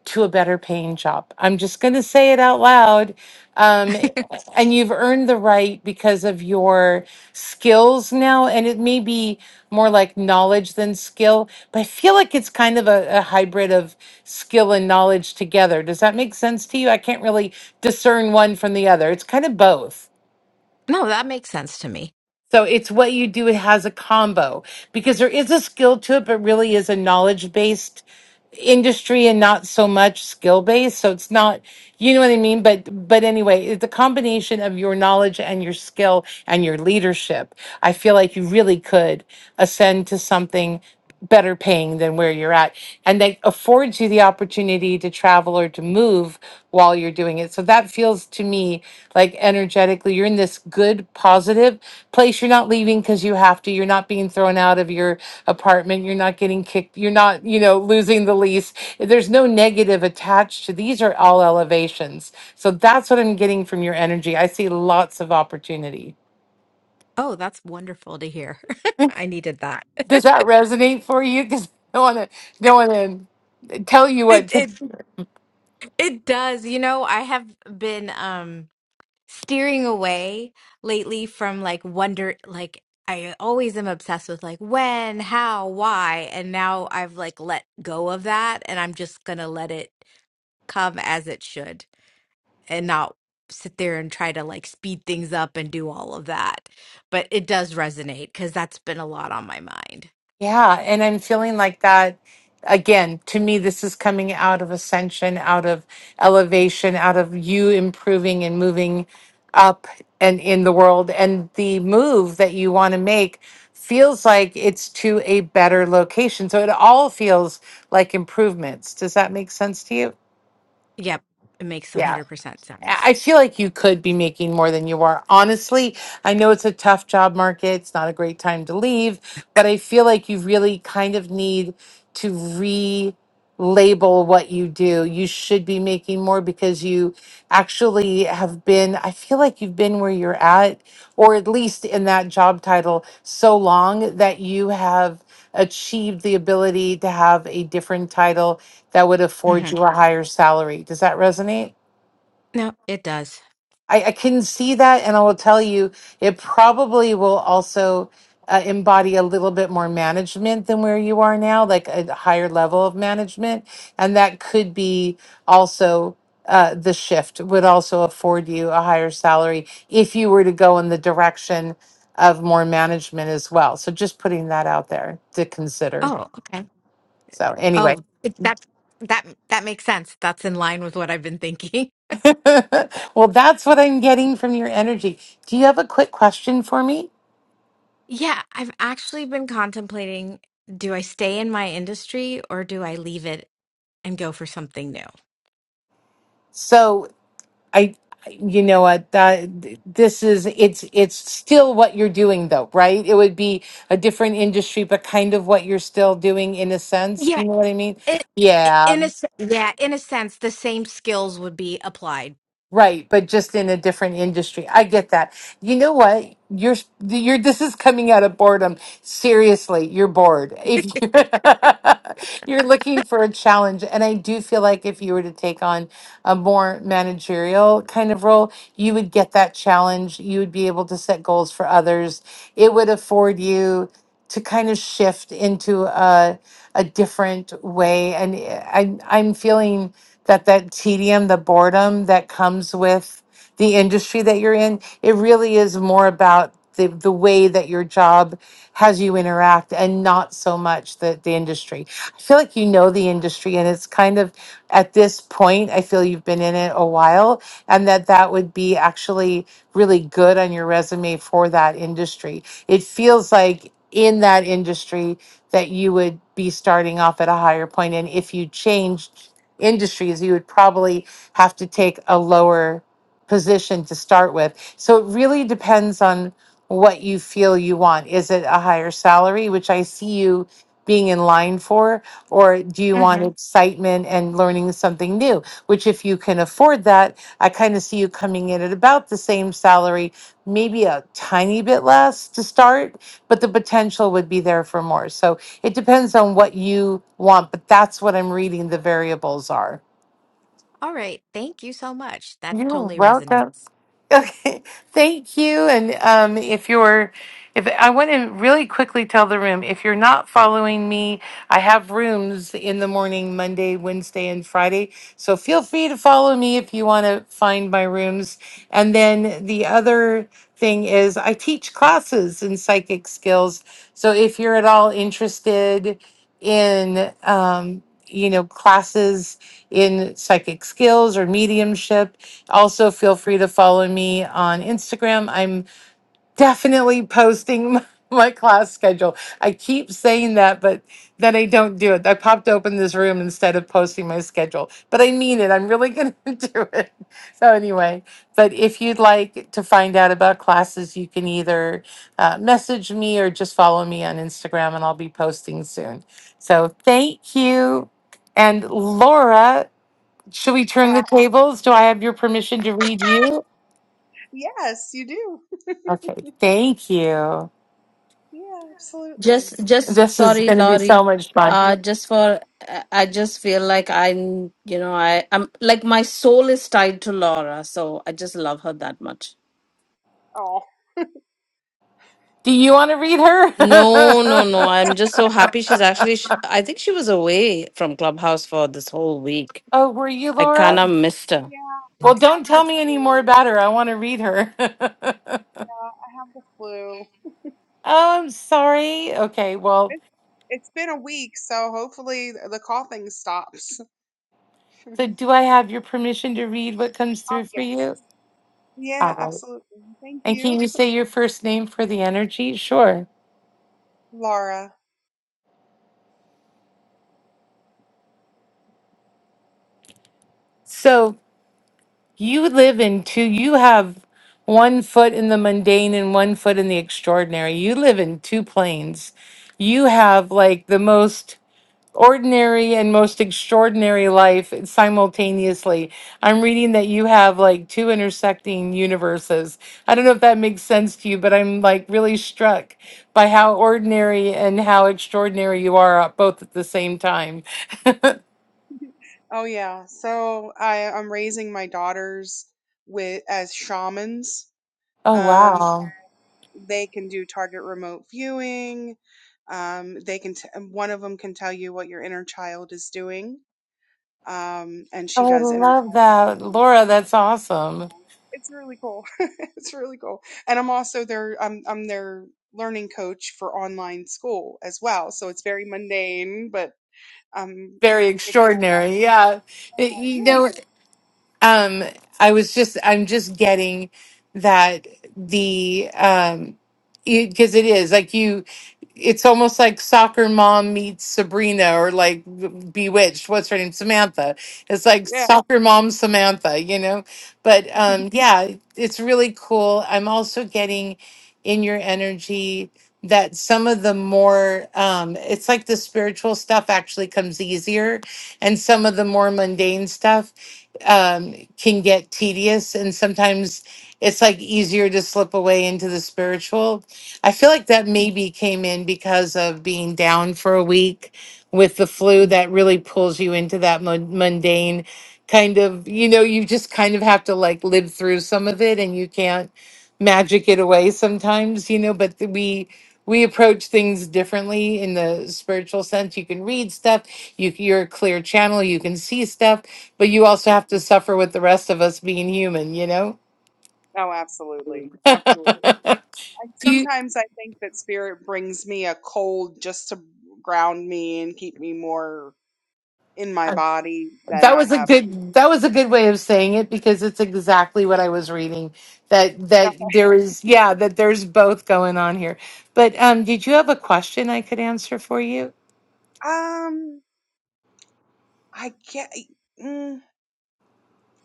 Speaker 1: to a better paying job. I'm just going to say it out loud. Um, and you've earned the right because of your skills now. And it may be more like knowledge than skill, but I feel like it's kind of a, a hybrid of skill and knowledge together. Does that make sense to you? I can't really discern one from the other. It's kind of both.
Speaker 17: No, that makes sense to me.
Speaker 1: So it's what you do has a combo because there is a skill to it, but really is a knowledge based industry and not so much skill based. So it's not, you know what I mean? But, but anyway, it's a combination of your knowledge and your skill and your leadership. I feel like you really could ascend to something better paying than where you're at. And that affords you the opportunity to travel or to move while you're doing it. So that feels to me like energetically, you're in this good, positive place. You're not leaving because you have to. You're not being thrown out of your apartment. You're not getting kicked. You're not, you know, losing the lease. There's no negative attached to these are all elevations. So that's what I'm getting from your energy. I see lots of opportunity.
Speaker 17: Oh, that's wonderful to hear. I needed that.
Speaker 1: Does that resonate for you? Because I don't want to, don't want to tell you
Speaker 17: It
Speaker 1: what.
Speaker 17: it it does. You know, I have been um steering away lately from like wonder like I always am obsessed with like when, how, why, and now I've like let go of that and I'm just gonna let it. come as it should and not sit there and try to like speed things up and do all of that. But it does resonate because that's been a lot on my mind.
Speaker 1: Yeah, and I'm feeling like that again. To me, this is coming out of ascension, out of elevation, out of you improving and moving up and in the world. And the move that you want to make feels like it's to a better location. So it all feels like improvements. Does that make sense to you?
Speaker 17: Yep, it makes
Speaker 1: Yeah.
Speaker 17: 100% sense.
Speaker 1: I feel like you could be making more than you are. Honestly, I know it's a tough job market. It's not a great time to leave, but I feel like you really kind of need to relabel what you do. You should be making more because you actually have been, I feel like you've been where you're at, or at least in that job title, so long that you have achieved the ability to have a different title that would afford you
Speaker 17: hmm
Speaker 1: a higher salary. Does that resonate?
Speaker 17: No, it does.
Speaker 1: I, I can see that, and I will tell you, it probably will also uh, embody a little bit more management than where you are now, like a higher level of management, and that could be also uh, the shift would also afford you a higher salary if you were to go in the direction of more management as well. So just putting that out there to consider.
Speaker 17: Oh, okay.
Speaker 1: So anyway,
Speaker 17: Oh, it, that that that makes sense. That's in line with what I've been thinking.
Speaker 1: well, that's what I'm getting from your energy. Do you have a quick question for me?
Speaker 17: Yeah, I've actually been contemplating, do I stay in my industry or do I leave it and go for something new?
Speaker 1: So I, you know what, that, this is, it's, it's still what you're doing though, right? It would be a different industry, but kind of what you're still doing in a sense. Do
Speaker 17: Yeah,
Speaker 1: you know what I mean?
Speaker 17: it, i-
Speaker 1: Yeah.
Speaker 17: in a s- yeah, in a sense, the same skills would be applied.
Speaker 1: Right, but just in a different industry. I get that. You know what? You're you're this is coming out of boredom. Seriously, you're bored. If you're, you're looking for a challenge, and I do feel like if you were to take on a more managerial kind of role, you would get that challenge. You would be able to set goals for others. It would afford you to kind of shift into a a different way. And I I'm feeling that that tedium, the boredom that comes with the industry that you're in, it really is more about the, the way that your job has you interact and not so much the, the industry. I feel like you know the industry and it's kind of at this point, I feel you've been in it a while and that that would be actually really good on your resume for that industry. It feels like in that industry that you would be starting off at a higher point and if you changed industries, you would probably have to take a lower position to start with. So it really depends on what you feel you want. Is it a higher salary, which I see you being in line for, or do you want
Speaker 17: Mhm.
Speaker 1: excitement and learning something new? Which, if you can afford that, I kind of see you coming in at about the same salary, maybe a tiny bit less to start but the potential would be there for more. So it depends on what you want, but that's what I'm reading the variables are.
Speaker 17: All right, thank you so much. That totally resonates.
Speaker 1: Okay, thank you. And um, if you're, if I want to really quickly tell the room, if you're not following me, I have rooms in the morning, Monday, Wednesday, and Friday. So feel free to follow me if you want to find my rooms. And then the other thing is, I teach classes in psychic skills. So if you're at all interested in, um, you know, classes in psychic skills or mediumship, also, feel free to follow me on Instagram. I'm definitely posting my class schedule. I keep saying that, but then I don't do it. I popped open this room instead of posting my schedule, but I mean it. I'm really going to do it. So, anyway, but if you'd like to find out about classes, you can either uh, message me or just follow me on Instagram and I'll be posting soon. So, thank you. And Laura should we turn the
Speaker 15: Ah,
Speaker 1: tables? Do I have your permission to read you?
Speaker 15: Yes, you do.
Speaker 1: Okay, thank you.
Speaker 15: Yeah, absolutely.
Speaker 8: Just, just
Speaker 1: This is
Speaker 8: sorry,
Speaker 1: going to be so
Speaker 8: Laurie.
Speaker 1: much fun.
Speaker 8: Uh, just for I I just feel like I'm, you know, I I'm like my soul is tied to Laura, so I just love her that much.
Speaker 15: Oh,
Speaker 1: Do you want to read
Speaker 8: No, no, no.
Speaker 1: her?
Speaker 8: I'm just so happy she's actually. Sh- I think she was away from Clubhouse for this whole week.
Speaker 1: oh, were you
Speaker 8: I kind
Speaker 1: Laura?
Speaker 8: of missed her.
Speaker 15: yeah, I
Speaker 1: Well, don't
Speaker 15: have the
Speaker 1: tell me any more
Speaker 15: flu.
Speaker 1: about her. I want to read her.
Speaker 15: Yeah,
Speaker 1: oh,
Speaker 15: I have the flu.
Speaker 1: I'm sorry. Okay, well,
Speaker 15: It's it's been a week, so hopefully the coughing stops.
Speaker 1: so do I have your permission to read what comes
Speaker 15: Oh
Speaker 1: through
Speaker 15: yeah.
Speaker 1: for you? All
Speaker 15: Yeah,
Speaker 1: right.
Speaker 15: absolutely. Thank
Speaker 1: And
Speaker 15: you,
Speaker 1: can you say your first name for the energy? Sure.
Speaker 15: Laura.
Speaker 1: So You live in two, you have one foot in the mundane and one foot in the extraordinary. You live in two planes. You have like the most ordinary and most extraordinary life simultaneously. I'm reading that you have like two intersecting universes. I don't know if that makes sense to you, but I'm like really struck by how ordinary and how extraordinary you are uh, both at the same time. oh,
Speaker 15: Oh yeah. So I I'm raising my daughters with as shamans. Um
Speaker 1: wow.
Speaker 15: they can do target remote viewing. Um they can t- and one of them can tell you what your inner child is doing. Um and
Speaker 1: I
Speaker 15: she does inner
Speaker 1: love
Speaker 15: child
Speaker 1: that.
Speaker 15: viewing.
Speaker 1: Laura, that's awesome.
Speaker 15: It's really cool. it's really cool. And I'm also their I'm I'm their learning coach for online school as well. So it's very mundane, but um.
Speaker 1: very extraordinary. Yeah, It- you
Speaker 15: Yeah,
Speaker 1: know, um i was just i'm just getting that the um because it is like you it's almost like soccer mom meets sabrina or like bewitched what's her name samantha it's like
Speaker 15: yeah.
Speaker 1: soccer mom samantha you know but um yeah it's really cool i'm also getting in your energy that some of the more um it's like the spiritual stuff actually comes easier and some of the more mundane stuff um, can get tedious and sometimes it's like easier to slip away into the spiritual. I feel like that maybe came in because of being down for a week with the flu that really pulls you into that mun- mundane kind of, you know, you just kind of have to like live through some of it and you can't magic it away sometimes, you know, but th- we we approach things differently in the spiritual sense. You can read stuff, you you're a clear channel, you can see stuff but you also have to suffer with the rest of us being human you know
Speaker 15: Oh, absolutely,
Speaker 1: Do
Speaker 15: absolutely. It, I,
Speaker 1: you
Speaker 15: sometimes I think that spirit brings me a cold just to ground me and keep me more in my
Speaker 1: uh,
Speaker 15: body than
Speaker 1: that
Speaker 15: I
Speaker 1: was a
Speaker 15: have.
Speaker 1: good that was a good way of saying it because it's exactly what i was reading that
Speaker 15: No,
Speaker 1: that there is yeah that there's both going on here but um did you have a question i could answer for you
Speaker 15: Um, I get. Mm,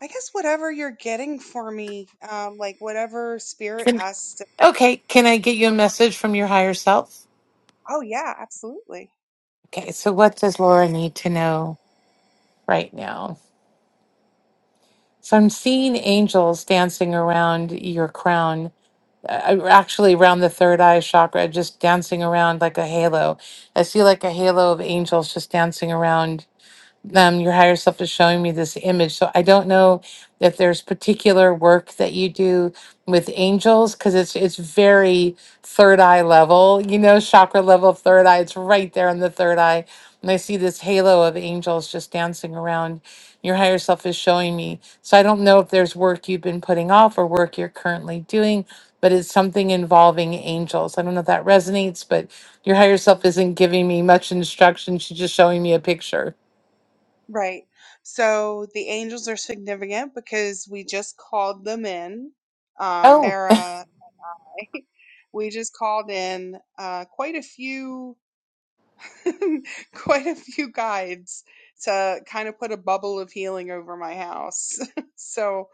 Speaker 15: I guess whatever you're getting for me, um, like whatever spirit has to.
Speaker 1: okay can i get you a
Speaker 15: For,
Speaker 1: message from your higher self
Speaker 15: oh yeah, absolutely.
Speaker 1: okay so what does laura need to know right now so i'm seeing angels dancing around your crown uh, actually around the third eye chakra, just dancing around like a halo. I see like a halo of angels just dancing around um, your higher self is showing me this image. So I don't know if there's particular work that you do with angels because it's it's very third eye level, you know, chakra level, third eye. It's right there in the third eye, and I see this halo of angels just dancing around. Your higher self is showing me. So I don't know if there's work you've been putting off or work you're currently doing, but it's something involving angels. I don't know if that resonates, but your higher self
Speaker 15: Mhm.
Speaker 1: isn't giving me much instruction. She's just showing me a picture.
Speaker 15: Right. So the angels are significant because we just called them in. Um,
Speaker 1: Oh,
Speaker 15: Sarah, we just called in uh, quite a few. quite a few guides to kind of put a bubble of healing over my house. so,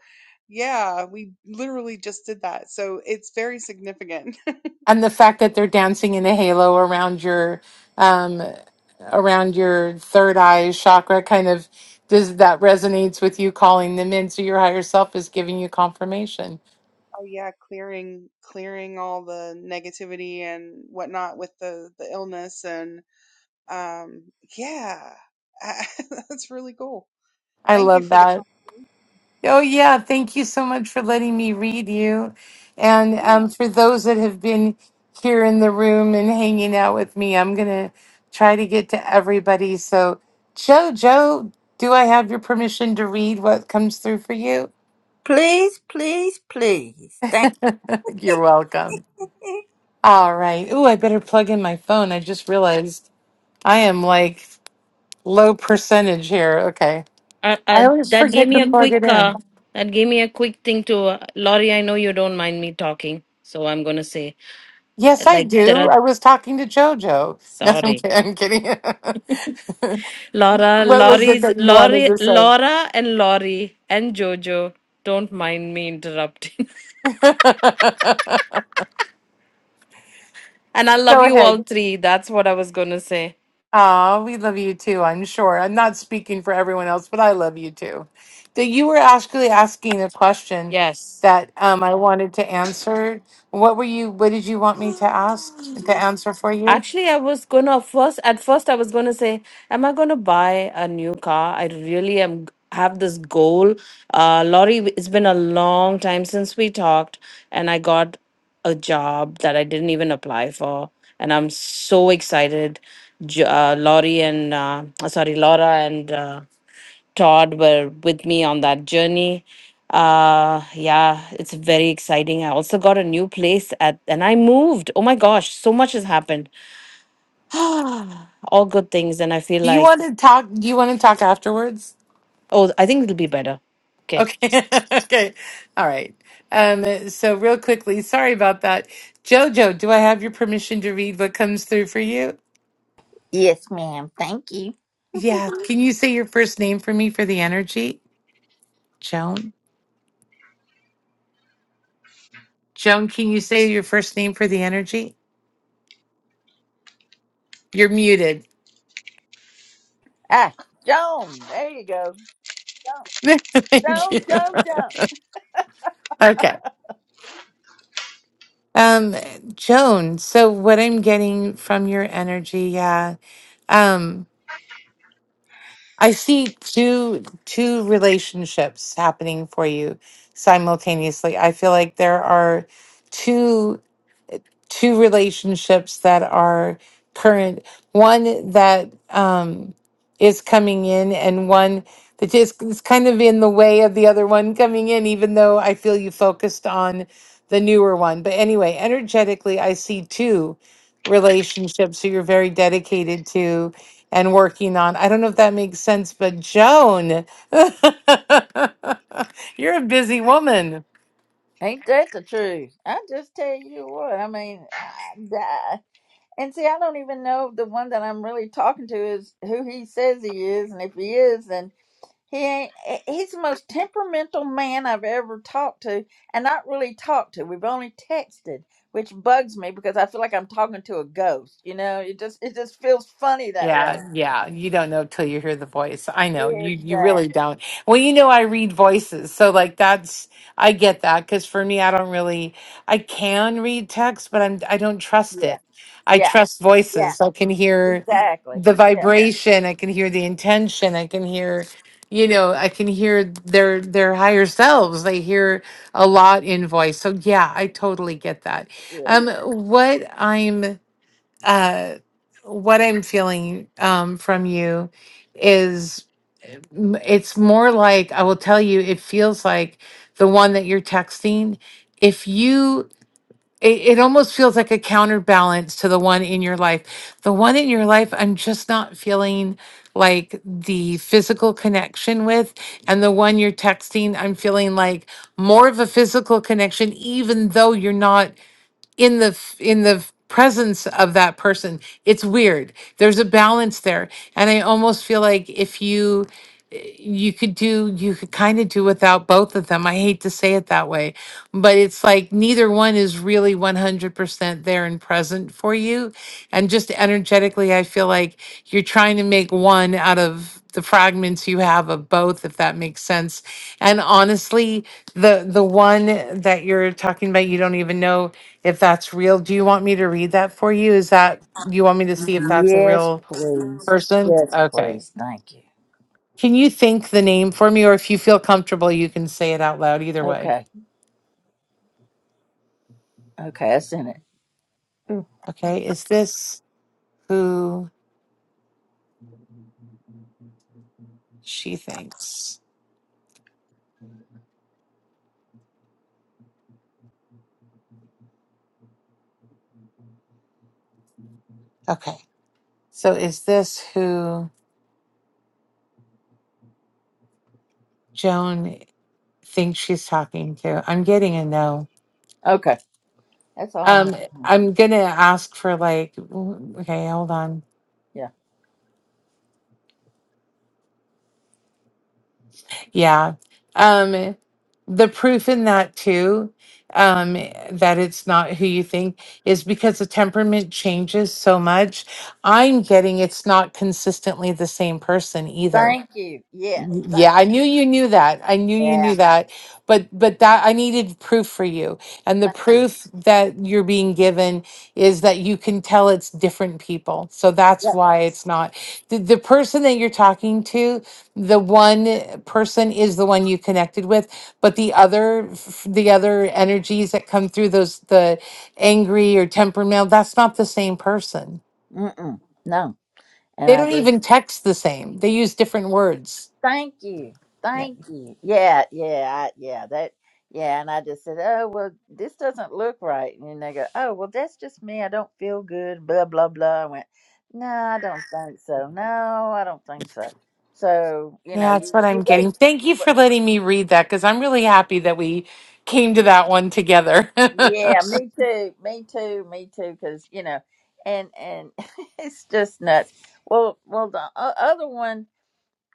Speaker 15: yeah, we literally just did that. So it's very significant.
Speaker 1: and the fact that they're dancing in a halo around your um around your third eye chakra kind of does that resonates with you calling them into your higher self is giving you confirmation.
Speaker 15: Oh yeah, clearing clearing all the negativity and whatnot with the the illness and um yeah, that's really cool.
Speaker 1: I
Speaker 15: Thank you
Speaker 1: love
Speaker 15: for the
Speaker 1: that. Oh yeah, thank you so much for letting me read you. And
Speaker 15: yeah.
Speaker 1: um for those that have been here in the room and hanging out with me, I'm going to try to get to everybody. So, Jojo, do I have your permission to read what comes through for you?
Speaker 16: Please, please, please. Thank
Speaker 1: You're welcome.
Speaker 16: you.
Speaker 1: All right. Ooh, I better plug in my phone. I just realized I am like low percentage here. Okay.
Speaker 8: Uh,
Speaker 1: I
Speaker 8: uh,
Speaker 1: always
Speaker 8: that gave
Speaker 1: forget to
Speaker 8: me a
Speaker 1: plug it
Speaker 8: quick.
Speaker 1: in.
Speaker 8: Uh, that gave me a quick thing to uh, Laurie. I know you don't mind me talking, so I'm gonna say
Speaker 1: Yes, I
Speaker 8: like there
Speaker 1: do.
Speaker 8: are.
Speaker 1: I was talking to JoJo. No, I'm
Speaker 8: Sorry.
Speaker 1: kidding. I'm kidding.
Speaker 8: Laura,
Speaker 1: what was it
Speaker 8: Laurie's,
Speaker 1: that you wanted
Speaker 8: Laurie,
Speaker 1: to say?
Speaker 8: Laura and Laurie and Jojo. Don't mind me interrupting. and I love
Speaker 1: Go
Speaker 8: you
Speaker 1: ahead.
Speaker 8: all three. That's what I was going to say.
Speaker 1: Oh, we love you too, I'm sure. I'm not speaking for everyone else, but I love you too. That you were actually asking a question
Speaker 8: Yes.
Speaker 1: that um, I wanted to answer. What were you, what did you want me to ask, to answer for you?
Speaker 8: Actually, I was gonna first at first I was gonna say, am I gonna buy a new car? I really am have this goal. Uh, Laurie, it's been a long time since we talked, and I got a job that I didn't even apply for, and I'm so excited. J- Uh, Laurie and uh, sorry, Laura and uh, Todd were with me on that journey. Uh, yeah, it's very exciting. I also got a new place at, and I moved. Oh my gosh, so much has happened. all good things. And I feel
Speaker 1: Do you
Speaker 8: like,
Speaker 1: want to talk, do you want to talk afterwards?
Speaker 8: oh, I think it'll be better. Okay.
Speaker 1: Okay. okay. All right. Um, so real quickly, sorry about that. Jojo, do I have your permission to read what comes through for you?
Speaker 16: Yes, ma'am. Thank you.
Speaker 1: Yeah. Can you say your first name for me for the energy? Joan? Joan, can you say your first name for the energy? You're muted.
Speaker 16: Ah, Joan. There you go. Joan,
Speaker 1: Thank
Speaker 16: Joan,
Speaker 1: you.
Speaker 16: Joan, Joan.
Speaker 1: Okay. Um, Joan, so what I'm getting from your energy, yeah. Um, I see two two relationships happening for you simultaneously. I feel like there are two two relationships that are current one that um, is coming in and one that just is kind of in the way of the other one coming in even though i feel you focused on the newer one but anyway energetically i see two relationships who you're very dedicated to and working on i don't know if that makes sense but joan you're a busy woman
Speaker 16: Ain't that the truth? I just tell you what. I mean, I, I, and see, I don't even know if the one that I'm really talking to is who he says he is, and if he is, then He ain't, eh, he's the most temperamental man I've ever talked to, and not really talked to. We've only texted, which bugs me because I feel like I'm talking to a ghost. You know, it just it just feels funny that way.
Speaker 1: Yeah, yeah. You don't know till you hear the voice. I know. You you really
Speaker 16: Exactly.
Speaker 1: don't. Well, you know I read voices. So like that's I get that cuz for me I don't really I can read text, but I'm I don't trust it.
Speaker 16: Yeah.
Speaker 1: I
Speaker 16: Yeah.
Speaker 1: trust
Speaker 16: Yeah.
Speaker 1: voices. I can hear
Speaker 16: Exactly.
Speaker 1: the
Speaker 16: Yeah.
Speaker 1: vibration, I can hear the intention, I can hear you know, I can hear their their higher selves. They hear a lot in voice. So yeah, I totally get that.
Speaker 16: Yeah.
Speaker 1: Um what I'm uh, what I'm feeling um, from you is m- it's more like I will tell you, it feels like the one that you're texting. If you, it, it almost feels like a counterbalance to the one in your life. The one in your life, I'm just not feeling like the physical connection with. And the one you're texting, I'm feeling like more of a physical connection, even though you're not in the f- in the presence of that person it's weird there's a balance there and i almost feel like if you eh, you could do you could kind of do without both of them i hate to say it that way but it's like neither one is really 100% there and present for you and just energetically i feel like you're trying to make one out of the fragments you have of both if that makes sense and honestly the the one that you're talking about you don't even know if that's real. Do you want me to read that for you? Is that you want me to see if that's a
Speaker 16: Yes,
Speaker 1: real
Speaker 16: please.
Speaker 1: person?
Speaker 16: Yes,
Speaker 1: Okay.
Speaker 16: please. Thank you.
Speaker 1: Can you think the name for me, or if you feel comfortable, you can say it out loud either way?
Speaker 16: Okay. Okay. I sent it. Ooh.
Speaker 1: Okay. Is this who she thinks? Okay. So is this who Joan thinks she's talking to? I'm getting a no.
Speaker 16: Okay. That's all I know.
Speaker 1: Um, I'm gonna ask for like, okay, hold on.
Speaker 16: Yeah.
Speaker 1: Yeah. Um, the proof in that too, um, that it's not who you think is because the temperament changes so much. I'm getting it's not consistently the same person either
Speaker 16: Thank you. Yes.
Speaker 1: yeah,
Speaker 16: Thank
Speaker 1: I knew
Speaker 16: you.
Speaker 1: you knew that. I knew you
Speaker 16: Yeah.
Speaker 1: knew that. But but that I needed proof for you. And the
Speaker 16: Thank you.
Speaker 1: proof that you're being given is that you can tell it's different people. So that's
Speaker 16: Yeah.
Speaker 1: why it's not the, the person that you're talking to, the one person is the one you connected with, but the other f- the other energies that come through those the angry or temperamental, that's not the same person.
Speaker 16: Mm-mm. No. And
Speaker 1: They
Speaker 16: I
Speaker 1: don't
Speaker 16: just
Speaker 1: even text the same. They use different words.
Speaker 16: thank you, thank you. Yeah, yeah, I, yeah. That, yeah. And I just said, oh well, this doesn't look right. And they go, oh well, that's just me. I don't feel good. Blah blah blah. I went, no, I don't think so. No, I don't think so. So you know,
Speaker 1: Yeah, that's
Speaker 16: you
Speaker 1: what I'm
Speaker 16: you wait.
Speaker 1: getting. Thank
Speaker 16: You
Speaker 1: you
Speaker 16: wait.
Speaker 1: for letting me read that because I'm really happy that we came to that one together. yeah,
Speaker 16: Yeah, me too. Me too. Me too. Because you know, and and it's just nuts. Well, well, the o- other one,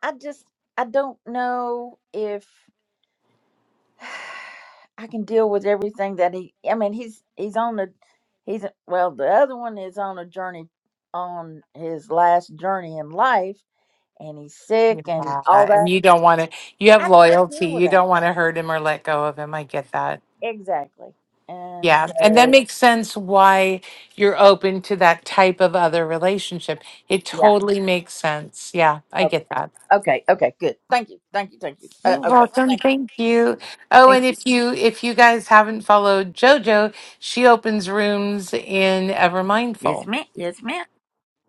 Speaker 16: I just I don't know if. I can deal with everything that he. I mean, he's he's on the he's well. The other one is on a journey on his last journey in life, and he's sick and all
Speaker 1: and
Speaker 16: that.
Speaker 1: you don't want to, you have
Speaker 16: I don't want to
Speaker 1: loyalty.
Speaker 16: deal with
Speaker 1: You
Speaker 16: that
Speaker 1: don't want to hurt him or let go of him. I get that.
Speaker 16: exactly. And
Speaker 1: Yeah. And that
Speaker 16: so,
Speaker 1: makes sense why you're open to that type of other relationship. It
Speaker 16: yeah.
Speaker 1: totally makes sense. Yeah, I
Speaker 16: Okay.
Speaker 1: get that.
Speaker 16: Okay. Okay. Good. Thank you. Thank you. Thank you. Uh,
Speaker 1: You're
Speaker 16: okay.
Speaker 1: welcome.
Speaker 16: Thank you.
Speaker 1: Thank you. Oh, and
Speaker 16: Thank you.
Speaker 1: if you if you guys haven't followed JoJo, she opens rooms in Ever
Speaker 16: Yes,
Speaker 1: Mindful.
Speaker 16: ma'am. Yes, ma'am.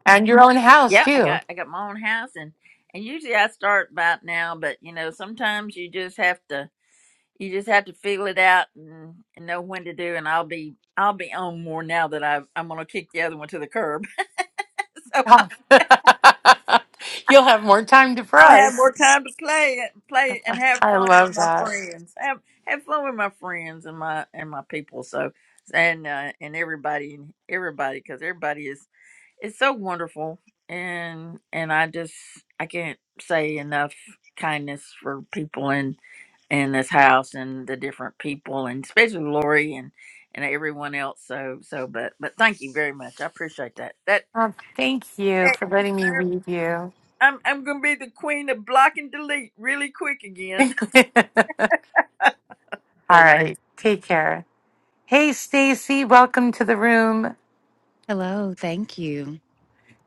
Speaker 1: And your own house
Speaker 16: Yeah, I
Speaker 1: too.
Speaker 16: got I got my own house, and and usually I start about now, but you know sometimes you just have to. you just have to feel it out and, and know when to do and i'll be i'll be on more now that i i'm going to kick the other one to the curb so
Speaker 1: Oh. You'll have more time to
Speaker 16: i'll have
Speaker 1: press.
Speaker 16: more time to play it- play it and have
Speaker 1: I
Speaker 16: fun with
Speaker 1: love
Speaker 16: my
Speaker 1: that.
Speaker 16: friends have have fun with my friends and my and my people so and uh, and everybody everybody because everybody is is so wonderful and and i just i can't say enough kindness for people and. in this house and the different people and especially Lori and and everyone else. So so but but thank you very much. I appreciate that. That
Speaker 1: Oh, thank you
Speaker 16: that
Speaker 1: for letting me read you.
Speaker 16: I'm I'm gonna be the queen of block and delete really quick again.
Speaker 1: All
Speaker 16: Thank you.
Speaker 1: right. Take care. Hey, Stacy, welcome to the room.
Speaker 18: Hello, thank you.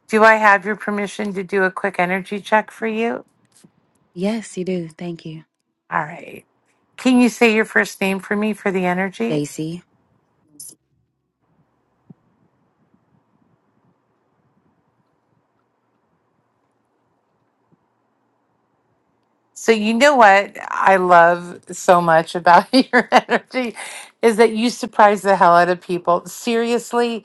Speaker 1: Do I have your permission to do a quick energy check for you?
Speaker 18: Yes, you do. Thank you.
Speaker 1: All right. Can you say your first name for me for the energy?
Speaker 18: Stacy.
Speaker 1: So you know what I love so much about your energy is that you surprise the hell out of people. Seriously,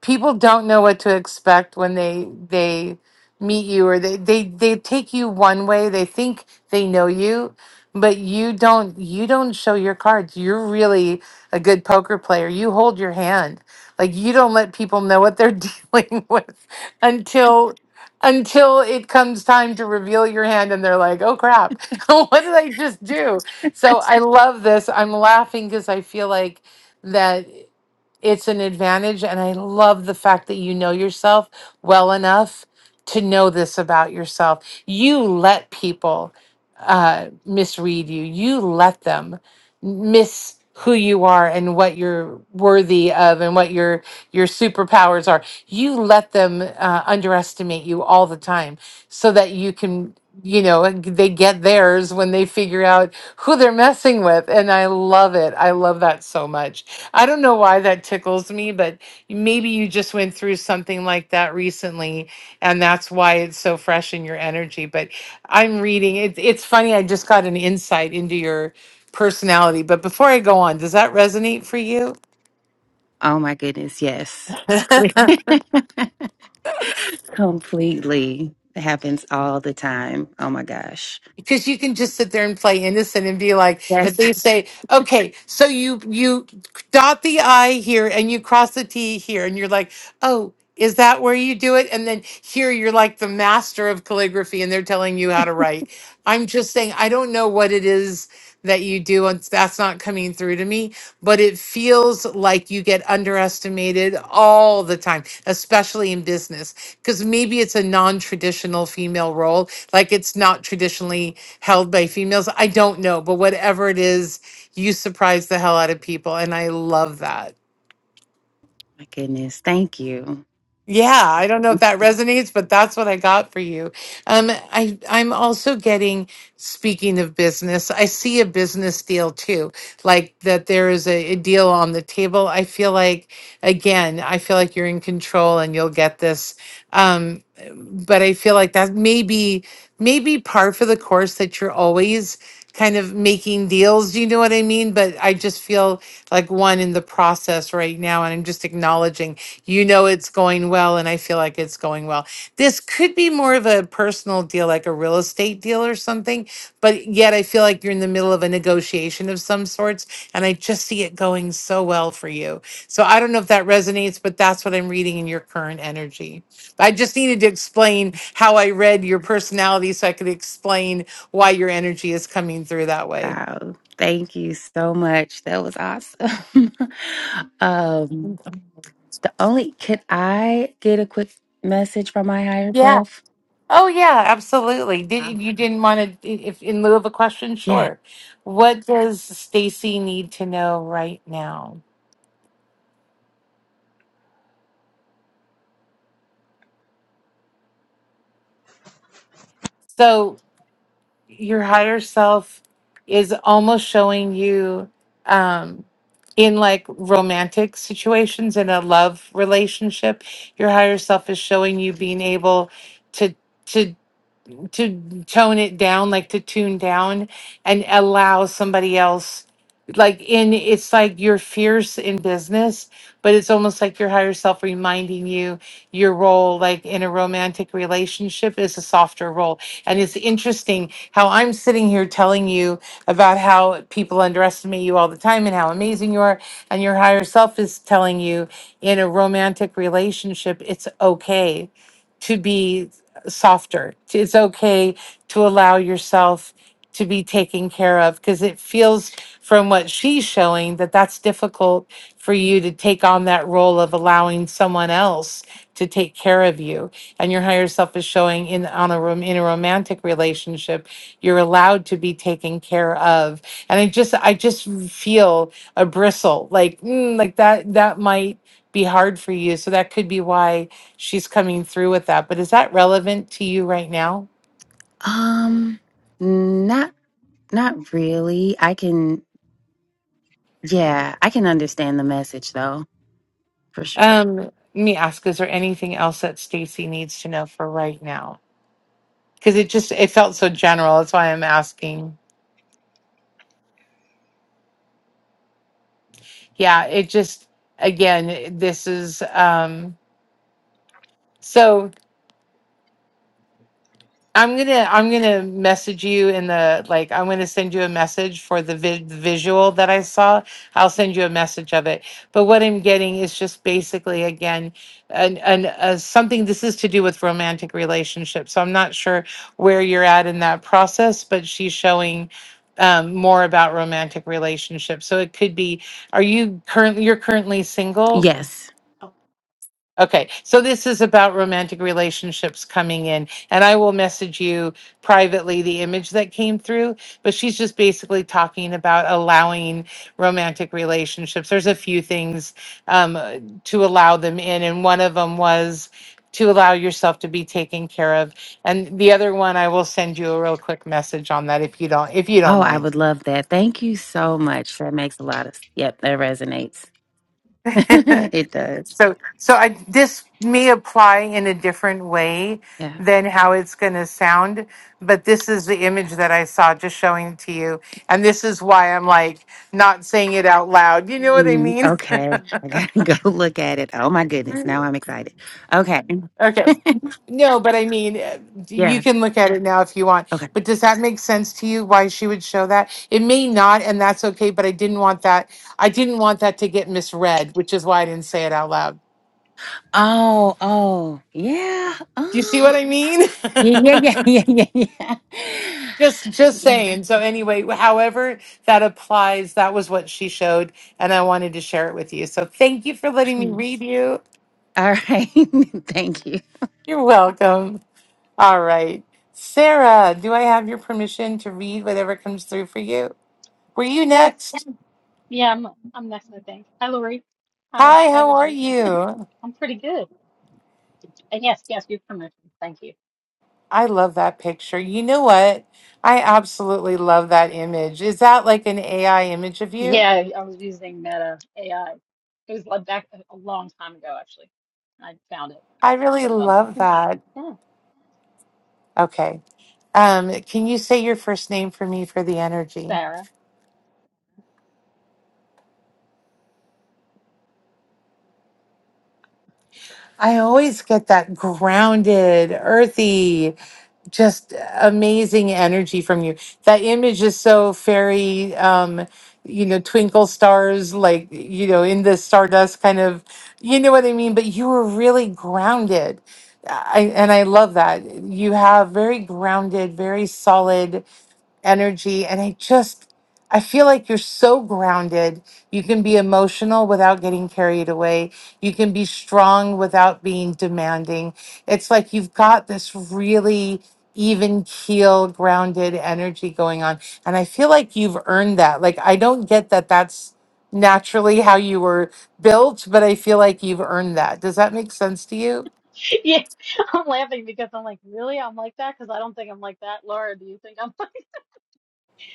Speaker 1: people don't know what to expect when they they meet you or they they they take you one way they think they know you but you don't you don't show your cards you're really a good poker player you hold your hand like you don't let people know what they're dealing with until until it comes time to reveal your hand and they're like oh crap what did i just do so i love this i'm laughing because i feel like that it's an advantage and i love the fact that you know yourself well enough to know this about yourself you let people uh, misread you you let them miss who you are and what you're worthy of and what your your superpowers are you let them uh, underestimate you all the time so that you can you know they get theirs when they figure out who they're messing with. And I love it. I love that so much. I don't know why that tickles me, but maybe you just went through something like that recently, and that's why it's so fresh in your energy. But I'm reading. It, it's funny. I just got an insight into your personality. But before I go on, does that resonate for you?
Speaker 18: Oh my goodness, yes. Complete- Completely. It happens all the time. Oh my gosh.
Speaker 1: because you can just sit there and play innocent and be like if they
Speaker 18: Yes.
Speaker 1: say okay so you you dot the i here and you cross the t here and you're like oh is that where you do it and then here you're like the master of calligraphy and they're telling you how to write i'm just saying i don't know what it is that you do, and that's not coming through to me. But it feels like you get underestimated all the time, especially in business, because maybe it's a non traditional female role, like it's not traditionally held by females. I don't know, but whatever it is, you surprise the hell out of people. And I love that.
Speaker 18: My goodness. Thank you.
Speaker 1: Yeah, I don't know if that resonates, but that's what I got for you. Um, I I'm also getting, speaking of business, I see a business deal too, like that there is a, a deal on the table. I feel like, again, I feel like you're in control and you'll get this. Um, but I feel like that may be maybe par for the course that you're always kind of making deals. You know what I mean? But I just feel like one in the process right now. And I'm just acknowledging, you know, it's going well. And I feel like it's going well. This could be more of a personal deal, like a real estate deal or something. But yet I feel like you're in the middle of a negotiation of some sorts. And I just see it going so well for you. So I don't know if that resonates, but that's what I'm reading in your current energy. I just needed to explain how I read your personality so I could explain why your energy is coming through that way.
Speaker 18: Wow. Thank you so much. That was awesome. um the only could I get a quick message from my higher
Speaker 1: Yeah.
Speaker 18: self?
Speaker 1: Oh, yeah, absolutely.
Speaker 18: Uh,
Speaker 1: Did you didn't want to if in lieu of a question,
Speaker 18: Yeah.
Speaker 1: sure. What does Stacy need to know right now? So your higher self is almost showing you um in like romantic situations in a love relationship, your higher self is showing you being able to to to tone it down, like to tune down and allow somebody else like in it's like you're fierce in business, but it's almost like your higher self reminding you your role like in a romantic relationship is a softer role. And it's interesting how I'm sitting here telling you about how people underestimate you all the time and how amazing you are, and your higher self is telling you in a romantic relationship it's okay to be softer. It's okay to allow yourself to be taken care of because it feels from what she's showing that that's difficult for you to take on that role of allowing someone else to take care of you and your higher self is showing in on a room in a romantic relationship you're allowed to be taken care of and i just i just feel a bristle like mm, like that that might be hard for you so that could be why she's coming through with that. But is that relevant to you right now?
Speaker 18: Um not not really. I can Yeah, I can understand the message though, for sure.
Speaker 1: Um, let me ask, is there anything else that Stacy needs to know for right now? Because it just it felt so general. That's why I'm asking. Yeah, it just again, this is um so I'm gonna I'm gonna message you in the like I'm gonna send you a message for the vi- visual that I saw. I'll send you a message of it. But what I'm getting is just basically again an an uh, something. This is to do with romantic relationships. So I'm not sure where you're at in that process, but she's showing um, more about romantic relationships. So it could be. Are you currently you're currently single?
Speaker 18: Yes.
Speaker 1: Okay, so this is about romantic relationships coming in, and I will message you privately the image that came through. But she's just basically talking about allowing romantic relationships. There's a few things um, uh, to allow them in, and one of them was to allow yourself to be taken care of. And the other one, I will send you a real quick message on that if you don't if you don't
Speaker 18: Oh, I
Speaker 1: mind.
Speaker 18: would love that. Thank you so much. That makes a lot of, yep, that resonates. it does.
Speaker 1: So, so I, this may apply in a different way
Speaker 18: Yeah.
Speaker 1: than how it's going to sound, but this is the image that I saw just showing it to you. And this is why I'm like not saying it out loud. You know what I
Speaker 18: Mm,
Speaker 1: mean?
Speaker 18: okay. I gotta go look at it. Oh my goodness. Now I'm excited. Okay.
Speaker 1: Okay. No, but I mean, uh, you
Speaker 18: Yeah.
Speaker 1: can look at it now if you want.
Speaker 18: Okay.
Speaker 1: But does that make sense to you why she would show that? It may not, and that's okay, but I didn't want that. I didn't want that to get misread, which is why I didn't say it out loud.
Speaker 18: Oh, oh, yeah.
Speaker 1: Do you see what
Speaker 18: Um,
Speaker 1: I mean?
Speaker 18: yeah, yeah, yeah, yeah, yeah,
Speaker 1: Just just saying. So anyway, however that applies, that was what she showed and I wanted to share it with you. So thank you for letting me
Speaker 18: yeah.
Speaker 1: read you.
Speaker 18: All right. Thank you.
Speaker 1: You're welcome. All right. Sarah, do I have your permission to read whatever comes through for you? Were you
Speaker 19: Yes.
Speaker 1: next?
Speaker 19: Yeah, I'm I'm Nessa, thanks. Hi, Lori. Hi.
Speaker 1: Hi,
Speaker 19: Hi,
Speaker 1: how are
Speaker 19: everybody.
Speaker 1: you?
Speaker 19: I'm pretty good. And yes, yes, your permission. Thank you.
Speaker 1: I love that picture. You know what? I absolutely love that image. Is that like an AI image of you?
Speaker 19: Yeah, I was using Meta AI. It was like back a a long time ago, actually. I found it,
Speaker 1: I really
Speaker 19: put it on
Speaker 1: love
Speaker 19: there.
Speaker 1: that.
Speaker 19: Yeah.
Speaker 1: Okay. Um, can you say your first name for me for the energy?
Speaker 19: Sarah.
Speaker 1: I always get that grounded, earthy, just amazing energy from you. That image is so fairy, um, you know, twinkle stars, like, you know, in the stardust kind of, you know what I mean? But you were really grounded. I, and I love that. You have very grounded, very solid energy and I just I feel like you're so grounded. You can be emotional without getting carried away. You can be strong without being demanding. It's like you've got this really even keel grounded energy going on and I feel like you've earned that. Like I don't get that that's naturally how you were built, but I feel like you've earned that. Does that make sense to you?
Speaker 19: Yeah, I'm laughing because I'm like, really? I'm like that? Because I don't think I'm like that. Laura, do you think I'm like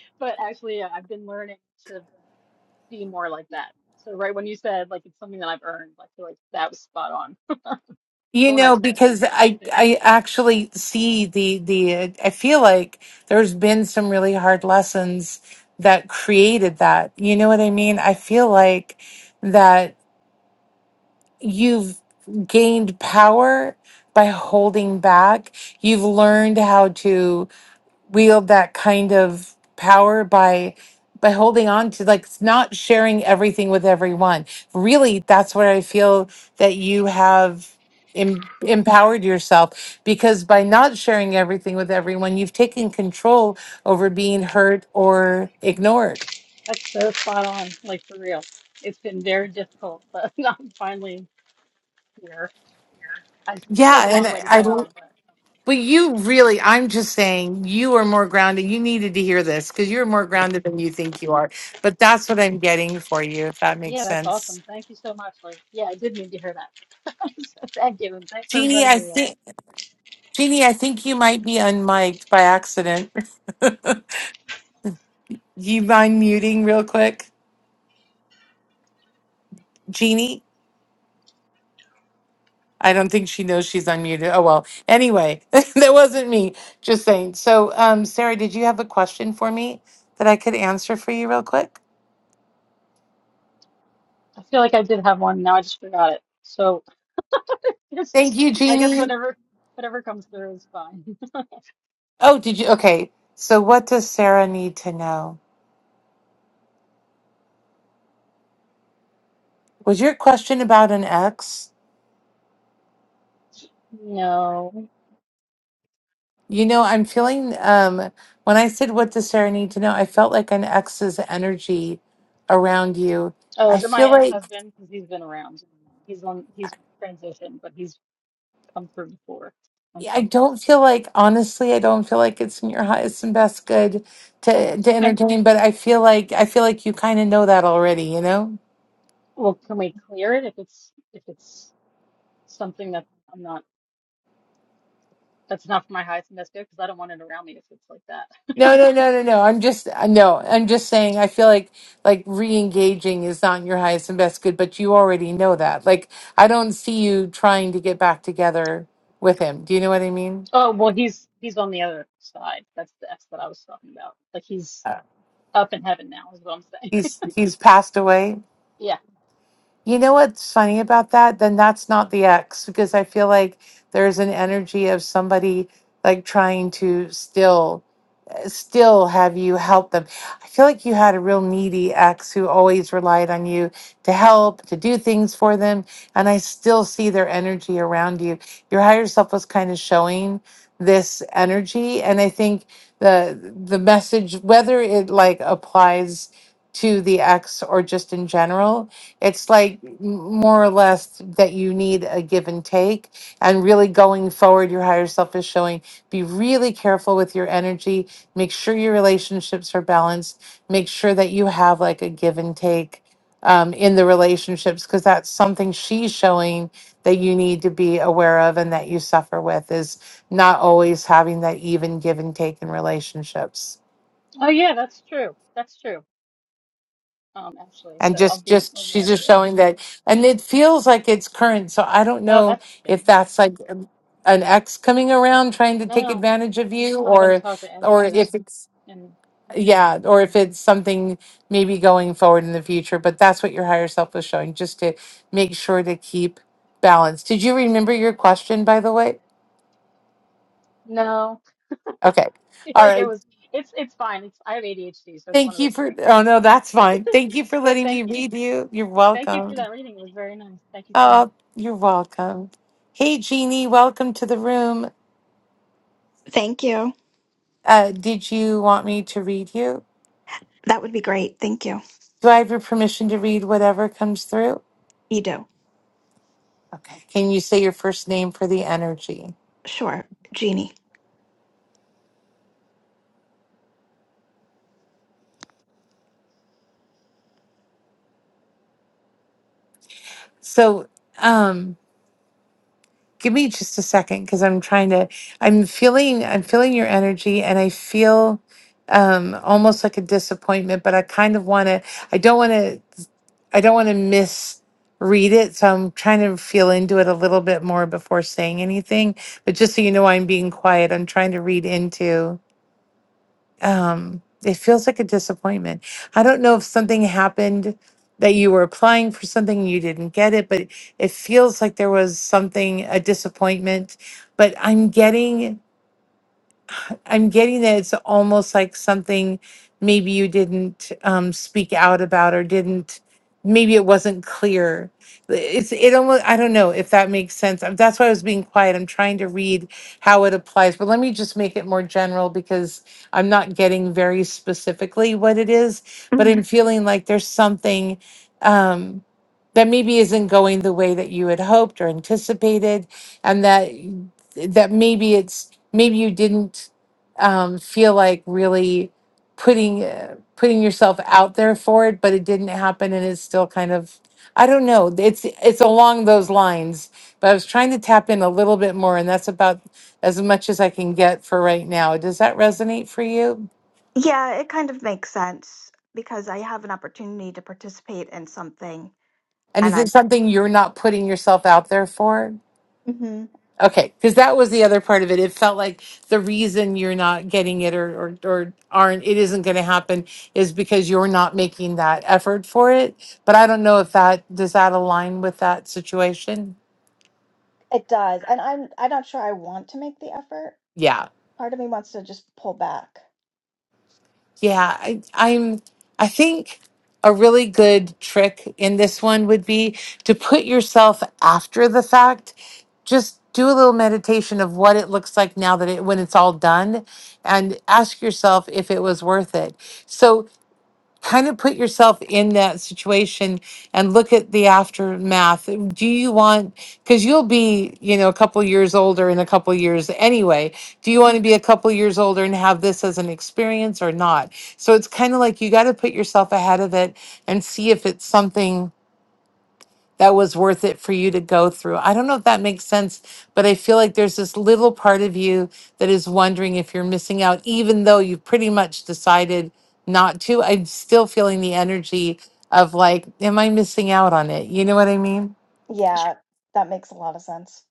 Speaker 19: But actually, yeah, I've been learning to be more like that. So right when you said like it's something that I've earned, I feel like that was spot on.
Speaker 1: You
Speaker 19: So when I
Speaker 1: know,
Speaker 19: just got
Speaker 1: because
Speaker 19: goosebumps
Speaker 1: I
Speaker 19: too.
Speaker 1: I actually see the the I feel like there's been some really hard lessons that created that. You know what I mean? I feel like that you've gained power by holding back. You've learned how to wield that kind of power by by holding on to like not sharing everything with everyone. Really, that's where I feel that you have em- empowered yourself because by not sharing everything with everyone, you've taken control over being hurt or ignored.
Speaker 19: That's so spot on, like for real. It's been very difficult, but I'm finally here. I s- still have
Speaker 1: Yeah,
Speaker 19: a
Speaker 1: and
Speaker 19: long way
Speaker 1: I,
Speaker 19: to
Speaker 1: I
Speaker 19: go, but
Speaker 1: but you really, I'm just saying, you are more grounded. You needed to hear this because you're more grounded than you think you are. But that's what I'm getting for you, if that makes
Speaker 19: yeah, that's
Speaker 1: sense.
Speaker 19: awesome. Thank you so much. Like, yeah, I did need to hear that. So thank you, and thanks for
Speaker 1: Jeannie,
Speaker 19: inviting
Speaker 1: I
Speaker 19: me, Laura.
Speaker 1: think Jeannie, I think you might be unmiked by accident. you mind muting real quick? Jeannie? I don't think she knows she's unmuted. Oh well. Anyway, that wasn't me. Just saying. So um Sarah, did you have a question for me that I could answer for you real quick?
Speaker 19: I feel like I did have one, now I just forgot it. So just,
Speaker 1: Thank you,
Speaker 19: I guess
Speaker 1: Jeannie.
Speaker 19: whatever whatever comes through is fine.
Speaker 1: Oh, did you okay. So what does Sarah need to know? Was your question about an ex?
Speaker 19: No.
Speaker 1: You know, I'm feeling um when I said what does Sarah need to know, I felt like an ex's energy around you.
Speaker 19: Oh,
Speaker 1: I
Speaker 19: is it my
Speaker 1: feel like
Speaker 19: ex-husband? Because he's been around. He's on, he's transitioned, but he's come through before on
Speaker 1: I
Speaker 19: Clubhouse.
Speaker 1: don't feel like honestly, I don't feel like it's in your highest and best good to to
Speaker 19: Okay.
Speaker 1: entertain, but I feel like I feel like you kind of know that already, you know?
Speaker 19: Well, can we clear it if it's if it's something that I'm not that's not for my highest and best good because I don't want it around me if it's like that.
Speaker 1: No, no, no, no, no. I'm just uh, no, I'm just saying I feel like like re-engaging is not in your highest and best good, but you already know that. Like I don't see you trying to get back together with him. Do you know what I mean?
Speaker 19: Oh, well, he's he's on the other side. That's the S that I was talking about. Like he's up in heaven now, is what I'm saying.
Speaker 1: he's he's passed away.
Speaker 19: Yeah.
Speaker 1: You know what's funny about that? Then that's not the ex because I feel like there's an energy of somebody like trying to still still have you help them. I feel like you had a real needy ex who always relied on you to help, to do things for them. And I still see their energy around you. Your higher self was kind of showing this energy. And I think the the message, whether it like applies to the ex or just in general, it's like m- more or less that you need a give and take. And really going forward, your higher self is showing be really careful with your energy make sure your relationships are balanced make sure that you have like a give and take um, in the relationships because that's something she's showing that you need to be aware of and that you suffer with is not always having that even give and take in relationships
Speaker 19: Oh, yeah, that's true. That's true. Um, actually,
Speaker 1: and
Speaker 19: so I'll
Speaker 1: just
Speaker 19: be
Speaker 1: just she's
Speaker 19: aware of
Speaker 1: just
Speaker 19: it.
Speaker 1: showing that and it feels like it's current so i don't
Speaker 19: Oh,
Speaker 1: know
Speaker 19: that's
Speaker 1: if
Speaker 19: strange.
Speaker 1: that's like um, an ex coming around trying to take
Speaker 19: No,
Speaker 1: advantage of you
Speaker 19: I haven't
Speaker 1: or
Speaker 19: talked to any
Speaker 1: or
Speaker 19: of them.
Speaker 1: if it's
Speaker 19: And and
Speaker 1: yeah, or if it's something maybe going forward in the future, but that's what your higher self was showing, just to make sure to keep balance. Did you remember your question, by the way?
Speaker 19: no,
Speaker 1: Okay.
Speaker 19: it's
Speaker 1: All
Speaker 19: like it
Speaker 1: right.
Speaker 19: was. It's it's fine. It's I have ADHD, so it's one
Speaker 1: Thank
Speaker 19: of
Speaker 1: you
Speaker 19: those
Speaker 1: for,
Speaker 19: things.
Speaker 1: oh no, that's fine. Thank you for
Speaker 19: But
Speaker 1: letting
Speaker 19: thank
Speaker 1: me
Speaker 19: you.
Speaker 1: read you. You're
Speaker 19: Thank you for
Speaker 1: welcome.
Speaker 19: that reading. It was very nice. Thank you so much.
Speaker 1: Oh, you're welcome. Hey, Jeannie, welcome to the room.
Speaker 20: Thank you.
Speaker 1: Uh, did you want me to read you?
Speaker 20: That would be great. Thank you.
Speaker 1: Do I have your permission to read whatever comes through?
Speaker 20: Edo.
Speaker 1: Okay. Can you say your first name for the energy?
Speaker 20: Sure. Jeannie.
Speaker 1: So, um, give me just a second because i'm trying to i'm feeling i'm feeling your energy and i feel um almost like a disappointment but i kind of want to i don't want to i don't want to misread it so i'm trying to feel into it a little bit more before saying anything but just so you know i'm being quiet i'm trying to read into um it feels like a disappointment i don't know if something happened that you were applying for something and you didn't get it but it feels like there was something a disappointment but i'm getting I'm getting that it's almost like something maybe you didn't um, speak out about or didn't maybe it wasn't clear. It's it almost I don't know if that makes sense. Um, That's why I was being quiet. I'm trying to read how it applies, but let me just make it more general because I'm not getting very specifically what it is, but
Speaker 20: hmm
Speaker 1: I'm feeling like there's something um that maybe isn't going the way that you had hoped or anticipated and that that maybe it's maybe you didn't um, feel like really putting uh, putting yourself out there for it, but it didn't happen, and it's still kind of I don't know. It's it's along those lines, but I was trying to tap in a little bit more, and that's about as much as I can get for right now. Does that resonate for you?
Speaker 20: Yeah, it kind of makes sense because I have an opportunity to participate in something
Speaker 1: And is
Speaker 20: and
Speaker 1: it
Speaker 20: I.
Speaker 1: something you're not putting yourself out there for?
Speaker 20: hmm
Speaker 1: Okay, because that was the other part of it. It felt like the reason you're not getting it or or, or aren't it isn't going to happen is because you're not making that effort for it. But I don't know if that does that align with that situation.
Speaker 20: It does. And I'm I'm not sure I want to make the effort.
Speaker 1: Yeah,
Speaker 20: Part of me wants to just pull back.
Speaker 1: yeah. I, I'm. I think a really good trick in this one would be to put yourself after the fact. Just do a little meditation of what it looks like now that it when it's all done, and ask yourself if it was worth it. So kind of put yourself in that situation and look at the aftermath. Do you want, because you'll be, you know, a couple years older in a couple years anyway, do you want to
Speaker 20: Mhm.
Speaker 1: be a couple years older and have this as an experience or not? So it's kind of like you got to put yourself ahead of it and see if it's something that was worth it for you to go through. I don't know if that makes sense, but I feel like there's this little part of you that is wondering if you're missing out, even though you've pretty much decided not to. I'm still feeling the energy of like, am I missing out on it? You know what I mean?
Speaker 20: Yeah, that makes a lot of sense.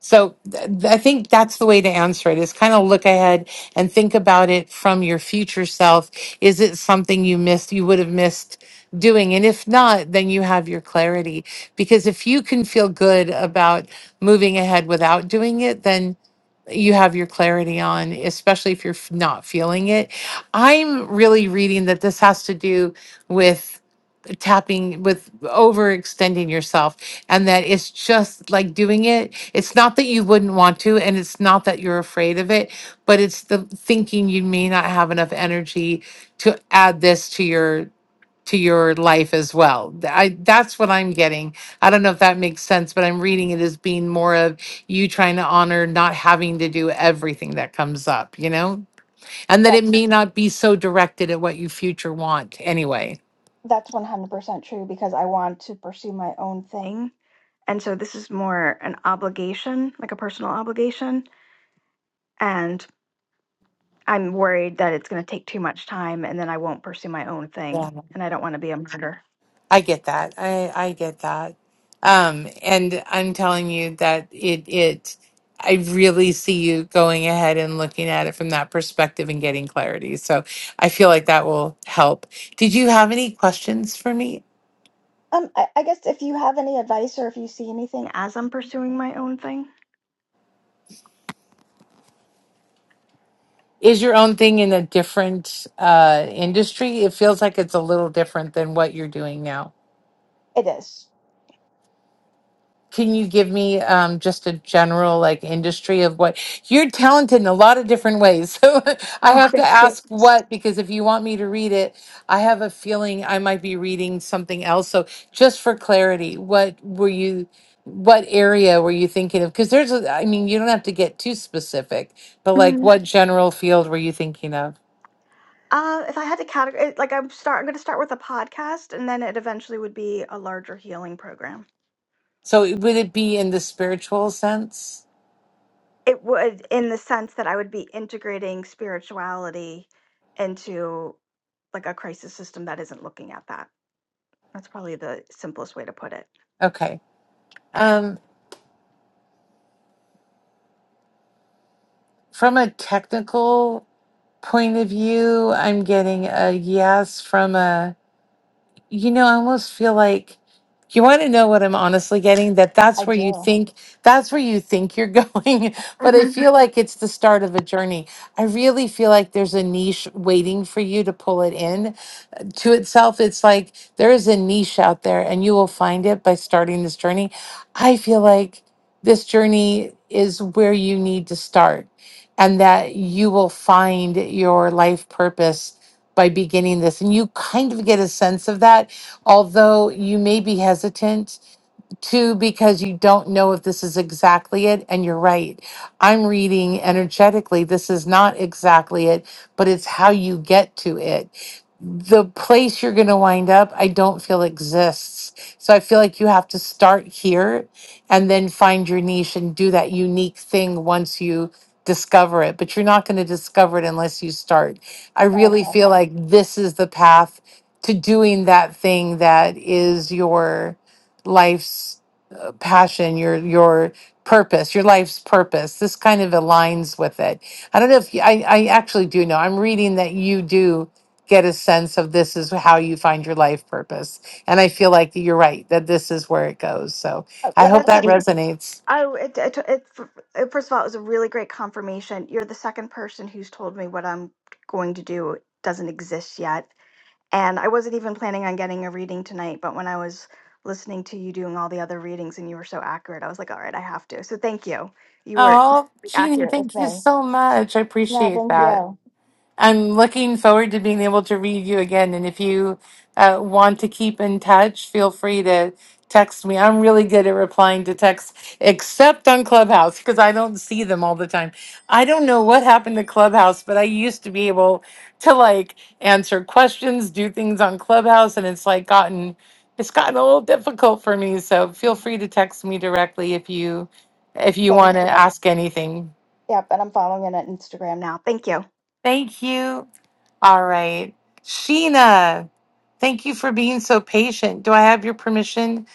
Speaker 1: So th- I think that's the way to answer it is kind of look ahead and think about it from your future self. Is it something you missed, you would have missed doing? And if not, then you have your clarity. Because if you can feel good about moving ahead without doing it, then you have your clarity on, especially if you're f- not feeling it. I'm really reading that this has to do with tapping with overextending yourself and that it's just like doing it it's not that you wouldn't want to and it's not that you're afraid of it but it's the thinking you may not have enough energy to add this to your to your life as well Th- i that's what i'm getting i don't know if that makes sense but i'm reading it as being more of you trying to honor not having to do everything that comes up you know and that it
Speaker 20: That's
Speaker 1: may not be so directed at what you future want anyway
Speaker 20: that's 100% true because I want to pursue my own thing. And so this is more an obligation, like a personal obligation. and. I'm worried that it's going to take too much time and then I won't pursue my own thing. And I don't want to be a martyr.
Speaker 1: I get that. I I get that. Um, and I'm telling you that it it I really see you going ahead and looking at it from that perspective and getting clarity. So I feel like that will help. Did you have any questions for me?
Speaker 20: Um, I, I guess if you have any advice or if you see anything as I'm pursuing my own thing.
Speaker 1: Is your own thing in a different uh industry? It feels like it's a little different than what you're doing now.
Speaker 20: It is.
Speaker 1: Can you give me um, just a general like industry of what you're talented in a lot of different ways? So I
Speaker 20: Oh,
Speaker 1: have to
Speaker 20: thank you.
Speaker 1: ask what, because if you want me to read it, I have a feeling I might be reading something else. So just for clarity, what were you, what area were you thinking of? Because there's, a, I mean, you don't have to get too specific, but like
Speaker 20: Mhm.
Speaker 1: what general field were you thinking of?
Speaker 20: Uh, if I had to categorize, like I'm start, I'm going to start with a podcast, and then it eventually would be a larger healing program.
Speaker 1: So it- would it be in the spiritual sense?
Speaker 20: It would, in the sense that I would be integrating spirituality into like a crisis system that isn't looking at that. That's probably the simplest way to put it.
Speaker 1: Okay. Um, from a technical point of view, I'm getting a yes from a, you know, I almost feel like you want to know what I'm honestly getting that
Speaker 20: I
Speaker 1: that's where you
Speaker 20: do.
Speaker 1: think that's where you think you're going, but I
Speaker 20: hmm
Speaker 1: feel like it's the start of a journey. I really feel like there's a niche waiting for you to pull it in to itself, it's like there is a niche out there and you will find it by starting this journey. I feel like this journey is where you need to start and that you will find your life purpose by beginning this. And you kind of get a sense of that, although you may be hesitant Two, because you don't know if this is exactly it. And you're right. I'm reading energetically. This is not exactly it, but it's how you get to it. The place you're going to wind up, I don't feel exists. So I feel like you have to start here and then find your niche and do that unique thing once you discover it. But you're not going to discover it unless you start. I really
Speaker 20: Okay.
Speaker 1: feel like this is the path to doing that thing that is your life's uh, passion, your your purpose, your life's purpose. This kind of aligns with it. I don't know if you, I I actually do know. I'm reading that you do get a sense of this is how you find your life purpose, and I feel like you're right that this is where it goes. So
Speaker 20: Oh,
Speaker 1: I
Speaker 20: well,
Speaker 1: hope
Speaker 20: that's
Speaker 1: that
Speaker 20: it.
Speaker 1: resonates.
Speaker 20: Oh, it, it, it, f- first of all, it was a really great confirmation. You're the second person who's told me what I'm going to do doesn't exist yet. And I wasn't even planning on getting a reading tonight, but when I was listening to you doing all the other readings and you were so accurate, I was like, all right, I have to. So thank you. You were
Speaker 1: Oh, Jeannie,
Speaker 20: accurate with
Speaker 1: thank you
Speaker 20: me.
Speaker 1: so much. I
Speaker 20: No,
Speaker 1: appreciate
Speaker 20: thank
Speaker 1: that.
Speaker 20: you.
Speaker 1: I'm looking forward to being able to read you again. And if you uh, want to keep in touch, feel free to text me. I'm really good at replying to texts, except on Clubhouse, because I don't see them all the time. I don't know what happened to Clubhouse, but I used to be able to like answer questions, do things on Clubhouse, and it's like gotten. It's gotten a little difficult for me, so feel free to text me directly if you if you
Speaker 20: Thank
Speaker 1: want to
Speaker 20: you.
Speaker 1: ask anything.
Speaker 20: Yep. And I'm following it on Instagram now. Thank you.
Speaker 1: Thank you. All right. Sheena, thank you for being so patient. Do I have your permission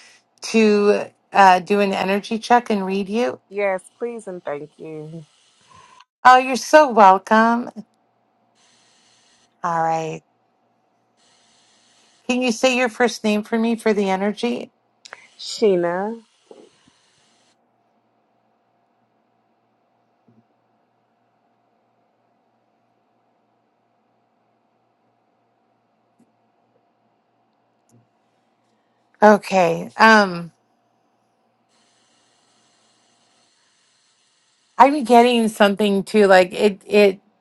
Speaker 1: to uh, do an energy check and read you?
Speaker 21: Yes, please and thank you.
Speaker 1: Oh, you're so welcome. All right. Can you say your first name for me for the energy?
Speaker 21: Sheena.
Speaker 1: Okay. Um, I'm getting something too. Like it, it.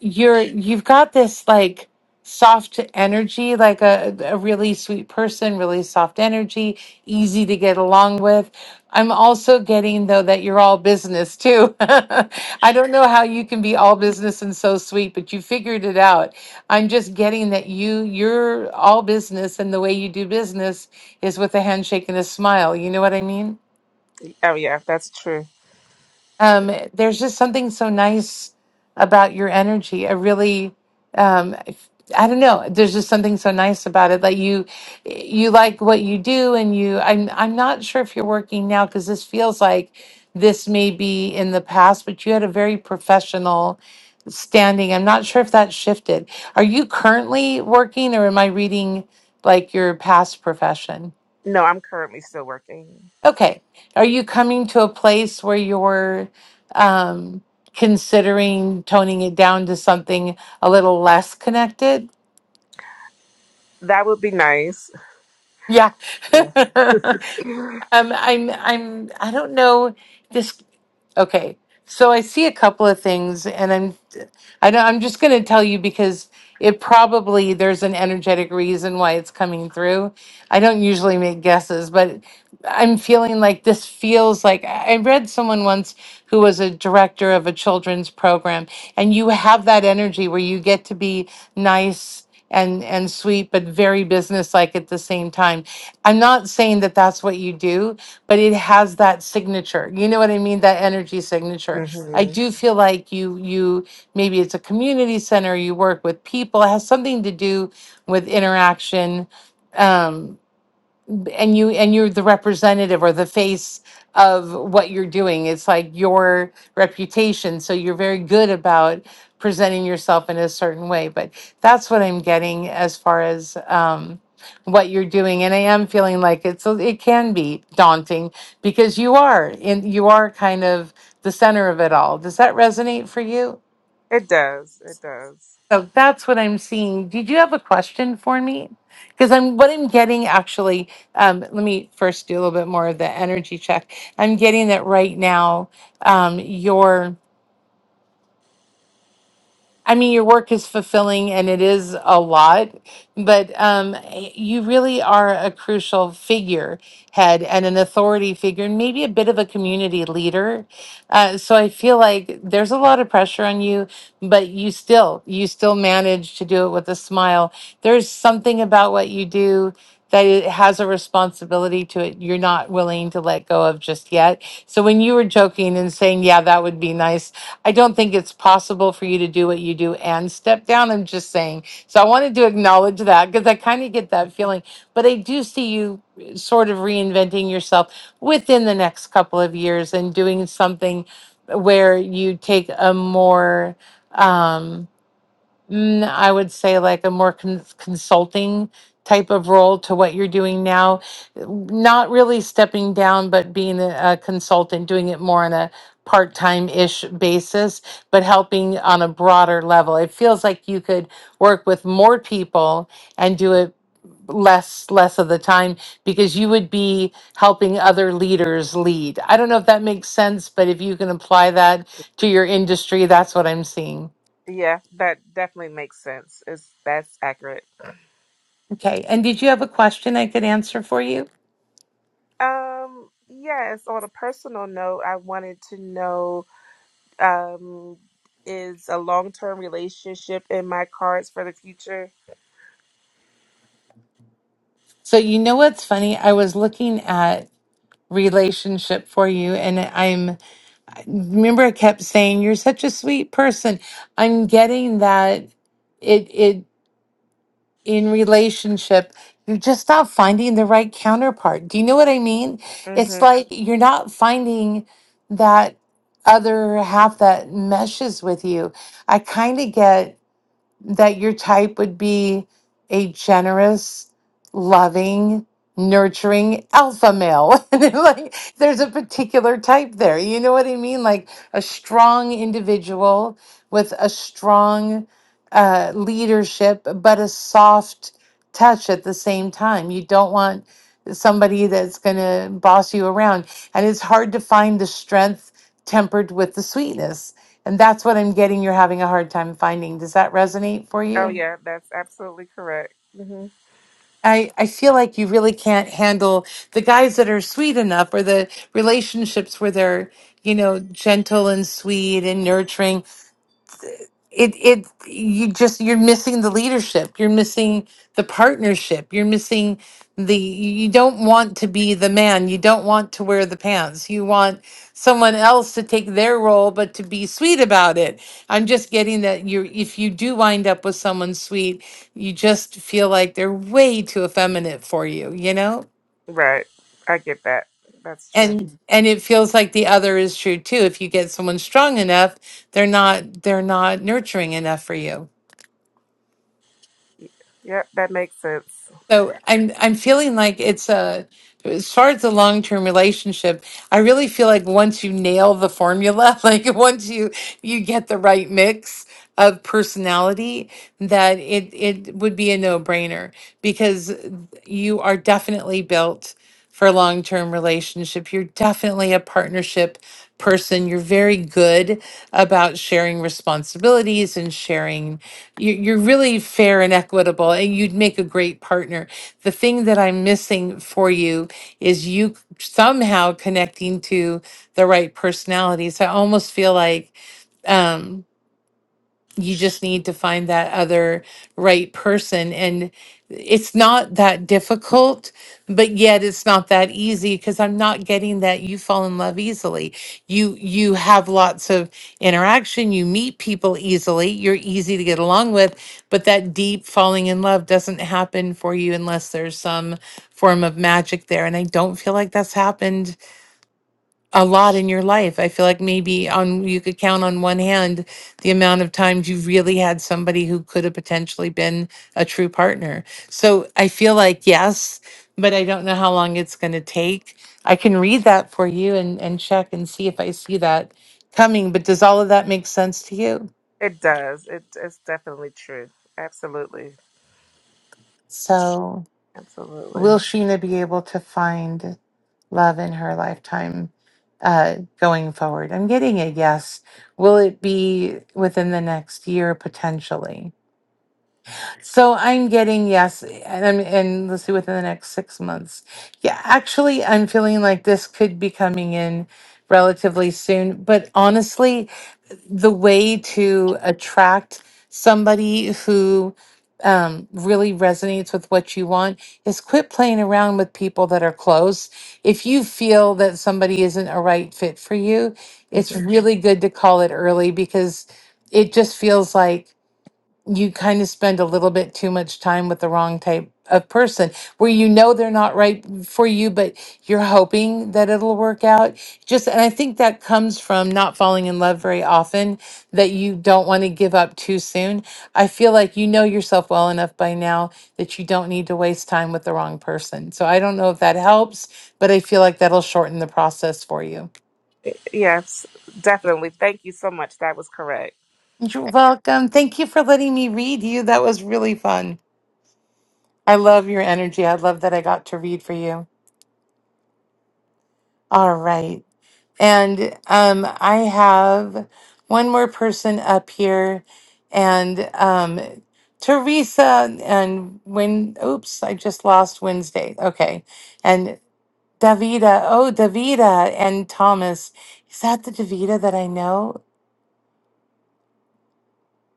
Speaker 1: you're you've got this like soft energy like a, a really sweet person really soft energy easy to get along with i'm also getting though that you're all business too i don't know how you can be all business and so sweet but you figured it out i'm just getting that you you're all business and the way you do business is with a handshake and a smile you know what i mean
Speaker 21: Oh, yeah, that's true.
Speaker 1: um, there's just something so nice about your energy. I really, um, I don't know. There's just something so nice about it. Like you, you like what you do, and you. I'm I'm not sure if you're working now because this feels like this may be in the past, but you had a very professional standing. I'm not sure if that shifted. Are you currently working, or am I reading like your past profession?
Speaker 21: No, I'm currently still working.
Speaker 1: Okay. Are you coming to a place where you're um, considering toning it down to something a little less connected?
Speaker 21: That would be nice.
Speaker 1: Yeah.
Speaker 21: Yeah.
Speaker 1: um, I'm, I'm, I don't know this. Okay. So I see a couple of things and I'm, I know I'm just going to tell you because it probably, there's an energetic reason why it's coming through. I don't usually make guesses, but I'm feeling like this feels like I I read someone once who was a director of a children's program, and you have that energy where you get to be nice and and sweet, but very businesslike at the same time. I'm not saying that that's what you do, but it has that signature. You know what I mean? That energy signature. I
Speaker 21: hmm
Speaker 1: do feel like you you maybe it's a community center. You work with people. It has something to do with interaction. Um, and you and you're the representative or the face of what you're doing it's like your reputation so you're very good about presenting yourself in a certain way but that's what i'm getting as far as um what you're doing and i am feeling like it's a- it can be daunting because you are in you are kind of the center of it all does that resonate for you
Speaker 21: It does. It does.
Speaker 1: so that's what I'm seeing. Did you have a question for me? Because I'm what I'm getting actually. Um, let me first do a little bit more of the energy check. I'm getting that right now. Um, your I mean, your work is fulfilling and it is a lot, but um, eh, you really are a crucial figurehead and an authority figure, and maybe a bit of a community leader. Uh, so I feel like there's a lot of pressure on you, but you still you still manage to do it with a smile. There's something about what you do that it has a responsibility to it you're not willing to let go of just yet. So when you were joking and saying, "Yeah, that would be nice," I don't think it's possible for you to do what you do and step down. I'm just saying. So I wanted to acknowledge that because I kind of get that feeling. But I do see you uh, sort of reinventing yourself within the next couple of years and doing something where you take a more, um, mm, I would say like a more con- consulting type of role to what you're doing now. Not really stepping down, but being a, a consultant, doing it more on a part time ish basis, but helping on a broader level. It feels like you could work with more people and do it less less of the time because you would be helping other leaders lead. I don't know if that makes sense, but if you can apply that to your industry, that's what I'm seeing.
Speaker 21: Yeah, that definitely makes sense. It's that's accurate.
Speaker 1: Okay. And did you have a question I could answer for you?
Speaker 21: Um, yes, on a personal note, I wanted to know um is a long-term relationship in my cards for the future?
Speaker 1: So, you know what's funny? I was looking at relationship for you, and I'm remember I kept saying, You're such a sweet person. I'm getting that it, it, in relationship, you're just not finding the right counterpart. Do you know what I mean? It's
Speaker 21: Mhm.
Speaker 1: like you're not finding that other half that meshes with you. I kind of get. that your type would be a generous, loving, nurturing alpha male. and then, like there's a particular type there. You know what I mean? Like a strong individual with a strong uh, leadership, but a soft touch at the same time. You don't want somebody that's going to boss you around. And it's hard to find the strength tempered with the sweetness. And that's what I'm getting you're having a hard time finding. Does that resonate for
Speaker 21: Oh
Speaker 1: you?
Speaker 21: yeah, that's absolutely correct. Mhm.
Speaker 1: I, I feel like you really can't handle the guys that are sweet enough or the relationships where they're, you know, gentle and sweet and nurturing. it it you just you're missing the leadership you're missing the partnership you're missing the you don't want to be the man you don't want to wear the pants you want someone else to take their role but to be sweet about it i'm just getting that you're if you do wind up with someone sweet you just feel like they're way too effeminate for you you know
Speaker 21: Right. I get that. That's true.
Speaker 1: and and it feels like the other is true too if you get someone strong enough they're not they're not nurturing enough for you
Speaker 21: Yep, that makes sense.
Speaker 1: So I'm I'm feeling like it's a as far as the long term relationship, I really feel like once you nail the formula, like once you you get the right mix of personality, that it it would be a no brainer because you are definitely built for a long term relationship. You're definitely a partnership person. You're very good about sharing responsibilities and sharing. you- You're really fair and equitable, and you'd make a great partner. The thing that I'm missing for you is you somehow connecting to the right personalities. I almost feel like. Um, you just need to find that other right person and it's not that difficult but yet it's not that easy because i'm not getting that you fall in love easily you you have lots of interaction you meet people easily you're easy to get along with but that deep falling in love doesn't happen for you unless there's some form of magic there and i don't feel like that's happened a lot in your life. I feel like maybe on you could count on one hand the amount of times you really had somebody who could have potentially been a true partner. So I feel like yes, but I don't know how long it's going to take. I can read that for you and and check and see if I see that coming, but does all of that make sense to you?
Speaker 21: It does. It, it's definitely true. Absolutely.
Speaker 1: So
Speaker 21: Absolutely.
Speaker 1: Will Sheena be able to find love in her lifetime uh, going forward? I'm getting a yes. Will it be within the next year potentially? So I'm getting yes, and I'm, and let's see within the next six months. Yeah, actually, I'm feeling like this could be coming in relatively soon. But honestly, the way to attract somebody who um, really resonates with what you want is quit playing around with people that are close. If you feel that somebody isn't a right fit for you, it's
Speaker 21: Mhm.
Speaker 1: Mhm. really good to call it early because it just feels like you kind of spend a little bit too much time with the wrong type of person where you know they're not right for you but you're hoping that it'll work out just and i think that comes from not falling in love very often that you don't want to give up too soon i feel like you know yourself well enough by now that you don't need to waste time with the wrong person so i don't know if that helps but i feel like that'll shorten the process for you
Speaker 21: Yes, definitely. Thank you so much. That was correct.
Speaker 1: you're welcome thank you for letting me read you that was really fun I love your energy. I love that I got to read for you. All right. And um, I have one more person up here. And um, Teresa, and when, oops, I just lost Wednesday. Okay. And Davida. Oh, Davida and Thomas. Is that the Davida that I know?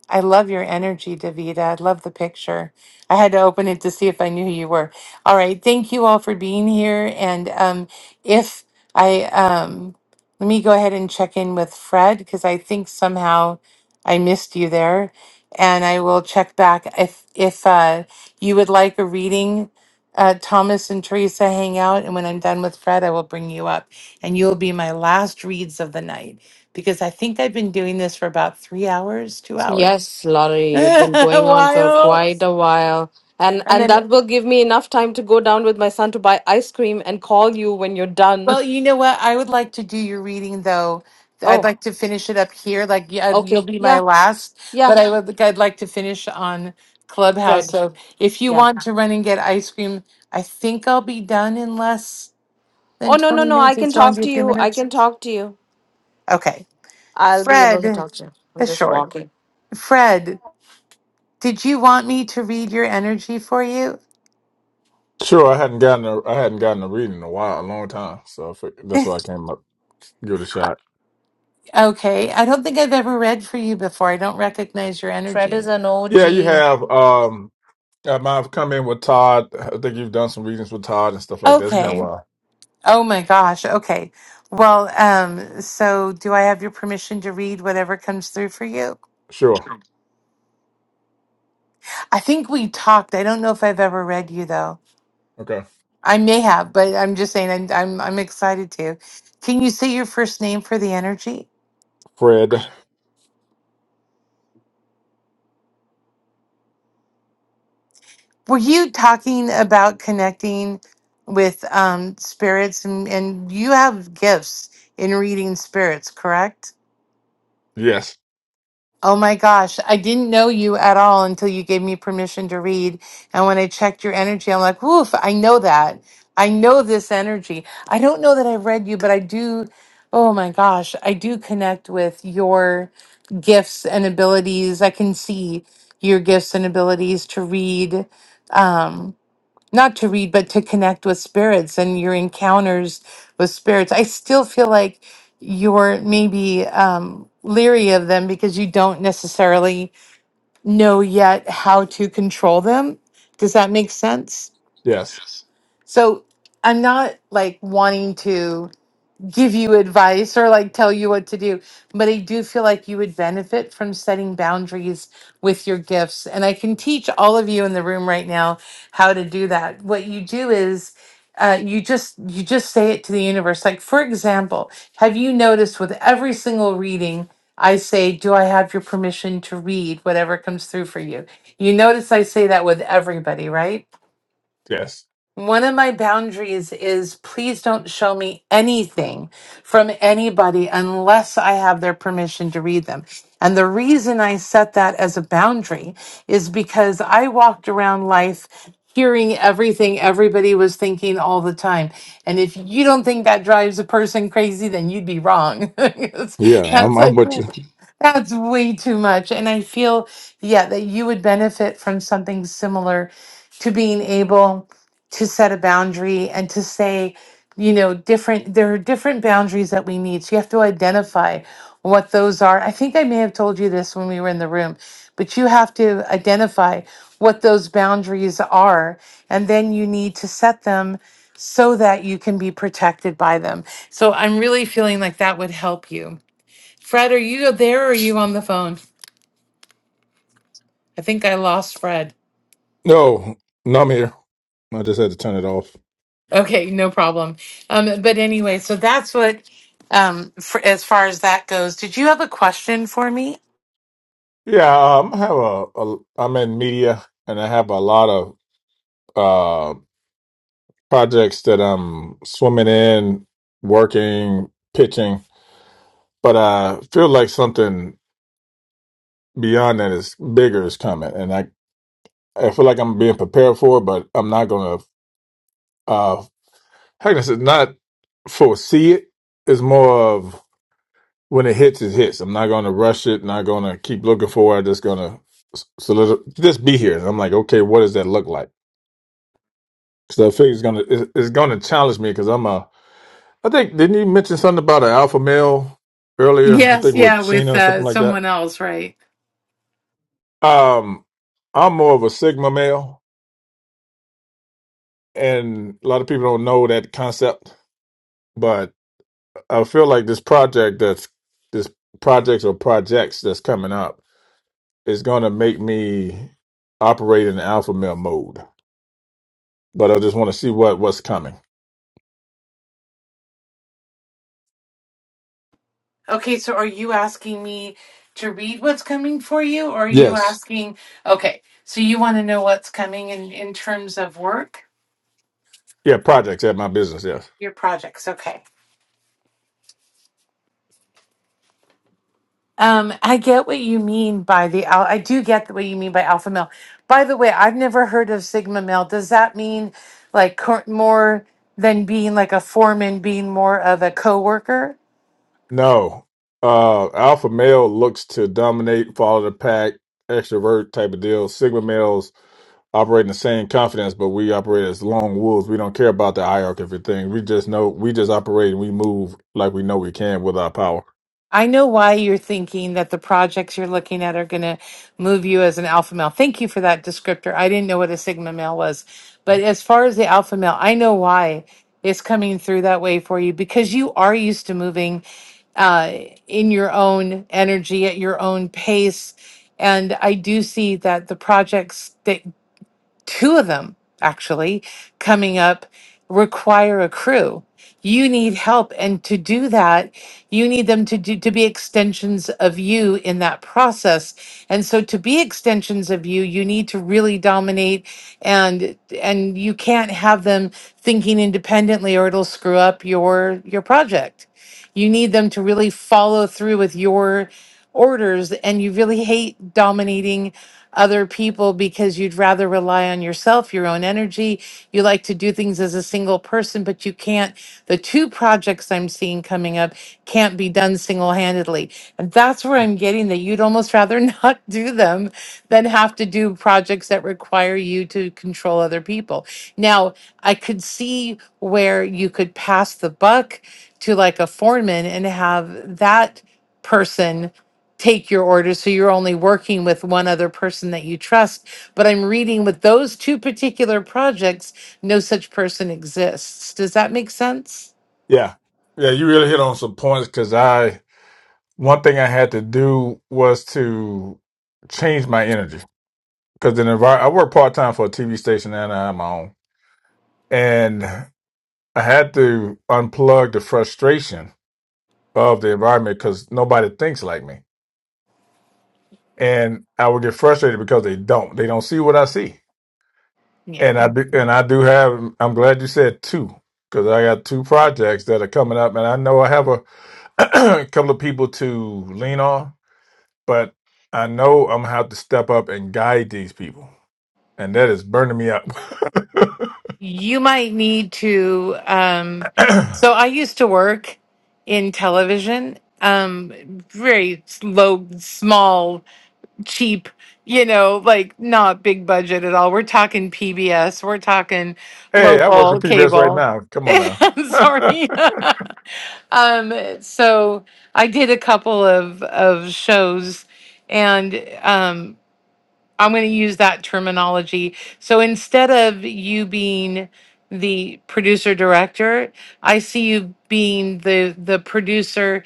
Speaker 1: I love your energy, Davida. I love the picture. I had to open it to see if I knew who you were. All right. Thank you all for being here. And um, if I, um, let me go ahead and check in with Fred because I think somehow I missed you there. And I will check back if if uh, you would like a reading. Uh, Thomas and Teresa hang out, and when I'm done with Fred, I will bring you up, and you'll be my last reads of the night because I think I've been doing this for about three hours, two hours.
Speaker 8: Yes, Laurie, you've been going on for
Speaker 1: While
Speaker 8: quite a while. And
Speaker 1: and
Speaker 8: and
Speaker 1: then,
Speaker 8: that will give me enough time to go down with my son to buy ice cream and call you when you're done.
Speaker 1: well, you know what? I would like to do your reading though. I'd
Speaker 8: Oh,
Speaker 1: like to finish it up here. Like, yeah, you'll
Speaker 8: okay.
Speaker 1: be my
Speaker 8: Yeah,
Speaker 1: last,
Speaker 8: yeah,
Speaker 1: but I would. I'd like to finish on Clubhouse.
Speaker 8: Fred.
Speaker 1: So, if you
Speaker 8: Yeah.
Speaker 1: want to run and get ice cream, I think I'll be done in less than
Speaker 8: Oh no, no,
Speaker 1: twenty
Speaker 8: no. I
Speaker 1: minutes.
Speaker 8: can
Speaker 1: It's
Speaker 8: talk
Speaker 1: only a
Speaker 8: to
Speaker 1: few
Speaker 8: you. I
Speaker 1: minutes.
Speaker 8: can talk to you.
Speaker 1: Okay,
Speaker 8: I'll be able to
Speaker 1: Fred.
Speaker 8: talk to you. I'm
Speaker 1: That's
Speaker 8: just
Speaker 1: short.
Speaker 8: walking.
Speaker 1: Fred, did you want me to read your energy for you?
Speaker 22: Sure, I hadn't gotten a, I hadn't gotten a read in a while, a long time. So I fig- that's why I came up, give it a shot.
Speaker 1: Okay. I don't think I've ever read for you before. I don't recognize your
Speaker 8: Fred is
Speaker 1: energy.
Speaker 8: an OG.
Speaker 22: Yeah, you have. Um, I might have come in with Todd. I think you've done some readings with Todd and stuff like that. It's been a
Speaker 1: Okay.
Speaker 22: while.
Speaker 1: Oh my gosh. Okay. Well, um, so do I have your permission to read whatever comes through for you?
Speaker 22: Sure.
Speaker 1: I think we talked. I don't know if I've ever read you though.
Speaker 22: Okay.
Speaker 1: I may have, but I'm just saying I'm I'm, I'm excited to. Can you say your first name for the energy?
Speaker 22: Fred.
Speaker 1: Were you talking about connecting with um spirits and, and you have gifts in reading spirits, correct?
Speaker 22: Yes.
Speaker 1: Oh my gosh, I didn't know you at all until you gave me permission to read. And when I checked your energy, I'm like, woof, I know that. I know this energy. I don't know that I've read you, but I do, oh my gosh, I do connect with your gifts and abilities. I can see your gifts and abilities to read. Um, not to read, but to connect with spirits and your encounters with spirits. I still feel like you're maybe um, leery of them because you don't necessarily know yet how to control them. Does that make sense?
Speaker 22: Yes.
Speaker 1: So I'm not like wanting to give you advice or like tell you what to do, but I do feel like you would benefit from setting boundaries with your gifts. And I can teach all of you in the room right now how to do that. What you do is uh, you just you just say it to the universe. Like for example, have you noticed with every single reading, I say, "Do I have your permission to read whatever comes through for you?" You notice I say that with everybody, right?
Speaker 22: Yes.
Speaker 1: One of my boundaries is please don't show me anything from anybody unless I have their permission to read them. And the reason I set that as a boundary is because I walked around life hearing everything everybody was thinking all the time. And if you don't think that drives a person crazy, then you'd be wrong. Because
Speaker 22: Yeah, I'm.
Speaker 1: That's
Speaker 22: I'm
Speaker 1: like,
Speaker 22: with you.
Speaker 1: that's way too much. And I feel, yeah, that you would benefit from something similar to being able to set a boundary and to say, you know, different, there are different boundaries that we need. So you have to identify what those are. I think I may have told you this when we were in the room, but you have to identify what those boundaries are. And then you need to set them so that you can be protected by them. So I'm really feeling like that would help you. Fred, are you there or are you on the phone? I think I lost Fred.
Speaker 22: No, no, I'm here. I just had to turn it off.
Speaker 1: Okay, no problem. Um, but anyway, so that's what, um, for, as far as that goes. Did you have a question for me?
Speaker 22: Yeah, um, I have a, a. I'm in media, and I have a lot of uh projects that I'm swimming in, working, pitching. but I feel like something beyond that is bigger is coming, and I I feel like I'm being prepared for it, but I'm not gonna. Uh, heckness is not foresee it. It's more of when it hits, it hits. I'm not gonna rush it. Not gonna keep looking for it. I'm just gonna s- solidi- just be here. And I'm like, okay, what does that look like? So I think it's gonna it's, it's gonna challenge me because I'm a. I think didn't you mention something about an alpha male earlier? I
Speaker 1: Yes,
Speaker 22: think with
Speaker 1: yeah, with
Speaker 22: Sheena or
Speaker 1: uh,
Speaker 22: something like that.
Speaker 1: someone else, right?
Speaker 22: Um, I'm more of a sigma male and a lot of people don't know that concept but i feel like this project that's this project or projects that's coming up is going to make me operate in alpha male mode but i just want to see what what's coming
Speaker 1: Okay, so are you asking me to read what's coming for you, or are you
Speaker 22: yes
Speaker 1: asking? Okay, so you want to know what's coming in in terms of work,
Speaker 22: yeah projects at my business yes
Speaker 1: your projects? Okay. Um, I get what you mean by the al- I do get what you mean by alpha male. By the way, I've never heard of sigma male. Does that mean like cor- more than being like a foreman, being more of a coworker?
Speaker 22: no uh alpha male looks to dominate follow the pack extrovert type of deal sigma males operate in the same confidence, but we operate as lone wolves. We don't care about the hierarchy of thing. We just know we just operate and we move like we know we can with our power.
Speaker 1: I know why you're thinking that the projects you're looking at are going to move you as an alpha male. Thank you for that descriptor. I didn't know what a sigma male was. But as far as the alpha male, I know why it's coming through that way for you because you are used to moving uh, in your own energy at your own pace. And I do see that the projects that two of them actually coming up require a crew you need help and to do that you need them to do, to be extensions of you in that process and so to be extensions of you you need to really dominate and and you can't have them thinking independently or it'll screw up your your project you need them to really follow through with your orders and you really hate dominating other people because you'd rather rely on yourself, your own energy. You like to do things as a single person, but you can't. The two projects I'm seeing coming up can't be done single handedly. And that's where I'm getting that you'd almost rather not do them than have to do projects that require you to control other people. Now, I could see where you could pass the buck to like a foreman and have that person take your order so you're only working with one other person that you trust but i'm reading with those two particular projects no such person exists does that make sense
Speaker 22: Yeah, yeah, you really hit on some points because I one thing I had to do was to change my energy because the envir- I work part time for a TV station and I'm on, and I had to unplug the frustration of the environment because nobody thinks like me, and I would get frustrated because they don't. They don't see what I see,
Speaker 1: yeah
Speaker 22: and I do. And I do have. I'm glad you said two because I got two projects that are coming up, and I know I have a couple of people to lean on but I know I'm gonna have to step up and guide these people, and that is burning me up.
Speaker 1: you might need to um so i used to work in television um very low small cheap, you know, like not big budget at all. We're talking PBS, we're talking
Speaker 22: hey, I work for
Speaker 1: local
Speaker 22: PBS right
Speaker 1: cable.
Speaker 22: now. Come on now.
Speaker 1: I'm sorry. um, so I did a couple of, of shows and um, I'm going to use that terminology. So instead of you being the producer director, I see you being the the producer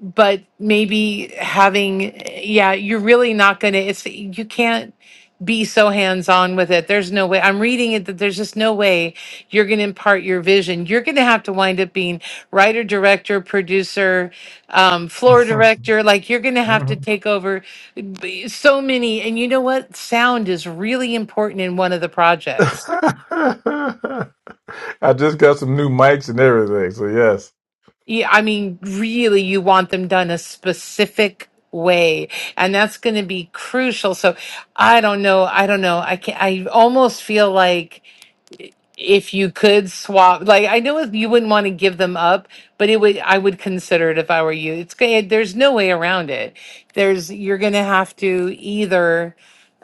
Speaker 1: but maybe having yeah you're really not gonna it's you can't be so hands-on with it there's no way i'm reading it that there's just no way you're gonna impart your vision you're gonna have to wind up being writer director producer um, floor director like you're gonna have to
Speaker 22: Mhm.
Speaker 1: take over b- so many and you know what sound is really important in one of the projects
Speaker 22: I just got some new mics and everything. So yes.
Speaker 1: Yeah, I mean, really, you want them done a specific way, and that's going to be crucial. So, I don't know. I don't know. I can I almost feel like if you could swap like i know if you wouldn't want to give them up but it would i would consider it if i were you it's g- there's no way around it there's you're gonna have to either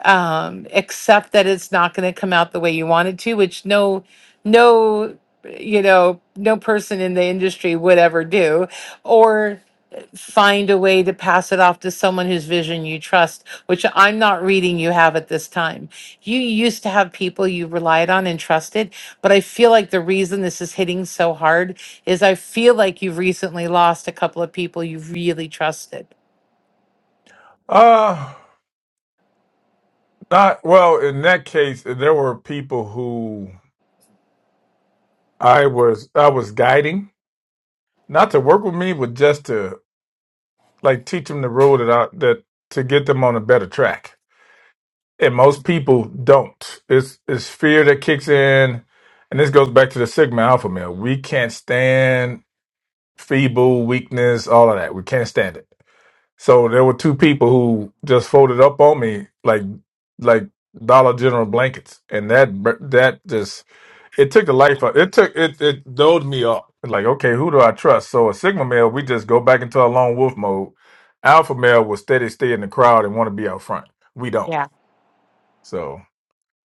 Speaker 1: um accept that it's not gonna come out the way you want it to which no no you know no person in the industry would ever do or find a way to pass it off to someone whose vision you trust, which I'm not reading you have at this time. You used to have people you relied on and trusted, but I feel like the reason this is hitting so hard is I feel like you've recently lost a couple of people you really trusted.
Speaker 22: Uh not well. In that case, there were people who I was I was guiding not to work with me, but just to like teach them the road that I, that to get them on a better track and most people don't. It's it's fear that kicks in, and this goes back to the Sigma Alpha male. We can't stand feeble, weakness, all of that. We can't stand it. So there were two people who just folded up on me like like Dollar General blankets, and that br- that just it took the life out. It took it it doled me up. Like okay, who do I trust? So a Sigma male, we just go back into a lone wolf mode. Alpha male will steady stay in the crowd and want to be out front. We don't. So.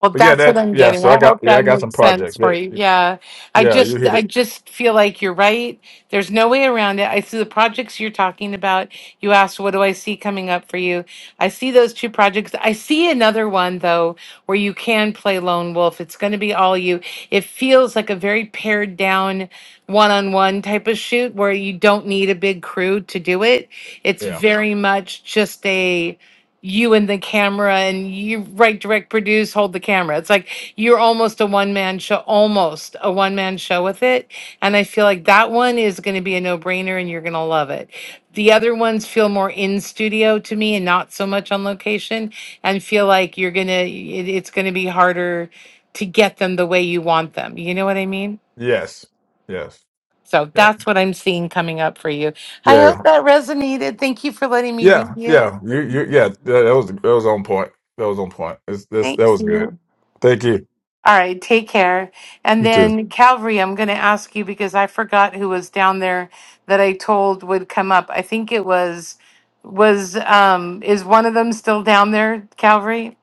Speaker 1: Well,
Speaker 22: But yeah,
Speaker 1: that's what
Speaker 22: that
Speaker 1: I'm
Speaker 22: yeah.
Speaker 1: getting.
Speaker 22: So I
Speaker 1: I
Speaker 22: got
Speaker 1: hope
Speaker 22: yeah, I
Speaker 1: that
Speaker 22: got some
Speaker 1: makes sense
Speaker 22: project.
Speaker 1: for
Speaker 22: That
Speaker 1: you. Yeah. I
Speaker 22: yeah, you
Speaker 1: just
Speaker 22: hit
Speaker 1: I
Speaker 22: it.
Speaker 1: just feel like you're right. There's no way around it. I see the projects you're talking about. You asked what do I see coming up for you? I see those two projects. I see another one though where you can play lone wolf. It's going to be all you. It feels like a very pared down one-on-one type of shoot where you don't need a big crew to do it. It's
Speaker 22: Yeah.
Speaker 1: very much just a you and the camera and you write direct produce hold the camera it's like you're almost a one-man show almost a one-man show with it and i feel like that one is going to be a no-brainer and you're going to love it the other ones feel more in studio to me and not so much on location and feel like you're going to it, it's going to be harder to get them the way you want them you know what i mean
Speaker 22: Yes. Yes.
Speaker 1: so
Speaker 22: Yeah.
Speaker 1: that's what i'm seeing coming up for you i hope
Speaker 22: Yeah.
Speaker 1: that resonated thank you for letting me read
Speaker 22: Yeah.
Speaker 1: you
Speaker 22: Yeah. You you yeah. That, that was that was on point. That was on point. It's, this
Speaker 1: thank
Speaker 22: that was good.
Speaker 1: you
Speaker 22: Thank you.
Speaker 1: All right, take care. And
Speaker 22: You too.
Speaker 1: then Calvary, I'm going to ask you because I forgot who was down there that I told would come up. I think it was was um is one of them still down there, Calvary?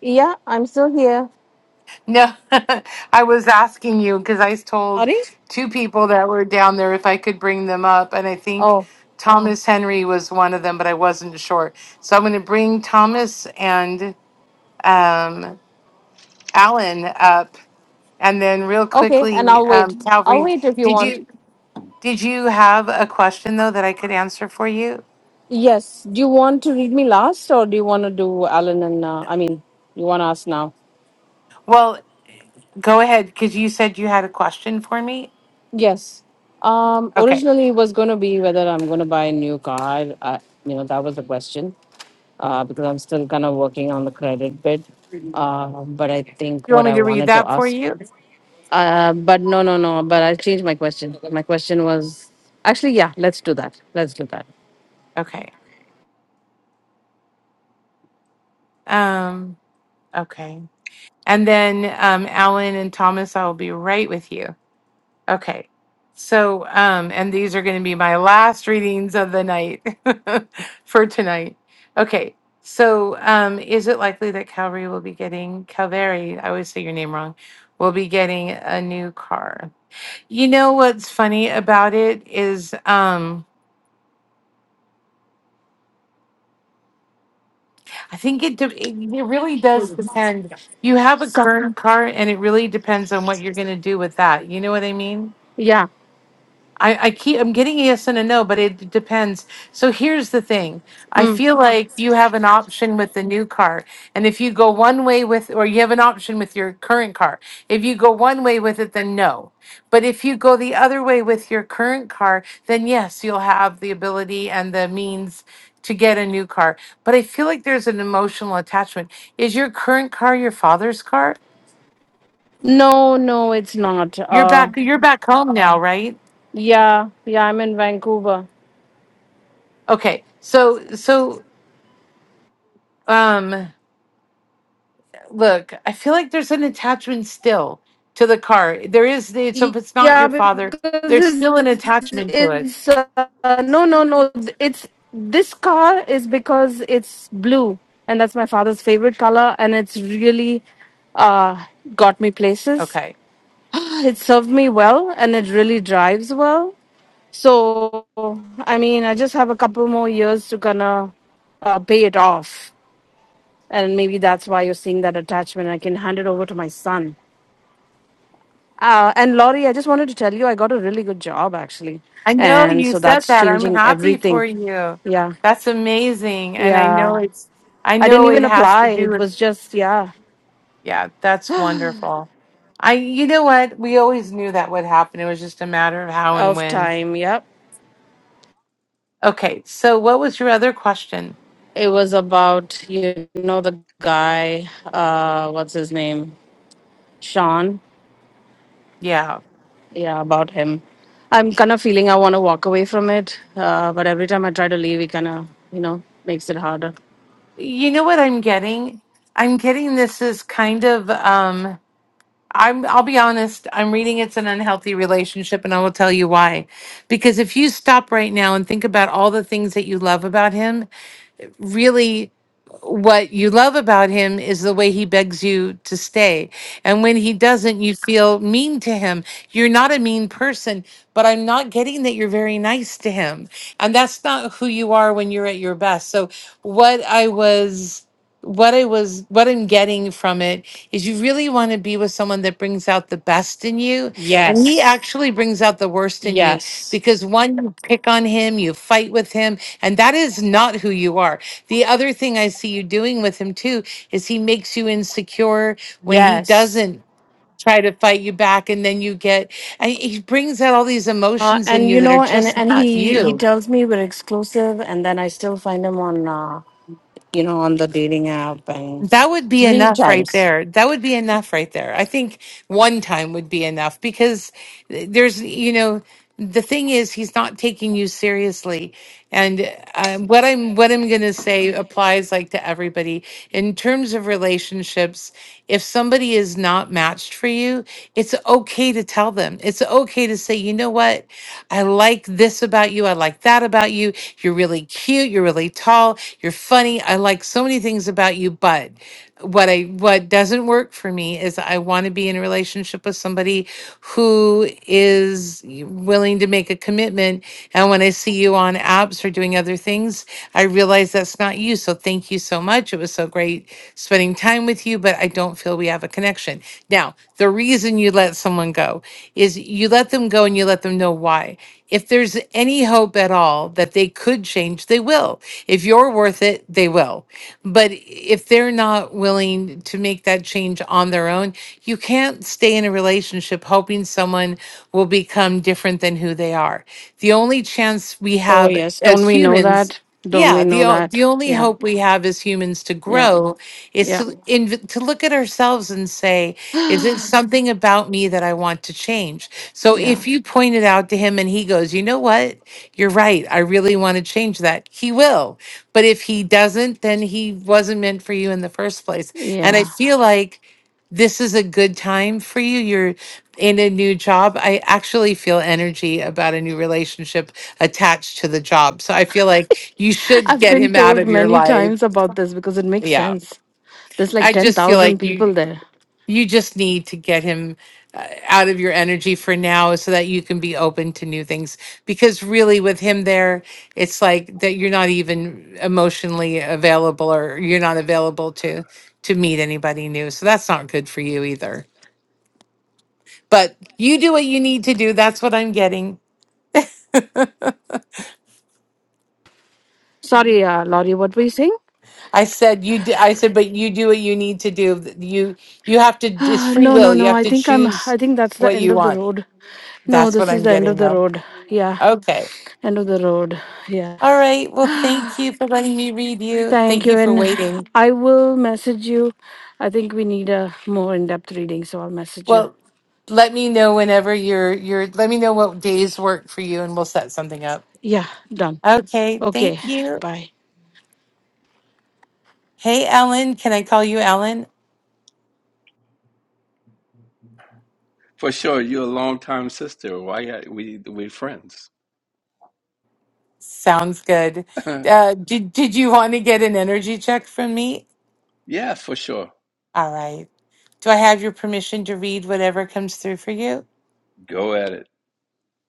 Speaker 8: Yeah, I'm still here.
Speaker 1: No. I was asking you because I told
Speaker 8: Sorry?
Speaker 1: two people that were down there if I could bring them up and I think
Speaker 8: Oh,
Speaker 1: Thomas Henry was one of them, but I wasn't sure. So I'm going to bring Thomas and um Alan up And then real
Speaker 8: okay. And
Speaker 1: quickly,
Speaker 8: I'll wait.
Speaker 1: um,
Speaker 8: I'll
Speaker 1: Calvary,
Speaker 8: wait if you
Speaker 1: did
Speaker 8: want.
Speaker 1: you did you have a question though that I could answer for you?
Speaker 8: Yes. Do you want to read me last, or do you want to do Alan and uh, I mean, you want to ask now?
Speaker 1: Well, go ahead because you said you had a question for me.
Speaker 8: Yes. Um,
Speaker 1: Okay,
Speaker 8: originally, it was going to be whether I'm going to buy a new car. I, I- you know, that was the question uh, because I'm still kind of working on the credit bit. Uh, but I think
Speaker 1: you want
Speaker 8: what
Speaker 1: me
Speaker 8: I
Speaker 1: to read
Speaker 8: wanted to
Speaker 1: that for
Speaker 8: ask.
Speaker 1: you?
Speaker 8: Uh, but no, no, no. But I changed my question. My question was actually, yeah. Let's do that. Let's do that.
Speaker 1: Okay. Um, okay. And then um, Alan and Thomas, I will be right with you. Okay. So, um, and these are going to be my last readings of the night for tonight. Okay. So, um, is it likely that Calvary will be getting Calvary? I always say your name wrong. Will be getting a new car. You know what's funny about it is, um, I think it de- it it really does depend. You have a
Speaker 8: So
Speaker 1: current car, and it really depends on what you're going to do with that. You know what I mean?
Speaker 8: yeah.
Speaker 1: I, I keep I'm getting a yes and a no, but it depends. So here's the thing. I feel like you have an option with the new car. And if you go one way with or you have an option with your current car. If you go one way with it, then no. But if you go the other way with your current car, then yes, you'll have the ability and the means to get a new car. But I feel like there's an emotional attachment. Is your current car your father's car?
Speaker 8: No, no, it's not.
Speaker 1: You're
Speaker 8: Uh,
Speaker 1: back you're back home now, right?
Speaker 8: yeah, yeah. I'm in Vancouver.
Speaker 1: Okay. So so um look, I feel like there's an attachment still to the car. There is, so if it's not
Speaker 8: Yeah,
Speaker 1: your father,
Speaker 8: because
Speaker 1: there's
Speaker 8: it's,
Speaker 1: still an attachment to it.
Speaker 8: it's uh, no, no, no. It's this car is because it's blue, and that's my father's favorite color, and it's really uh, got me places.
Speaker 1: Okay.
Speaker 8: It served me well, and it really drives well. So, I mean, I just have a couple more years to gonna uh, pay it off, and maybe that's why you're seeing that attachment. I can hand it over to my son. Uh, and Laurie, I just wanted to tell you, I got a really good job actually.
Speaker 1: I know
Speaker 8: And
Speaker 1: you
Speaker 8: so
Speaker 1: said
Speaker 8: that's
Speaker 1: that. I'm
Speaker 8: changing
Speaker 1: happy
Speaker 8: everything.
Speaker 1: for you.
Speaker 8: Yeah.
Speaker 1: That's amazing. And I know
Speaker 8: Yeah.
Speaker 1: it's, I
Speaker 8: I didn't
Speaker 1: know it
Speaker 8: even
Speaker 1: has to
Speaker 8: apply.
Speaker 1: do
Speaker 8: It
Speaker 1: with,
Speaker 8: was just, yeah,
Speaker 1: yeah, that's wonderful. I, you know what? We always knew that would happen. It was just a matter of how and
Speaker 8: of
Speaker 1: when.
Speaker 8: time. Yep.
Speaker 1: Okay. So what was your other question?
Speaker 8: It was about, you know, the guy, uh, what's his name? Sean.
Speaker 1: Yeah.
Speaker 8: Yeah, about him. I'm kind of feeling I want to walk away from it. Uh, but every time I try to leave, it kind of, you know, makes it harder.
Speaker 1: You know what I'm getting? I'm getting this is kind of, um, I'm I'll be honest, I'm reading it's an unhealthy relationship and I will tell you why. Because if you stop right now and think about all the things that you love about him really what you love about him is the way he begs you to stay. And when he doesn't, you feel mean to him. You're not a mean person, but I'm not getting that you're very nice to him. And that's not who you are when you're at your best. So what I was what I was what I'm getting from it is you really want to be with someone that brings out the best in you and he
Speaker 8: Yes.
Speaker 1: actually brings out the worst in you
Speaker 8: Yes.
Speaker 1: because one you pick on him, you fight with him, and that is not who you are. The other thing I see you doing with him too is he makes you insecure when he
Speaker 8: Yes.
Speaker 1: doesn't try to fight you back and then you get and he brings out all these
Speaker 8: Uh,
Speaker 1: emotions in
Speaker 8: and
Speaker 1: you
Speaker 8: you
Speaker 1: that are
Speaker 8: know, and
Speaker 1: just
Speaker 8: and
Speaker 1: not
Speaker 8: he he
Speaker 1: you.
Speaker 8: tells me we're exclusive, and then I still find him on uh, you know on the dating app and
Speaker 1: That would be
Speaker 8: three
Speaker 1: enough right
Speaker 8: times.
Speaker 1: there. That would be enough right there. I think one time would be enough because there's, you know, the thing is he's not taking you seriously. And uh, what I'm what I'm going to say applies like to everybody in terms of relationships. If somebody is not matched for you, it's okay to tell them. It's okay to say, "You know what? I like this about you. I like that about you. You're really cute, you're really tall, you're funny. I like so many things about you, but." what I what doesn't work for me is I want to be in a relationship with somebody who is willing to make a commitment. And when I see you on apps or doing other things, I realize that's not you. So thank you so much. It was so great spending time with you, but I don't feel we have a connection. Now, the reason you let someone go is you let them go and you let them know why. If there's any hope at all that they could change, they will. If you're worth it, they will. But if they're not willing to make that change on their own, you can't stay in a relationship hoping someone will become different than who they are. The only chance we
Speaker 8: Oh
Speaker 1: have
Speaker 8: yes, don't
Speaker 1: as
Speaker 8: we know
Speaker 1: humans,
Speaker 8: that? Don't
Speaker 1: yeah,
Speaker 8: we know
Speaker 1: the o-
Speaker 8: that?
Speaker 1: the only
Speaker 8: Yeah,
Speaker 1: hope we have as humans to
Speaker 8: yeah,
Speaker 1: grow is
Speaker 8: yeah,
Speaker 1: to inv- to look at ourselves and say, is it something about me that I want to change? So
Speaker 8: yeah,
Speaker 1: if you point it out to him and he goes, you know what? You're right. I really want to change that. He will. But if he doesn't, then he wasn't meant for you in the first place. And I
Speaker 8: yeah.
Speaker 1: feel like this is a good time for you. You're in a new job. I actually feel energy about a new relationship attached to the job. So I feel like you should
Speaker 8: I've
Speaker 1: get
Speaker 8: been
Speaker 1: him out
Speaker 8: told
Speaker 1: of your
Speaker 8: many
Speaker 1: life.
Speaker 8: times about this because it makes
Speaker 1: Yeah.
Speaker 8: sense. There's like
Speaker 1: I
Speaker 8: ten
Speaker 1: just feel
Speaker 8: thousand
Speaker 1: like
Speaker 8: people
Speaker 1: you
Speaker 8: there.
Speaker 1: you just need to get him uh, out of your energy for now so that you can be open to new things because really with him there it's like that you're not even emotionally available or you're not available to to meet anybody new so that's not good for you either but you do what you need to do that's what i'm getting
Speaker 8: Sorry, uh, Laurie, what were you saying?
Speaker 1: i said you do, i said but you do what you need to do Th- you you have to it's free
Speaker 8: no, no,
Speaker 1: will you
Speaker 8: no.
Speaker 1: have
Speaker 8: I
Speaker 1: to
Speaker 8: think I'm.
Speaker 1: choose
Speaker 8: I think that's the
Speaker 1: what
Speaker 8: end
Speaker 1: you
Speaker 8: of the
Speaker 1: want
Speaker 8: road. No,
Speaker 1: that's what
Speaker 8: this is
Speaker 1: i'm
Speaker 8: the end of
Speaker 1: getting
Speaker 8: the
Speaker 1: though
Speaker 8: road. Yeah,
Speaker 1: okay
Speaker 8: end of the road. Yeah.
Speaker 1: All right. Well, thank you for letting me read you.
Speaker 8: Thank
Speaker 1: Thank
Speaker 8: you.
Speaker 1: you for
Speaker 8: And
Speaker 1: waiting.
Speaker 8: I will message you. I think we need a more in depth reading, so I'll message you.
Speaker 1: Well, let me know whenever you're you're let me know what days work for you and we'll set something up.
Speaker 8: Yeah, done.
Speaker 1: Okay,
Speaker 8: Okay,
Speaker 1: thank you.
Speaker 8: bye.
Speaker 1: Hey Ellen, can I call you Ellen?
Speaker 23: For sure, you're a longtime sister. Why are we we friends?
Speaker 1: Sounds good. Uh did did you want to get an energy check from me?
Speaker 23: yeah, for sure.
Speaker 1: All right. Do I have your permission to read whatever comes through for you?
Speaker 23: Go at it,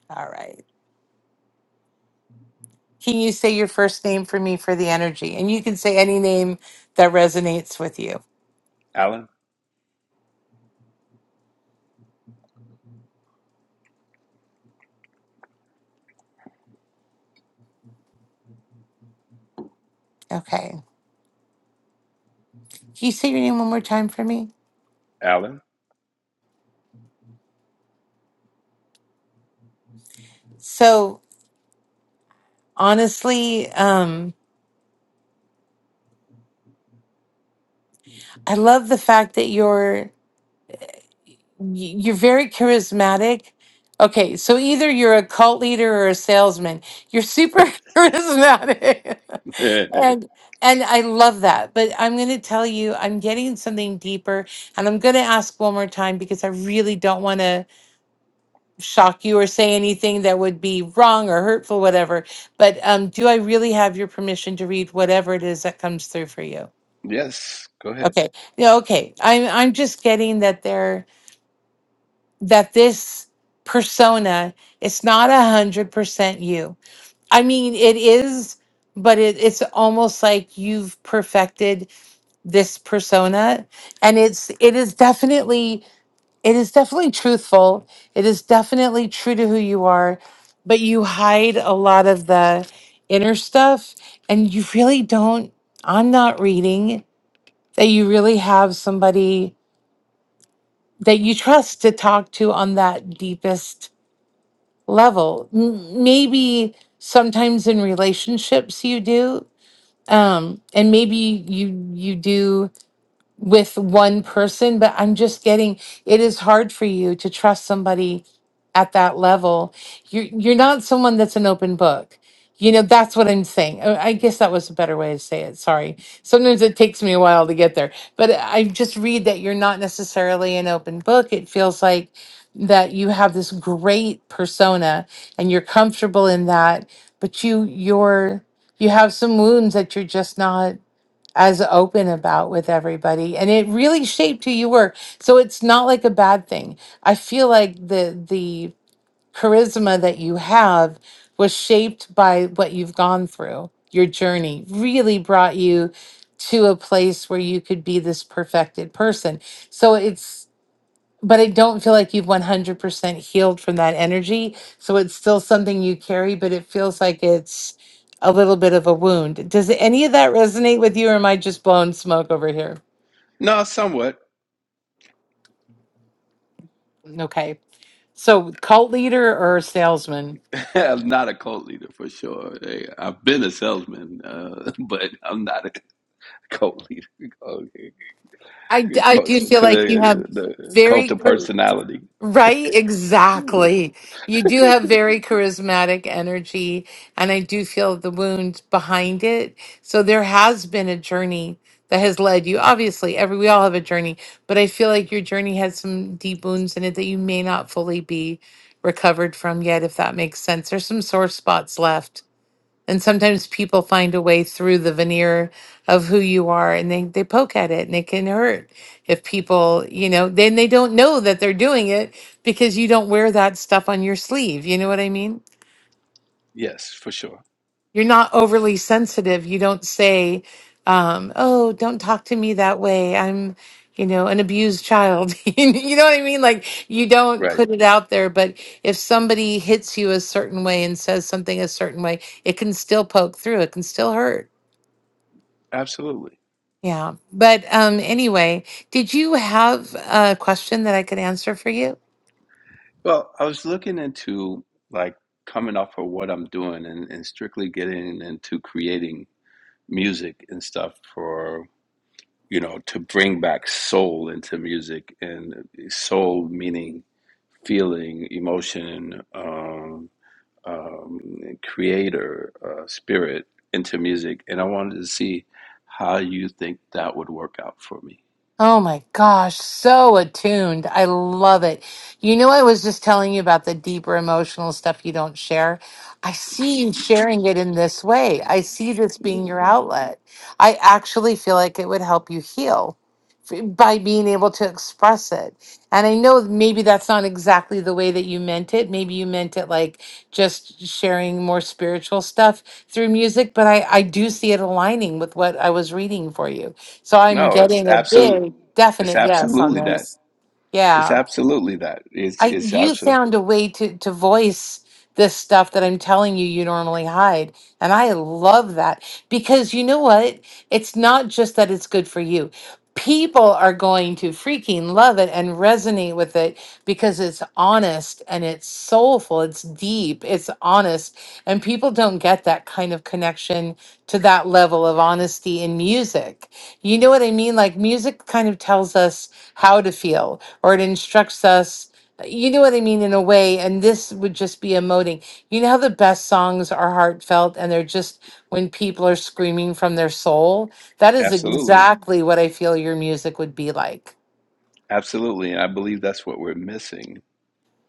Speaker 1: All right. Can you say your first name for me for the energy? And you can say any name that resonates with you.
Speaker 23: Alan.
Speaker 1: Okay. Can you say your name one more time for me?
Speaker 23: Alan.
Speaker 1: So honestly, um, I love the fact that you're y- you're very charismatic. Okay, so either you're a cult leader or a salesman. You're super charismatic,
Speaker 23: yes,
Speaker 1: and and I love that. But I'm going to tell you, I'm getting something deeper, and I'm going to ask one more time because I really don't want to. shock you or say anything that would be wrong or hurtful, whatever. But um, do I really have your permission to read whatever it is that comes through for you?
Speaker 23: go ahead.
Speaker 1: Okay. Yeah, okay. I'm I'm just getting that there that this persona it's not a hundred percent you. I mean it is, but it, it's almost like you've perfected this persona and it's it is definitely It is definitely truthful. It is definitely true to who you are, but you hide a lot of the inner stuff and you really don't. I'm not reading that you really have somebody that you trust to talk to on that deepest level. M- Maybe sometimes in relationships you do. Um and maybe you you do with one person, but I'm just getting it is hard for you to trust somebody at that level. You're you're not someone that's an open book. You know, that's what I'm saying. Uh, I guess that was a better way to say it. Sorry. Sometimes it takes me a while to get there, but I just read that you're not necessarily an open book. It feels like that you have this great persona and you're comfortable in that, but you you're you have some wounds that you're just not as open about with everybody and it really shaped who you were so it's not like a bad thing i feel like the the charisma that you have was shaped by what you've gone through your journey really brought you to a place where you could be this perfected person so it's but I don't feel like you've 100% healed from that energy. So it's still something you carry, but it feels like it's a little bit of a wound. Does any of that resonate with you, or am I just blowing smoke over here?
Speaker 23: No, somewhat.
Speaker 1: Okay. So, cult leader or salesman?
Speaker 23: I'm not a cult leader for sure. Hey, I've been a salesman, uh, but I'm not a cult leader. Okay,
Speaker 1: I, d-
Speaker 23: Your
Speaker 1: I
Speaker 23: cult,
Speaker 1: do feel
Speaker 23: cult-
Speaker 1: like you have
Speaker 23: the cult
Speaker 1: very
Speaker 23: of personality.
Speaker 1: Right, exactly. You do have very charismatic energy, and I do feel the wound behind it. So there has been a journey that has led you. Obviously, every we all have a journey, but I feel like your journey has some deep wounds in it that you may not fully be recovered from yet, if that makes sense. There's some sore spots left and sometimes people find a way through the veneer of who you are and they, they poke at it and it can hurt if people, you know, then they don't know that they're doing it because you don't wear that stuff on your sleeve. You know what I mean?
Speaker 23: Yes, for sure.
Speaker 1: You're not overly sensitive. You don't say, um, oh, don't talk to me that way. I'm, you know, an abused child. you know what I mean? Like you don't
Speaker 23: Right.
Speaker 1: put it out there, but if somebody hits you a certain way and says something a certain way, it can still poke through, it can still hurt
Speaker 23: Absolutely.
Speaker 1: Yeah. But um, anyway, did you have a question that I could answer for you?
Speaker 23: Well, I was looking into like coming off of what I'm doing and, and strictly getting into creating music and stuff for, you know, to bring back soul into music and uh, soul meaning feeling, emotion, um, um, creator, uh, spirit into music. And I wanted to see how you think that would work out for me.
Speaker 1: Oh my gosh, so attuned. I love it. You know, I was just telling you about the deeper emotional stuff you don't share. I see you sharing it in this way. I see this being your outlet. I actually feel like it would help you heal f- by being able to express it. And I know maybe that's not exactly the way that you meant it. Maybe you meant it like just sharing more spiritual stuff through music, but I, I do see it aligning with what I was reading for you. So I'm
Speaker 23: No, it's
Speaker 1: getting a
Speaker 23: absolute.
Speaker 1: big
Speaker 23: It's
Speaker 1: definite yes on
Speaker 23: absolutely that.
Speaker 1: this.
Speaker 23: It's
Speaker 1: Yeah,
Speaker 23: absolutely that. It's
Speaker 1: I
Speaker 23: it's
Speaker 1: you
Speaker 23: absolute.
Speaker 1: found a way to to voice this stuff that I'm telling you you normally hide. And I love that because you know what? It's not just that it's good for you. People are going to freaking love it and resonate with it because it's honest and it's soulful, it's deep, it's honest. And people don't get that kind of connection to that level of honesty in music. You know what I mean? Like music kind of tells us how to feel or it instructs us you know what I mean in a way, and this would just be emoting. You know how the best songs are heartfelt and they're just when people are screaming from their soul? That is
Speaker 23: Absolutely.
Speaker 1: exactly what I feel your music would be like.
Speaker 23: Absolutely. And I believe that's what we're missing.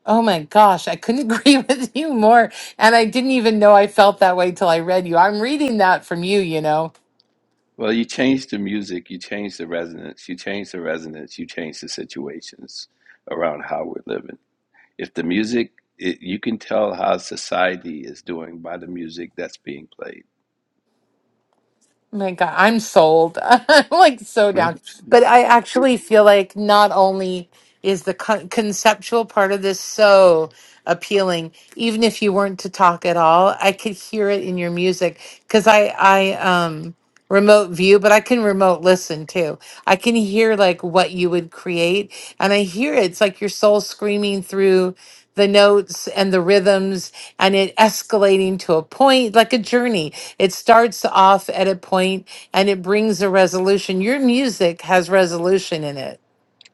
Speaker 1: Oh my gosh, I couldn't agree with you more. And I didn't even know I felt that way till I read you. I'm reading that from you, you know.
Speaker 23: Well, you change the music, you change the resonance, you change the resonance, you change the situations around how we're living. If the music, it, you can tell how society is doing by the music that's being played.
Speaker 1: My God, I'm sold. I'm like so down.
Speaker 23: Mhm.
Speaker 1: But I actually feel like not only is the con- conceptual part of this so appealing, even if you weren't to talk at all, I could hear it in your music because I I um remote view, but I can remote listen too. I can hear like what you would create, and I hear it. it's like your soul screaming through the notes and the rhythms and it escalating to a point like a journey it starts off at a point and it brings a resolution. Your music has resolution in it.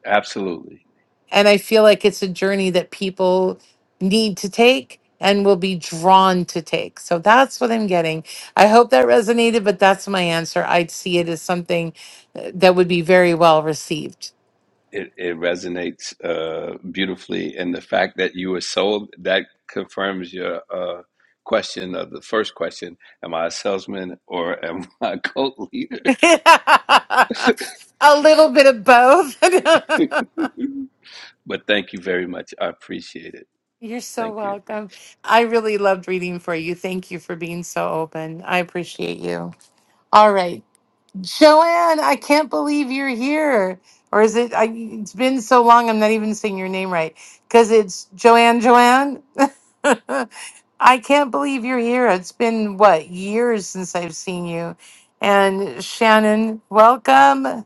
Speaker 23: Absolutely.
Speaker 1: And I feel like it's a journey that people need to take and will be drawn to take. So that's what I'm getting. I hope that resonated, but that's my answer. I'd see it as something uh, that would be very well received.
Speaker 23: It, it resonates uh, beautifully. And the fact that you were sold, that confirms your uh, question of the first question Am I a salesman or am I a cult leader?
Speaker 1: a little bit of both.
Speaker 23: But thank you very much. I appreciate it.
Speaker 1: You're so
Speaker 23: Thank you.
Speaker 1: welcome. I really loved reading for you. Thank you for being so open. I appreciate you. All right. Joanne, I can't believe you're here. Or is it, I, it's been so long, I'm not even saying your name right. Because it's Joanne, Joanne. I can't believe you're here. It's been, what, years since I've seen you. And Shannon, welcome.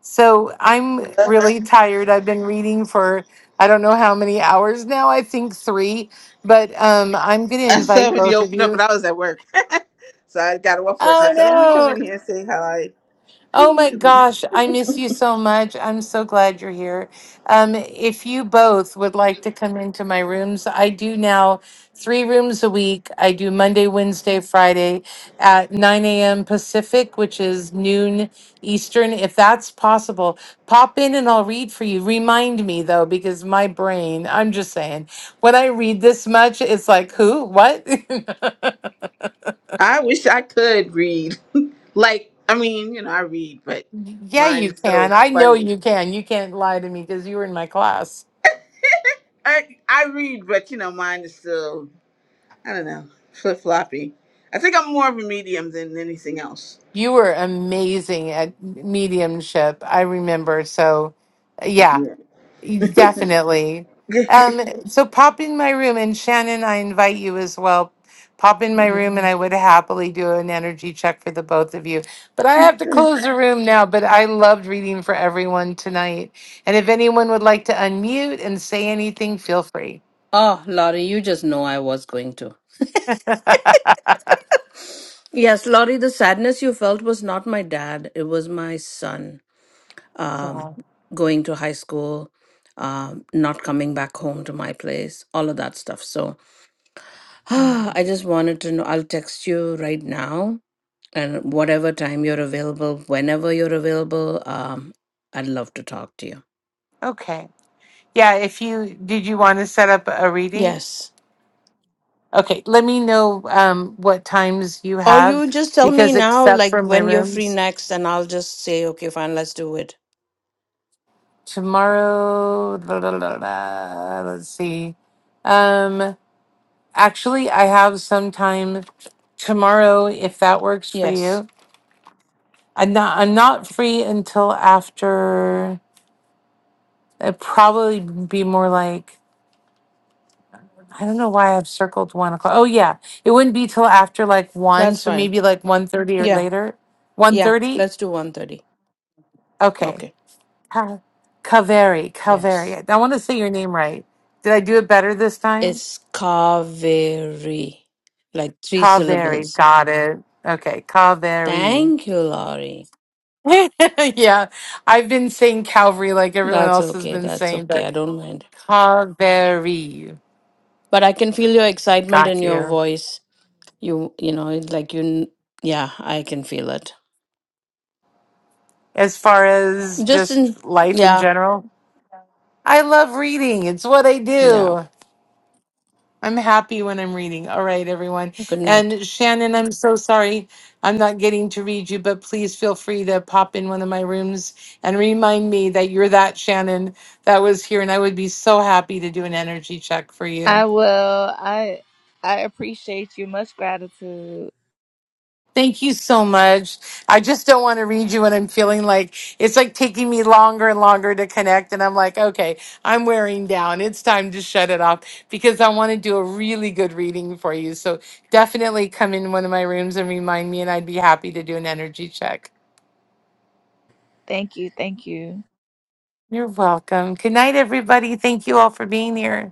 Speaker 1: So I'm
Speaker 24: I
Speaker 1: really tired. I've been reading for I don't know how many hours now. I think three, but um, I'm going to
Speaker 24: said
Speaker 1: invite
Speaker 24: when you
Speaker 1: both of
Speaker 24: opened up,
Speaker 1: you.
Speaker 24: and I was at work, so I got off work. I
Speaker 1: Oh
Speaker 24: said, "Let me come
Speaker 1: no.
Speaker 24: in here and say hi."
Speaker 1: Oh my
Speaker 24: At least
Speaker 1: gosh, I miss you so much. I'm so glad you're here. Um, if you both would like to come into my rooms, I do now three rooms a week. I do Monday, Wednesday, Friday at 9 a.m. Pacific, which is noon Eastern. If that's possible, pop in and I'll read for you. Remind me though, because my brain, I'm just saying, when I read this much, it's like, who? What?
Speaker 24: I wish I could read. Like, I mean, you know, I read, but
Speaker 1: Yeah, you
Speaker 24: mine's
Speaker 1: can.
Speaker 24: so
Speaker 1: I know
Speaker 24: funny.
Speaker 1: you can. You can't lie to me because you were in my class.
Speaker 24: I I read, but you know, mine is still I don't know flip floppy. I think I'm more of a medium than anything else.
Speaker 1: You were amazing at mediumship, I remember. So, yeah,
Speaker 24: Yeah.
Speaker 1: definitely. Um, so pop in my room, and Shannon, I invite you as well. Pop in my room, and I would happily do an energy check for the both of you. But I have to close the room now. But I loved reading for everyone tonight. And if anyone would like to unmute and say anything, feel free.
Speaker 8: Oh, Laurie, you just know I was going to. Yes, Laurie, the sadness you felt was not my dad. It was my son um, going to high school, um, not coming back home to my place, all of that stuff. So I just wanted to know. I'll text you right now and whatever time you're available, whenever you're available, um, I'd love to talk to you.
Speaker 1: Okay. Yeah, if you did you want to set up a reading?
Speaker 8: Yes.
Speaker 1: Okay, let me know um, what times you
Speaker 8: Or
Speaker 1: have
Speaker 8: you just tell me
Speaker 1: because,
Speaker 8: now,
Speaker 1: except for
Speaker 8: like
Speaker 1: my
Speaker 8: when you're free
Speaker 1: rooms,
Speaker 8: next, and I'll just say, okay, fine, let's do it.
Speaker 1: tomorrow, la, la, la, la, let's see. Um, actually, I have some time tomorrow if that works for
Speaker 8: Yes,
Speaker 1: you. I'm not, I'm not free until after, it'd probably be more like, I don't know why I've circled one o'clock. Oh, yeah. It wouldn't be till after like one,
Speaker 8: that's
Speaker 1: so
Speaker 8: fine.
Speaker 1: maybe like one thirty or
Speaker 8: Yeah,
Speaker 1: later. One
Speaker 8: yeah,
Speaker 1: thirty,
Speaker 8: let's do one thirty.
Speaker 1: Okay.
Speaker 8: Okay.
Speaker 1: Ka- Kaveri,
Speaker 8: Yes.
Speaker 1: Kaveri. I want to say your name right. Did I do it better this time?
Speaker 8: It's Kaveri, like three
Speaker 1: Kaveri.
Speaker 8: syllables.
Speaker 1: Got it. Okay, Kaveri.
Speaker 8: Thank you, Laurie.
Speaker 1: yeah, I've been saying Calvary like everyone
Speaker 8: That's
Speaker 1: else has
Speaker 8: okay.
Speaker 1: been
Speaker 8: That's
Speaker 1: saying,
Speaker 8: okay.
Speaker 1: but
Speaker 8: I don't mind.
Speaker 1: Kaveri.
Speaker 8: But I can feel your excitement in
Speaker 1: Got
Speaker 8: your
Speaker 1: you.
Speaker 8: voice. You you know, it's like you. n- Yeah, I can feel it.
Speaker 1: As far as
Speaker 8: Just in.
Speaker 1: just life in
Speaker 8: Yeah,
Speaker 1: general, I love reading. It's what I
Speaker 8: yeah.
Speaker 1: do. I'm happy when I'm reading. All right, everyone.
Speaker 8: Good night.
Speaker 1: And Shannon, I'm so sorry I'm not getting to read you, but please feel free to pop in one of my rooms and remind me that you're that Shannon that was here. And I would be so happy to do an energy check for you.
Speaker 25: I will. I I appreciate you. Much gratitude.
Speaker 1: Thank you so much. I just don't want to read you when I'm feeling like it's like taking me longer and longer to connect. And I'm like, okay, I'm wearing down. It's time to shut it off because I want to do a really good reading for you. So definitely come in one of my rooms and remind me, and I'd be happy to do an energy check.
Speaker 25: Thank you. Thank you.
Speaker 1: You're welcome. Good night, everybody. Thank you all for being here.